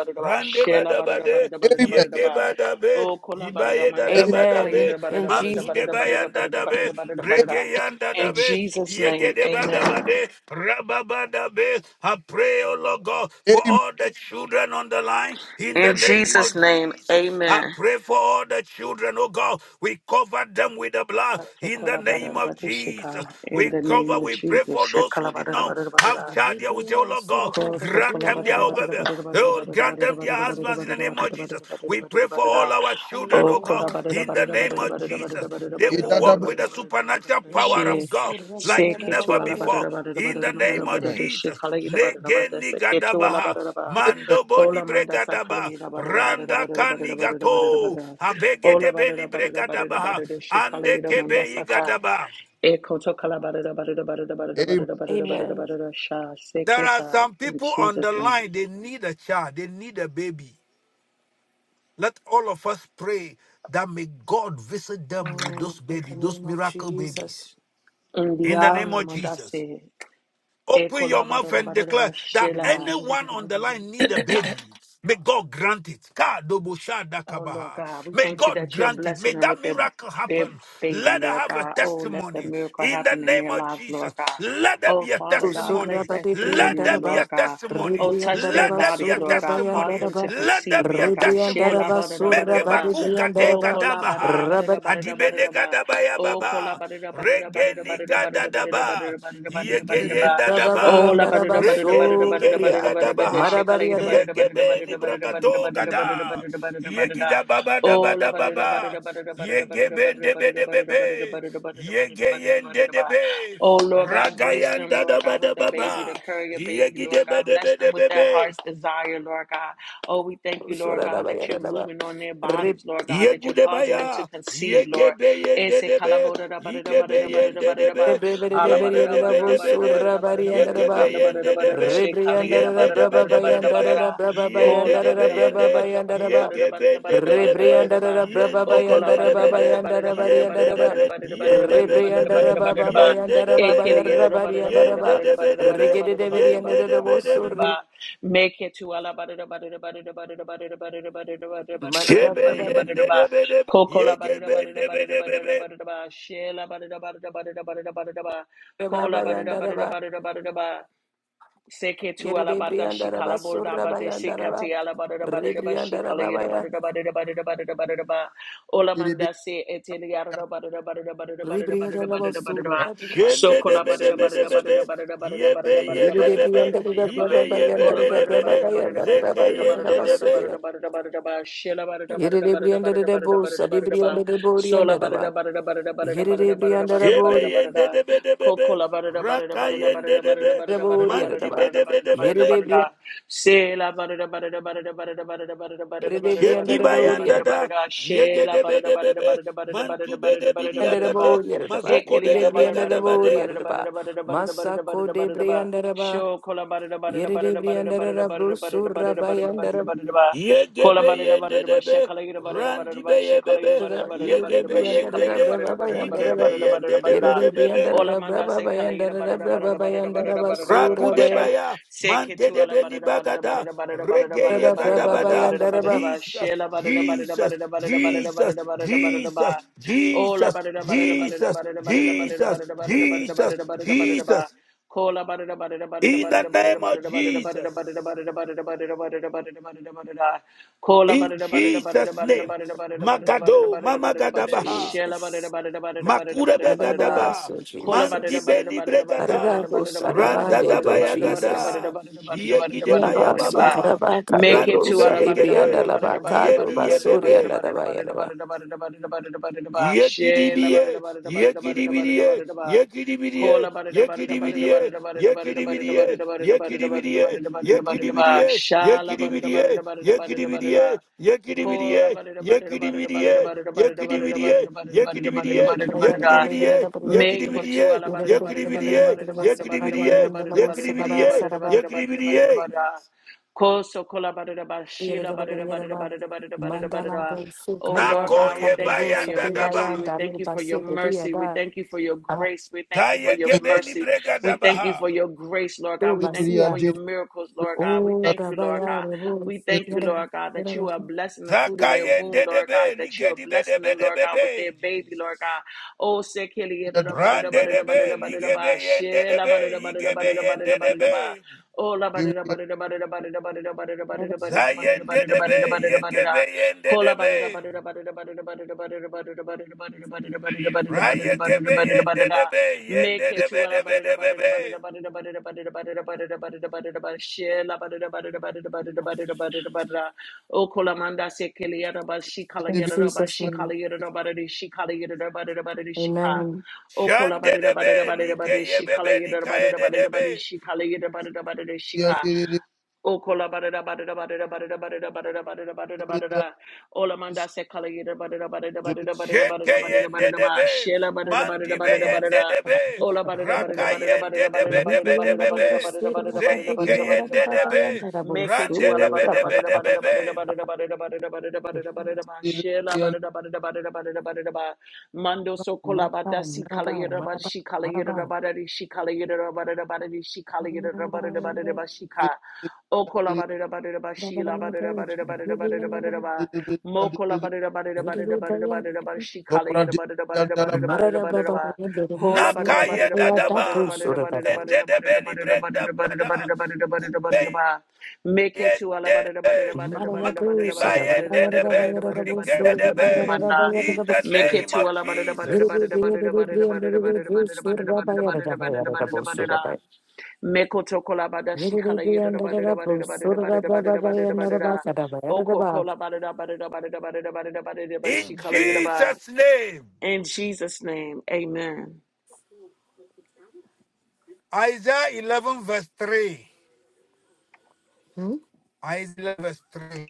[SPEAKER 1] de ba da ba de. Ye de badabe, ibaye
[SPEAKER 2] Amen.
[SPEAKER 1] dadabadabe,
[SPEAKER 2] In Jesus.
[SPEAKER 1] manzu de bayandadabe, rege yandadabe,
[SPEAKER 6] Jesus'
[SPEAKER 1] ye ge
[SPEAKER 6] name,
[SPEAKER 1] de
[SPEAKER 6] amen.
[SPEAKER 1] badabade, rababadabe. I pray, O Lord God, for all the children on the line in the
[SPEAKER 6] In
[SPEAKER 1] name of
[SPEAKER 6] Jesus' name,
[SPEAKER 1] Jesus. I
[SPEAKER 6] amen.
[SPEAKER 1] pray for all the children, oh God. We cover them with the blood in the name of Jesus.
[SPEAKER 6] In
[SPEAKER 1] We
[SPEAKER 6] the name
[SPEAKER 1] cover,
[SPEAKER 6] of
[SPEAKER 1] we pray for
[SPEAKER 6] Jesus.
[SPEAKER 1] those who did not have child here. We say, Oh Lord God,
[SPEAKER 6] Oh, she
[SPEAKER 1] grant them their oh, baby. Oh, grant them their husbands in the name of Jesus. We pray for all our children, oh God, in the name of Jesus. They will walk with the supernatural power of God like
[SPEAKER 6] sick it to
[SPEAKER 1] never
[SPEAKER 6] Alabama.
[SPEAKER 1] before. In the name of Jesus. Negeni gadabaha. Mando boni
[SPEAKER 6] Ola manda
[SPEAKER 1] gadaba,
[SPEAKER 6] sakali da ba da da ba da
[SPEAKER 1] Randa
[SPEAKER 6] da ba da da ba da da ba da da ba da da ba
[SPEAKER 1] kanigato.
[SPEAKER 6] da.
[SPEAKER 1] Abege
[SPEAKER 6] Ola
[SPEAKER 1] de
[SPEAKER 6] ba da
[SPEAKER 1] beni
[SPEAKER 6] da ba da da ba da da ba
[SPEAKER 1] bregadabaha.
[SPEAKER 6] da da shi kali
[SPEAKER 1] Ande
[SPEAKER 6] da manda
[SPEAKER 1] kebe
[SPEAKER 6] saka.
[SPEAKER 1] gadaba.
[SPEAKER 6] Ekoto kalabada bada da bada da bada da bada da bada da bada
[SPEAKER 2] Amen.
[SPEAKER 6] da bada da sha
[SPEAKER 1] There are
[SPEAKER 6] seketa
[SPEAKER 1] some
[SPEAKER 6] in
[SPEAKER 1] people on
[SPEAKER 6] Jesus
[SPEAKER 1] the
[SPEAKER 6] name.
[SPEAKER 1] line, they need a child, they need a baby. Let all of us pray that may God visit them with
[SPEAKER 2] Mm,
[SPEAKER 1] those
[SPEAKER 2] in the
[SPEAKER 1] babies, those
[SPEAKER 2] name of
[SPEAKER 1] miracle
[SPEAKER 2] Jesus.
[SPEAKER 1] babies. In the
[SPEAKER 6] India
[SPEAKER 1] name of Jesus.
[SPEAKER 6] namandase
[SPEAKER 1] Open your mouth
[SPEAKER 6] ekolabada da
[SPEAKER 1] and
[SPEAKER 6] bada bada
[SPEAKER 1] declare
[SPEAKER 6] bada
[SPEAKER 1] that
[SPEAKER 6] shelaba.
[SPEAKER 1] anyone on the line need a baby. May God grant it. Ka dobo sha
[SPEAKER 6] Oh Lord God, we
[SPEAKER 1] May
[SPEAKER 6] thank you
[SPEAKER 1] God
[SPEAKER 6] that you're
[SPEAKER 1] grant it. May
[SPEAKER 6] blessing them
[SPEAKER 1] that
[SPEAKER 6] with their
[SPEAKER 1] miracle
[SPEAKER 6] their
[SPEAKER 1] happen.
[SPEAKER 6] baby,
[SPEAKER 1] Let her
[SPEAKER 6] Lord
[SPEAKER 1] have a
[SPEAKER 6] God. Oh, let the
[SPEAKER 1] testimony
[SPEAKER 6] miracle
[SPEAKER 1] in the
[SPEAKER 6] happen in
[SPEAKER 1] name
[SPEAKER 6] their
[SPEAKER 1] of
[SPEAKER 6] lives, Lord
[SPEAKER 1] Jesus.
[SPEAKER 6] God.
[SPEAKER 1] Let there
[SPEAKER 6] Oh
[SPEAKER 1] be a
[SPEAKER 6] Father God,
[SPEAKER 1] testimony.
[SPEAKER 2] Surra
[SPEAKER 6] place that
[SPEAKER 2] badi
[SPEAKER 6] seed
[SPEAKER 2] brian
[SPEAKER 6] in
[SPEAKER 1] Let there
[SPEAKER 6] them,
[SPEAKER 1] be
[SPEAKER 2] daraba,
[SPEAKER 1] a
[SPEAKER 6] Lord God.
[SPEAKER 1] testimony.
[SPEAKER 6] Oh,
[SPEAKER 2] ribrian
[SPEAKER 6] touch their
[SPEAKER 1] Let
[SPEAKER 2] daraba,
[SPEAKER 1] there be
[SPEAKER 6] bodies,
[SPEAKER 1] a
[SPEAKER 2] surra
[SPEAKER 6] Lord God.
[SPEAKER 2] bayan
[SPEAKER 6] Cause
[SPEAKER 1] testimony.
[SPEAKER 6] them to
[SPEAKER 2] daraba,
[SPEAKER 1] Let there
[SPEAKER 6] conceive,
[SPEAKER 1] be a
[SPEAKER 6] Lord God.
[SPEAKER 2] ribrian
[SPEAKER 1] testimony.
[SPEAKER 2] daraba,
[SPEAKER 6] Shelaba da da ba
[SPEAKER 1] Make
[SPEAKER 6] da
[SPEAKER 2] surra
[SPEAKER 1] a
[SPEAKER 6] da
[SPEAKER 2] badi
[SPEAKER 6] ba.
[SPEAKER 1] bagu
[SPEAKER 2] brian
[SPEAKER 1] gade
[SPEAKER 6] Oh,
[SPEAKER 2] daraba,
[SPEAKER 6] kola barada,
[SPEAKER 1] gadabaha.
[SPEAKER 6] barada,
[SPEAKER 2] rabadi
[SPEAKER 6] barada,
[SPEAKER 1] Adibene
[SPEAKER 6] barada, ba.
[SPEAKER 1] gadabaya
[SPEAKER 6] Oh, kola
[SPEAKER 1] baba.
[SPEAKER 6] barada, barada, barada,
[SPEAKER 1] Regeniga
[SPEAKER 6] barada, barada,
[SPEAKER 1] dadaba.
[SPEAKER 6] barada, barada, barada, barada, barada, ba.
[SPEAKER 1] Yegeyenda
[SPEAKER 6] Oh,
[SPEAKER 2] rababayan
[SPEAKER 1] daba.
[SPEAKER 6] la
[SPEAKER 2] daraba,
[SPEAKER 6] barada, barada, barada, barada,
[SPEAKER 1] Regenigeye
[SPEAKER 6] barada,
[SPEAKER 2] surya,
[SPEAKER 6] barada, barada,
[SPEAKER 1] gadabaha.
[SPEAKER 6] Shekala
[SPEAKER 2] marabari
[SPEAKER 6] yada
[SPEAKER 2] arada,
[SPEAKER 6] barada, barada,
[SPEAKER 1] Yegebeni
[SPEAKER 6] barada, barada,
[SPEAKER 1] bragado
[SPEAKER 6] barada, barada, barada,
[SPEAKER 1] gada.
[SPEAKER 6] barada, barada, barada.
[SPEAKER 1] Yegida baba
[SPEAKER 6] Oh,
[SPEAKER 1] daba
[SPEAKER 6] la
[SPEAKER 1] daba
[SPEAKER 6] barada,
[SPEAKER 1] ba.
[SPEAKER 6] barada, barada, barada, barada,
[SPEAKER 1] Yegebende
[SPEAKER 6] barada,
[SPEAKER 1] bede
[SPEAKER 6] barada, barada, barada,
[SPEAKER 1] bebe.
[SPEAKER 6] barada, barada, barada, barada,
[SPEAKER 1] Yegeyende
[SPEAKER 6] barada. ba.
[SPEAKER 1] debe.
[SPEAKER 6] Oh, Lord God, grace them,
[SPEAKER 1] Ragayanda
[SPEAKER 6] Lord
[SPEAKER 1] daba
[SPEAKER 6] God, with
[SPEAKER 1] daba
[SPEAKER 6] the baby, to
[SPEAKER 1] ba.
[SPEAKER 6] carry your baby, Lord
[SPEAKER 1] Yegide
[SPEAKER 6] God.
[SPEAKER 1] bede
[SPEAKER 6] Bless them
[SPEAKER 1] bede
[SPEAKER 6] with their
[SPEAKER 1] bebe.
[SPEAKER 6] heart's desire, Lord God. Oh, we thank you, Lord
[SPEAKER 2] surra
[SPEAKER 6] God, that you're
[SPEAKER 2] rabayarada,
[SPEAKER 6] moving on their bodies, Lord God, that you're causing them to
[SPEAKER 1] Yegudebaya,
[SPEAKER 6] conceive, Lord.
[SPEAKER 1] Yegebe yendedebe, Yegebe yendedebe,
[SPEAKER 2] ribrian
[SPEAKER 1] Yendedebe
[SPEAKER 2] daraba,
[SPEAKER 1] debede,
[SPEAKER 2] surra bari
[SPEAKER 1] Yegebe
[SPEAKER 2] andaraba,
[SPEAKER 1] yendedebe,
[SPEAKER 2] Rebriandara
[SPEAKER 1] Yendedebe
[SPEAKER 2] braba bayandara
[SPEAKER 1] debedebe,
[SPEAKER 2] braba
[SPEAKER 1] Yendedebe
[SPEAKER 2] bayandara braba
[SPEAKER 1] yende,
[SPEAKER 2] bayandara ba.
[SPEAKER 1] Yegebe debedebe,
[SPEAKER 6] Oh,
[SPEAKER 2] Rebriandara braba
[SPEAKER 6] O kola
[SPEAKER 1] Yendedebe
[SPEAKER 6] ba
[SPEAKER 2] bayandara
[SPEAKER 6] da da
[SPEAKER 2] ba
[SPEAKER 6] ba da
[SPEAKER 1] debede,
[SPEAKER 6] da ba da da
[SPEAKER 2] bayandara
[SPEAKER 6] ba da da ba da
[SPEAKER 2] bariandara.
[SPEAKER 6] da ba
[SPEAKER 1] Yendedebe,
[SPEAKER 6] da da ba da da ba da da
[SPEAKER 1] Yendebe
[SPEAKER 6] ba da da ba da da ba da
[SPEAKER 1] debe,
[SPEAKER 2] Rebriandara
[SPEAKER 6] da ba da da
[SPEAKER 2] baba
[SPEAKER 6] ba.
[SPEAKER 2] bayandara
[SPEAKER 6] E
[SPEAKER 1] Yendedebe
[SPEAKER 2] baba
[SPEAKER 6] kele ge da
[SPEAKER 1] debe,
[SPEAKER 2] yarra
[SPEAKER 6] da ba da da ba da
[SPEAKER 2] bariandara
[SPEAKER 6] da ba
[SPEAKER 2] ba.
[SPEAKER 6] da da ba
[SPEAKER 1] Yendedebe
[SPEAKER 6] da da
[SPEAKER 1] debe,
[SPEAKER 6] ba
[SPEAKER 2] Rigede
[SPEAKER 6] da da
[SPEAKER 2] de
[SPEAKER 6] ba da da ba da da
[SPEAKER 2] beriandara da
[SPEAKER 6] ba da da ba da
[SPEAKER 1] Yendedebe
[SPEAKER 6] da ba da
[SPEAKER 1] debe,
[SPEAKER 6] da
[SPEAKER 2] bosuri.
[SPEAKER 6] ba. Make it to ala ba da da ba da da ba da da ba da da ba da da ba da da ba da da ba da da ba da
[SPEAKER 2] Malada
[SPEAKER 6] da
[SPEAKER 1] Shebe
[SPEAKER 6] ba da da ba da
[SPEAKER 2] baba
[SPEAKER 6] da ba da da ba.
[SPEAKER 1] yendedebe debe,
[SPEAKER 6] Coco la ba da da
[SPEAKER 1] Yegebe
[SPEAKER 6] ba da da ba da da ba da da
[SPEAKER 1] debedebe,
[SPEAKER 6] ba da da ba. She la ba da da ba da da ba da da ba da da ba da da ba.
[SPEAKER 2] baba
[SPEAKER 6] Cola ba da da ba
[SPEAKER 2] bayandara
[SPEAKER 6] da da
[SPEAKER 2] ba.
[SPEAKER 6] ba da da ba da da ba. Seke tu
[SPEAKER 2] Yede de
[SPEAKER 6] alabada
[SPEAKER 2] briandara ba
[SPEAKER 6] shikala borda
[SPEAKER 2] surra
[SPEAKER 6] bade
[SPEAKER 2] bayandara ba.
[SPEAKER 6] sekati alabada da bada da ba
[SPEAKER 2] Rebriandara
[SPEAKER 6] shikala yada
[SPEAKER 2] baba
[SPEAKER 6] bada da bada da bada da bada da bada da ba olamanda se eteli yada da bada da bada da bada da bada da bada da bada da bada da
[SPEAKER 2] Rebriandalabasu,
[SPEAKER 6] ba
[SPEAKER 2] Abima,
[SPEAKER 6] sokola
[SPEAKER 2] Jesus,
[SPEAKER 6] bada da bada da
[SPEAKER 2] Jesus,
[SPEAKER 6] bada
[SPEAKER 1] Shendedebedebedebebe.
[SPEAKER 6] da
[SPEAKER 2] Jesus.
[SPEAKER 6] bada da bada
[SPEAKER 1] Yebe
[SPEAKER 6] da bada da
[SPEAKER 2] Yere
[SPEAKER 6] bada da bada da
[SPEAKER 1] yebebebe.
[SPEAKER 6] bada da bada da ba
[SPEAKER 1] Ibe
[SPEAKER 6] ola bada da
[SPEAKER 1] yebebedebede.
[SPEAKER 6] bada da bada da
[SPEAKER 1] Zeke
[SPEAKER 6] bada da bada da bada da bada da
[SPEAKER 1] yendedebe.
[SPEAKER 6] bada da bada da bada da bada da ba shela bara da bara da bara da bara da bara da bara da bara da ba sola bara da bara da bara da bara da
[SPEAKER 2] Yerede
[SPEAKER 6] bara da
[SPEAKER 2] brianda
[SPEAKER 6] bara
[SPEAKER 2] da
[SPEAKER 6] da
[SPEAKER 1] Shebe
[SPEAKER 6] bara da bara da
[SPEAKER 2] bori,
[SPEAKER 6] bara da
[SPEAKER 1] yendedebedebebe.
[SPEAKER 6] kokola bara da bara da
[SPEAKER 1] Raka
[SPEAKER 6] bara da bara da bara
[SPEAKER 1] yendedebe.
[SPEAKER 6] da
[SPEAKER 2] da
[SPEAKER 6] bara
[SPEAKER 2] bori
[SPEAKER 6] da
[SPEAKER 2] yada da ba.
[SPEAKER 6] bara da bara da bara da bara da bara da
[SPEAKER 1] Mandibedebedebebe.
[SPEAKER 2] Yerede
[SPEAKER 6] da
[SPEAKER 2] brianda,
[SPEAKER 6] sela bara da bara da bara da bara da bara da bara da bara da
[SPEAKER 2] yerede
[SPEAKER 6] bara da bara da
[SPEAKER 2] brianda da
[SPEAKER 1] Shetiba
[SPEAKER 2] bori
[SPEAKER 6] bara
[SPEAKER 2] yada
[SPEAKER 6] da da
[SPEAKER 2] da.
[SPEAKER 1] yandada.
[SPEAKER 6] bara da shela bara da bara da
[SPEAKER 1] Yegedebedebebe.
[SPEAKER 6] bara da bara da bara da bara da bara da
[SPEAKER 2] Brianda
[SPEAKER 6] bara
[SPEAKER 2] da
[SPEAKER 6] da
[SPEAKER 1] Mantubedebidiagade.
[SPEAKER 6] ba
[SPEAKER 2] bori yada
[SPEAKER 6] Shela
[SPEAKER 2] da ba.
[SPEAKER 1] Mazoko
[SPEAKER 2] Yerede
[SPEAKER 1] dedebe
[SPEAKER 2] brianda da
[SPEAKER 1] gadabade.
[SPEAKER 2] bori ba. Masako de brianda da ba. Yerede brianda da da bro
[SPEAKER 1] Yegebe yendedebe. Randibe yebebe. Yegebe
[SPEAKER 2] Jesus.
[SPEAKER 1] yendede. Yigebe yendedebedebebe. Ragudebaya, Mandede beni Bagada, Regeye Gadabada, Jesus, Jesus, Jesus, Jesus,
[SPEAKER 6] Oh, la
[SPEAKER 1] Jesus,
[SPEAKER 6] ba da da ba da da ba da da
[SPEAKER 1] Jesus,
[SPEAKER 6] ba da da ba da da ba
[SPEAKER 1] Jesus,
[SPEAKER 6] da da ba da da ba
[SPEAKER 1] Jesus,
[SPEAKER 6] da da ba da da ba da da ba da da ba da da ba.
[SPEAKER 1] Jesus,
[SPEAKER 6] Call la ba da da ba da da ba da da
[SPEAKER 1] in
[SPEAKER 6] ba da
[SPEAKER 1] the
[SPEAKER 6] da ba
[SPEAKER 1] name of
[SPEAKER 6] da da ba da da ba da da ba da da ba
[SPEAKER 1] Jesus,
[SPEAKER 6] da da ba da da ba da da ba da da ba da da ba da da ba da da ba da da. Call la ba
[SPEAKER 1] in
[SPEAKER 6] da da ba da da ba da da
[SPEAKER 1] Jesus'
[SPEAKER 6] ba da da
[SPEAKER 1] name,
[SPEAKER 6] ba da da ba da da ba da da
[SPEAKER 1] Magado,
[SPEAKER 6] ba da da ba da da ba da da ba da da.
[SPEAKER 1] Mama
[SPEAKER 6] Shela ba da da ba da da ba da da ba da da ba da
[SPEAKER 1] Makurebe
[SPEAKER 6] da ba da da.
[SPEAKER 1] gadaba,
[SPEAKER 2] Adabaso
[SPEAKER 6] Call about it
[SPEAKER 2] Jesus.
[SPEAKER 6] about it
[SPEAKER 1] mandibeni
[SPEAKER 6] about it about it about it
[SPEAKER 1] bregada,
[SPEAKER 6] about it
[SPEAKER 2] Adabos
[SPEAKER 6] about it about it
[SPEAKER 1] randa
[SPEAKER 2] Adabande
[SPEAKER 6] about it
[SPEAKER 1] daba
[SPEAKER 2] do
[SPEAKER 6] about
[SPEAKER 1] ya
[SPEAKER 6] it about
[SPEAKER 2] Jesus.
[SPEAKER 6] it about it
[SPEAKER 1] gada,
[SPEAKER 6] about it about it about it
[SPEAKER 1] yegide
[SPEAKER 6] about it
[SPEAKER 1] baya
[SPEAKER 6] about it
[SPEAKER 2] Labaso
[SPEAKER 6] about
[SPEAKER 1] baba,
[SPEAKER 2] Karabaka de
[SPEAKER 6] Make it to
[SPEAKER 2] Bros
[SPEAKER 1] grantube
[SPEAKER 2] Aribrianda
[SPEAKER 1] yegede,
[SPEAKER 2] Labacado
[SPEAKER 1] yebi
[SPEAKER 2] Basuri and
[SPEAKER 1] yebebe,
[SPEAKER 2] Adabayanaba.
[SPEAKER 1] Yekidibiye, yekidibiye, yekidibiye,
[SPEAKER 6] Kola bada da bada da bada da
[SPEAKER 1] yekidibiye,
[SPEAKER 6] bada da bada da bada da bada da
[SPEAKER 1] yekidibiye,
[SPEAKER 6] bada da bada da
[SPEAKER 1] yekidibiye,
[SPEAKER 6] bada da bada da bada da
[SPEAKER 1] yekidibiye,
[SPEAKER 6] bada da bada da ba.
[SPEAKER 1] yekidibiye,
[SPEAKER 6] Shala bada da bada da bada da
[SPEAKER 1] yekidibiye,
[SPEAKER 6] bada da bada
[SPEAKER 1] yekidibiye,
[SPEAKER 6] da. Kola
[SPEAKER 1] yekidibiye,
[SPEAKER 6] bada da bada da bada da bada
[SPEAKER 1] yekidibiye,
[SPEAKER 6] da bada da bada da bada da
[SPEAKER 1] yekidibiye,
[SPEAKER 6] bada da bada da bada da bada da bada da
[SPEAKER 1] yekidibiye,
[SPEAKER 6] bada da bada da.
[SPEAKER 1] yekidibiye,
[SPEAKER 6] Make it
[SPEAKER 1] yekidibiye,
[SPEAKER 6] to Alabama.
[SPEAKER 1] yekidibiye, yekidibiye, yekidibiye.
[SPEAKER 6] Koso kola badada ba shila badada badada
[SPEAKER 2] Yedidabagadagadaba.
[SPEAKER 6] badada badada badada
[SPEAKER 2] Mandala
[SPEAKER 6] badada.
[SPEAKER 2] Bosu
[SPEAKER 6] Oh
[SPEAKER 2] Kada
[SPEAKER 6] Lord
[SPEAKER 1] Nako
[SPEAKER 6] God,
[SPEAKER 2] Baka
[SPEAKER 6] we
[SPEAKER 1] ye
[SPEAKER 6] thank you
[SPEAKER 2] Devo
[SPEAKER 6] for your
[SPEAKER 1] bayanda
[SPEAKER 6] mercy.
[SPEAKER 2] Sadebayan
[SPEAKER 1] daba.
[SPEAKER 6] We thank
[SPEAKER 2] Dami
[SPEAKER 6] you for
[SPEAKER 2] Basi
[SPEAKER 6] your mercy. We
[SPEAKER 2] Bediaba
[SPEAKER 6] thank you for your
[SPEAKER 2] Ado
[SPEAKER 6] grace. We thank you for
[SPEAKER 1] Taye
[SPEAKER 6] your
[SPEAKER 1] gebeni
[SPEAKER 6] mercy.
[SPEAKER 1] brega
[SPEAKER 6] We thank you
[SPEAKER 1] dabaha.
[SPEAKER 6] for your grace, Lord God. We thank you
[SPEAKER 2] Basia
[SPEAKER 6] for your miracles, Lord God. We
[SPEAKER 2] O
[SPEAKER 6] thank you, Lord
[SPEAKER 2] Rabaya
[SPEAKER 6] God.
[SPEAKER 2] Revo
[SPEAKER 6] We thank you,
[SPEAKER 2] Yadaba
[SPEAKER 6] Lord God, that
[SPEAKER 2] Yadaba.
[SPEAKER 6] you are blessing the fruit of their womb,
[SPEAKER 1] Zakayende de
[SPEAKER 6] Lord God,
[SPEAKER 1] be,
[SPEAKER 6] that you
[SPEAKER 1] lige
[SPEAKER 6] are
[SPEAKER 1] di be de
[SPEAKER 6] blessing
[SPEAKER 1] be
[SPEAKER 6] them,
[SPEAKER 1] de
[SPEAKER 6] Lord
[SPEAKER 1] be
[SPEAKER 6] God,
[SPEAKER 1] be.
[SPEAKER 6] with their baby, Lord
[SPEAKER 1] Jesus.
[SPEAKER 6] God. Oh, sekeli badada badada
[SPEAKER 1] Rande de
[SPEAKER 6] badada
[SPEAKER 1] be,
[SPEAKER 6] badada badada
[SPEAKER 1] lige be
[SPEAKER 6] ba
[SPEAKER 1] yende de
[SPEAKER 6] shila
[SPEAKER 1] be,
[SPEAKER 6] badada badada
[SPEAKER 1] ige be
[SPEAKER 6] badada
[SPEAKER 1] yende
[SPEAKER 6] badada
[SPEAKER 1] de
[SPEAKER 6] badada
[SPEAKER 1] be.
[SPEAKER 6] ba. Oh, la badada badada badada Make
[SPEAKER 1] Zayende de be, yege be yende de be. Raya ge yende de be, yende
[SPEAKER 6] it
[SPEAKER 1] de
[SPEAKER 6] to
[SPEAKER 1] be de be de be be.
[SPEAKER 6] O kolamanda se keliyara ba shi
[SPEAKER 2] In
[SPEAKER 6] kalayara ba
[SPEAKER 2] Jesus'
[SPEAKER 6] shi
[SPEAKER 2] name,
[SPEAKER 6] kalayara ba de shi kalayara ba de ba de shi ka.
[SPEAKER 2] Amen.
[SPEAKER 6] O
[SPEAKER 1] Shande
[SPEAKER 6] kolabada
[SPEAKER 1] de
[SPEAKER 6] ba
[SPEAKER 1] be,
[SPEAKER 6] de ba de ba
[SPEAKER 1] like
[SPEAKER 6] de
[SPEAKER 1] ye
[SPEAKER 6] shi
[SPEAKER 1] be be, like
[SPEAKER 6] kalayara ba de
[SPEAKER 1] ye
[SPEAKER 6] ba
[SPEAKER 1] de
[SPEAKER 6] de
[SPEAKER 1] de
[SPEAKER 6] ba de
[SPEAKER 1] be.
[SPEAKER 6] shi kalayara ba de ba de shi ka. O kola barada barada barada barada barada barada barada barada barada. Ola manda se kala yida barada barada barada barada barada barada barada ba.
[SPEAKER 1] Chekeyendedebe,
[SPEAKER 6] Shela barada barada barada barada.
[SPEAKER 1] mandibeyendedebe,
[SPEAKER 6] Ola barada barada barada barada barada barada barada
[SPEAKER 1] rakayendedebedebedebebe,
[SPEAKER 6] barada barada barada barada
[SPEAKER 4] Amen.
[SPEAKER 6] barada barada barada.
[SPEAKER 1] zeikeyendedebe,
[SPEAKER 6] Make it to ala barada barada barada
[SPEAKER 1] randedebedebedebebe,
[SPEAKER 6] barada barada barada barada barada barada barada ba. Shela
[SPEAKER 4] Amen.
[SPEAKER 6] barada barada barada barada barada ba. Mando so kola
[SPEAKER 2] Maraba,
[SPEAKER 6] bada si kala
[SPEAKER 2] maraba,
[SPEAKER 6] yida barada shi kala yida
[SPEAKER 2] maraba,
[SPEAKER 6] barada shi kala yida barada barada shi kala yida barada barada ba shi O kola badada badada ba shila badada badada badada badada
[SPEAKER 2] maraba.
[SPEAKER 6] badada ba mo kola badada badada
[SPEAKER 2] In the
[SPEAKER 6] badada badada badada ba shi kala yada badada badada badada badada badada ba kola badada badada badada badada
[SPEAKER 1] nakayedadaba,
[SPEAKER 6] badada badada badada badada badada
[SPEAKER 1] endedebelibredabada,
[SPEAKER 6] badada badada badada badada badada badada ba make it to ala
[SPEAKER 1] kubeyendede,
[SPEAKER 6] badada badada badada badada badada badada
[SPEAKER 1] Rike
[SPEAKER 6] badada badada badada badada badada badada badada
[SPEAKER 1] rikedebe.
[SPEAKER 6] badada
[SPEAKER 1] In the
[SPEAKER 6] make it
[SPEAKER 1] name
[SPEAKER 6] to
[SPEAKER 1] of
[SPEAKER 6] ala badada badada
[SPEAKER 1] Jesus.
[SPEAKER 6] badada badada badada badada badada badada badada badada badada badada badada Mekotokolabada shikala yedada badada badada badada badada badada badada badada. Okokola badada badada badada badada badada badada badada
[SPEAKER 1] In
[SPEAKER 6] shikala yedaba.
[SPEAKER 1] Jesus' name.
[SPEAKER 6] In Jesus' name, amen.
[SPEAKER 1] Isaiah 11, verse 3. Isaiah verse 3.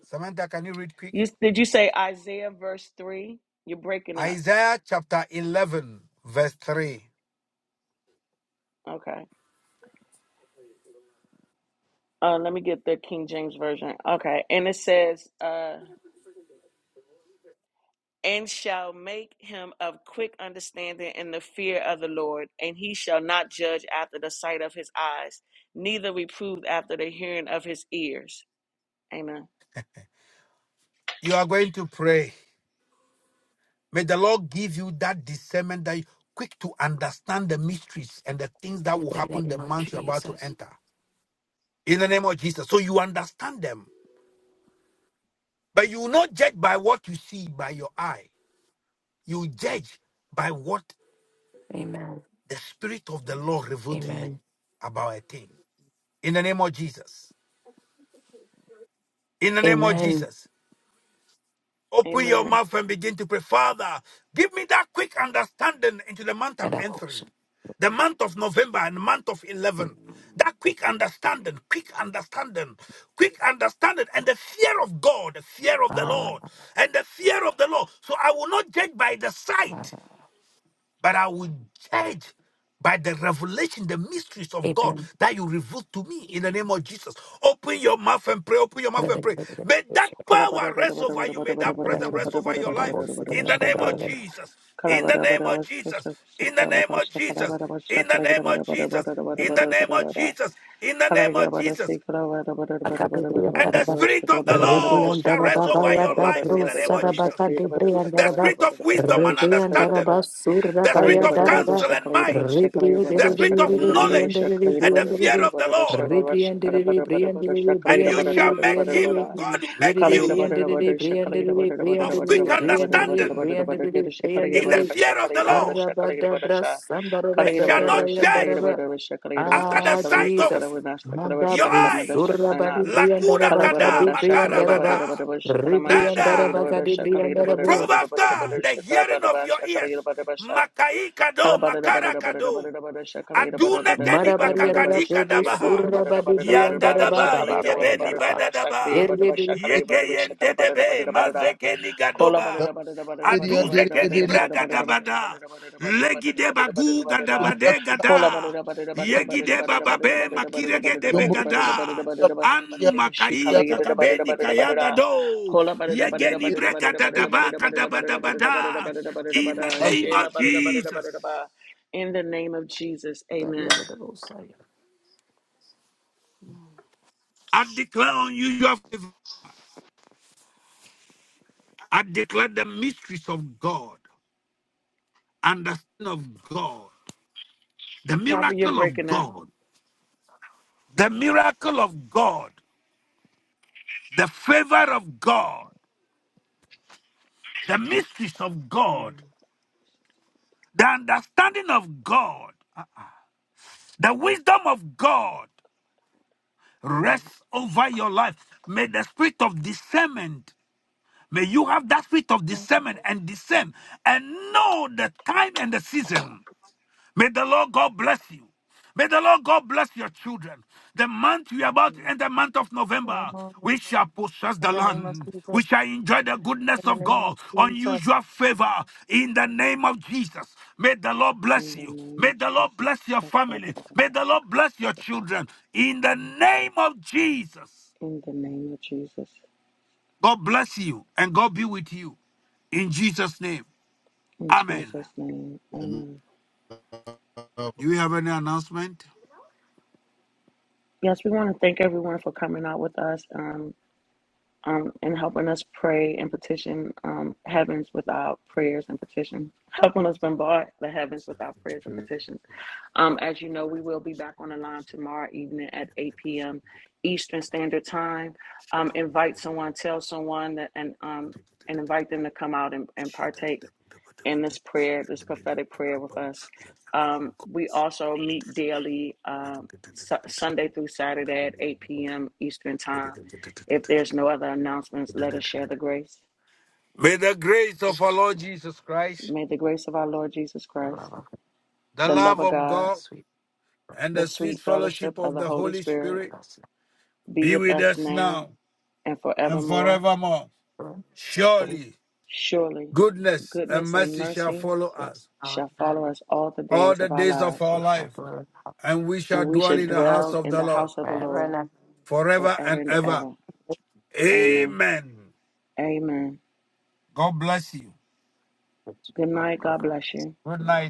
[SPEAKER 1] Samantha, can you read quick?
[SPEAKER 6] You, did you say Isaiah verse 3? You're breaking up.
[SPEAKER 1] Isaiah chapter 11, verse 3.
[SPEAKER 6] Okay. Uh, let me get the King James Version. Okay. And it says, uh, and shall make him of quick understanding in the fear of the Lord, and he shall not judge after the sight of his eyes, neither reprove after the hearing of his ears. Amen.
[SPEAKER 1] You are going to pray. May the Lord give you that discernment that you quick to understand the mysteries and the things that will happen
[SPEAKER 2] name
[SPEAKER 1] the
[SPEAKER 2] of
[SPEAKER 1] month you're about to
[SPEAKER 2] Jesus.
[SPEAKER 1] enter. In the name of Jesus. So you understand them. But you will not judge by what you see by your eye. You judge by what
[SPEAKER 2] Amen.
[SPEAKER 1] the Spirit of the Lord revealed to you
[SPEAKER 2] Amen.
[SPEAKER 1] about a thing. In the name of Jesus. In the name of
[SPEAKER 2] Amen.
[SPEAKER 1] Jesus. Open your
[SPEAKER 6] Amen.
[SPEAKER 1] mouth and begin to pray. Father, give me that quick understanding into the month I'm
[SPEAKER 2] Amen.
[SPEAKER 1] entering, the month of November and the month of 11. That quick understanding, quick understanding, quick understanding, and the fear of God, the fear of the Lord, and the fear of the Lord. So I will not judge by the sight but I will judge by the revelation, the mysteries of God that you reveal to me in the name of Jesus. Open your mouth and pray. Open your mouth and pray. May that
[SPEAKER 2] Amen.
[SPEAKER 1] power rest over you. May that presence rest
[SPEAKER 2] Rebriandarabas,
[SPEAKER 1] over your life in the name of Jesus. In
[SPEAKER 6] Kala
[SPEAKER 1] the name of Jesus. In the name of Jesus. In the name of Jesus. In the name of Jesus. In the name of Jesus. And the Spirit of the Lord shall rest over your lives in the name of Jesus. The Spirit of wisdom and understanding, the Spirit of counsel and might, the Spirit of knowledge and the fear of the Lord. And you shall make him, God will make
[SPEAKER 6] Shakala
[SPEAKER 1] you of quick understanding in the fear of the Lord,
[SPEAKER 2] Arabada bras, sandara
[SPEAKER 1] and shall
[SPEAKER 2] braba,
[SPEAKER 1] not
[SPEAKER 2] bayan
[SPEAKER 1] judge
[SPEAKER 2] daraba,
[SPEAKER 1] after the
[SPEAKER 2] Ah,
[SPEAKER 1] sight of
[SPEAKER 2] Jesus. Manda
[SPEAKER 1] your eyes.
[SPEAKER 2] brusura badi brian
[SPEAKER 1] Lakuda
[SPEAKER 2] daraba
[SPEAKER 1] kada
[SPEAKER 2] kadi brian
[SPEAKER 1] makarabada.
[SPEAKER 2] daraba ribrian
[SPEAKER 1] Neither
[SPEAKER 2] daraba kadi brian
[SPEAKER 1] Reprove
[SPEAKER 2] darabu
[SPEAKER 1] after the hearing of your ears.
[SPEAKER 6] Kala
[SPEAKER 1] Makaikado, makarakado. Aduneke ni
[SPEAKER 2] marabari yarada
[SPEAKER 1] bakakadika
[SPEAKER 2] probu
[SPEAKER 1] dabaha.
[SPEAKER 2] surra badi brian
[SPEAKER 1] Yanda
[SPEAKER 2] daraba
[SPEAKER 1] daba,
[SPEAKER 2] baba bayan
[SPEAKER 1] igebe ni
[SPEAKER 2] daraba
[SPEAKER 1] bada daba.
[SPEAKER 2] erbe bri
[SPEAKER 1] Yege yende debe, mazeke ni gadoba. Aduzeke ni braga dabada. Legide bagu gadabade
[SPEAKER 4] Zombra
[SPEAKER 6] Kola
[SPEAKER 1] gada.
[SPEAKER 6] barada barada barada barada
[SPEAKER 1] Yegide
[SPEAKER 6] barada
[SPEAKER 1] bababe
[SPEAKER 6] barada barada barada
[SPEAKER 1] makirege debe
[SPEAKER 6] barada barada barada barada
[SPEAKER 1] gada.
[SPEAKER 6] barada barada
[SPEAKER 1] Anu
[SPEAKER 6] barada she kala
[SPEAKER 1] makai
[SPEAKER 6] yada barada
[SPEAKER 1] kakabeni
[SPEAKER 6] barada barada
[SPEAKER 1] kayagado.
[SPEAKER 6] kola barada barada
[SPEAKER 1] Yegeni
[SPEAKER 6] barada
[SPEAKER 1] brega
[SPEAKER 6] barada barada
[SPEAKER 1] dadaba
[SPEAKER 6] barada barada barada barada barada
[SPEAKER 1] kadabadabada.
[SPEAKER 6] barada barada
[SPEAKER 1] In
[SPEAKER 6] barada
[SPEAKER 1] the name
[SPEAKER 6] shela
[SPEAKER 1] of
[SPEAKER 6] barada barada
[SPEAKER 1] Jesus.
[SPEAKER 6] barada ba In the name of Jesus,
[SPEAKER 2] bari
[SPEAKER 6] amen.
[SPEAKER 2] yarada bosaya.
[SPEAKER 1] I declare on you your favor. I declare the mysteries of God, understanding of God, the
[SPEAKER 6] Prophet, you're
[SPEAKER 1] miracle of
[SPEAKER 6] breaking up.
[SPEAKER 1] God, the miracle of God, the favor of God, the mysteries of God, the understanding of God, the wisdom of God
[SPEAKER 6] Amen.
[SPEAKER 1] rest over your life. May the spirit of discernment, may you have that spirit of discernment and discern and know the time and the season May the Lord God bless you. May the Lord God bless your children. The month we are about to end, the month of November, we shall possess
[SPEAKER 2] In
[SPEAKER 1] the
[SPEAKER 2] the name of
[SPEAKER 1] land. We
[SPEAKER 2] Jesus,
[SPEAKER 1] shall enjoy the goodness
[SPEAKER 2] in the
[SPEAKER 1] of
[SPEAKER 2] name of
[SPEAKER 1] God,
[SPEAKER 2] Jesus,
[SPEAKER 1] unusual favor in the name of Jesus. May the Lord bless
[SPEAKER 6] In the
[SPEAKER 1] you.
[SPEAKER 6] name
[SPEAKER 1] May
[SPEAKER 6] of
[SPEAKER 1] the Lord
[SPEAKER 6] Jesus.
[SPEAKER 1] bless your
[SPEAKER 6] Sakala
[SPEAKER 1] family.
[SPEAKER 6] barada
[SPEAKER 1] May
[SPEAKER 6] barada
[SPEAKER 1] the Lord
[SPEAKER 6] shakala
[SPEAKER 1] bless your
[SPEAKER 6] barada shasa.
[SPEAKER 1] children in the name of Jesus.
[SPEAKER 6] In the name of Jesus.
[SPEAKER 1] God bless you and God be with you. In Jesus' name,
[SPEAKER 6] In
[SPEAKER 1] Amen.
[SPEAKER 6] Jesus' name, amen.
[SPEAKER 1] Do you have any announcement?
[SPEAKER 6] Yes, we want to thank everyone for coming out with us. Um, um, and helping us pray and petition um, heavens with our prayers and petitions, helping us bombard the heavens with our prayers and petitions. Um, as you know, we will be back on the line tomorrow evening at 8 p.m. Eastern Standard Time. Um, invite someone, tell someone that, and um, and invite them to come out and, and partake in this prayer, this prophetic prayer with us. Um, we also meet daily, um, su- Sunday through Saturday at 8 p.m. Eastern Time. If there's no other announcements, let us share the grace.
[SPEAKER 1] May the grace of our
[SPEAKER 2] the
[SPEAKER 1] Lord Jesus Christ.
[SPEAKER 6] May the grace of our Lord Jesus
[SPEAKER 2] love
[SPEAKER 6] Christ,
[SPEAKER 2] of
[SPEAKER 1] the
[SPEAKER 6] the love
[SPEAKER 1] love
[SPEAKER 6] of
[SPEAKER 1] of
[SPEAKER 2] God,
[SPEAKER 6] God,
[SPEAKER 2] the
[SPEAKER 1] God,
[SPEAKER 2] sweet
[SPEAKER 1] and
[SPEAKER 6] the
[SPEAKER 1] the sweet
[SPEAKER 6] sweet fellowship
[SPEAKER 1] fellowship
[SPEAKER 6] of
[SPEAKER 1] of
[SPEAKER 6] the
[SPEAKER 1] the
[SPEAKER 6] Holy
[SPEAKER 1] Holy
[SPEAKER 2] be
[SPEAKER 6] Spirit
[SPEAKER 1] Spirit
[SPEAKER 2] with us
[SPEAKER 6] be
[SPEAKER 1] be
[SPEAKER 6] with
[SPEAKER 1] with
[SPEAKER 6] us
[SPEAKER 1] us
[SPEAKER 6] now
[SPEAKER 1] now
[SPEAKER 6] and
[SPEAKER 1] and
[SPEAKER 6] forevermore.
[SPEAKER 1] forevermore.
[SPEAKER 2] now.
[SPEAKER 1] Surely
[SPEAKER 6] Surely,
[SPEAKER 1] goodness and
[SPEAKER 6] goodness and
[SPEAKER 1] mercy shall
[SPEAKER 6] mercy
[SPEAKER 1] follow
[SPEAKER 2] Praise
[SPEAKER 1] us
[SPEAKER 2] our
[SPEAKER 6] shall follow
[SPEAKER 2] night,
[SPEAKER 6] us all the
[SPEAKER 1] all
[SPEAKER 6] days
[SPEAKER 1] the
[SPEAKER 6] of our
[SPEAKER 1] days of
[SPEAKER 6] lives,
[SPEAKER 2] we
[SPEAKER 1] our
[SPEAKER 2] shall
[SPEAKER 1] life,
[SPEAKER 2] dwell
[SPEAKER 1] and we
[SPEAKER 6] and
[SPEAKER 1] shall
[SPEAKER 6] we
[SPEAKER 1] dwell
[SPEAKER 6] shall
[SPEAKER 1] in the house
[SPEAKER 6] dwell
[SPEAKER 1] of
[SPEAKER 6] in
[SPEAKER 1] the
[SPEAKER 6] the
[SPEAKER 1] Lord
[SPEAKER 6] house of the
[SPEAKER 2] forever and
[SPEAKER 6] Lord
[SPEAKER 1] forever
[SPEAKER 6] forever
[SPEAKER 1] and
[SPEAKER 6] and
[SPEAKER 1] ever.
[SPEAKER 6] ever. Amen.
[SPEAKER 1] Amen.
[SPEAKER 6] Amen.
[SPEAKER 1] God bless you.
[SPEAKER 2] ever.
[SPEAKER 6] Good night.
[SPEAKER 2] God
[SPEAKER 6] God
[SPEAKER 2] bless. you.
[SPEAKER 6] bless you.
[SPEAKER 1] Good night.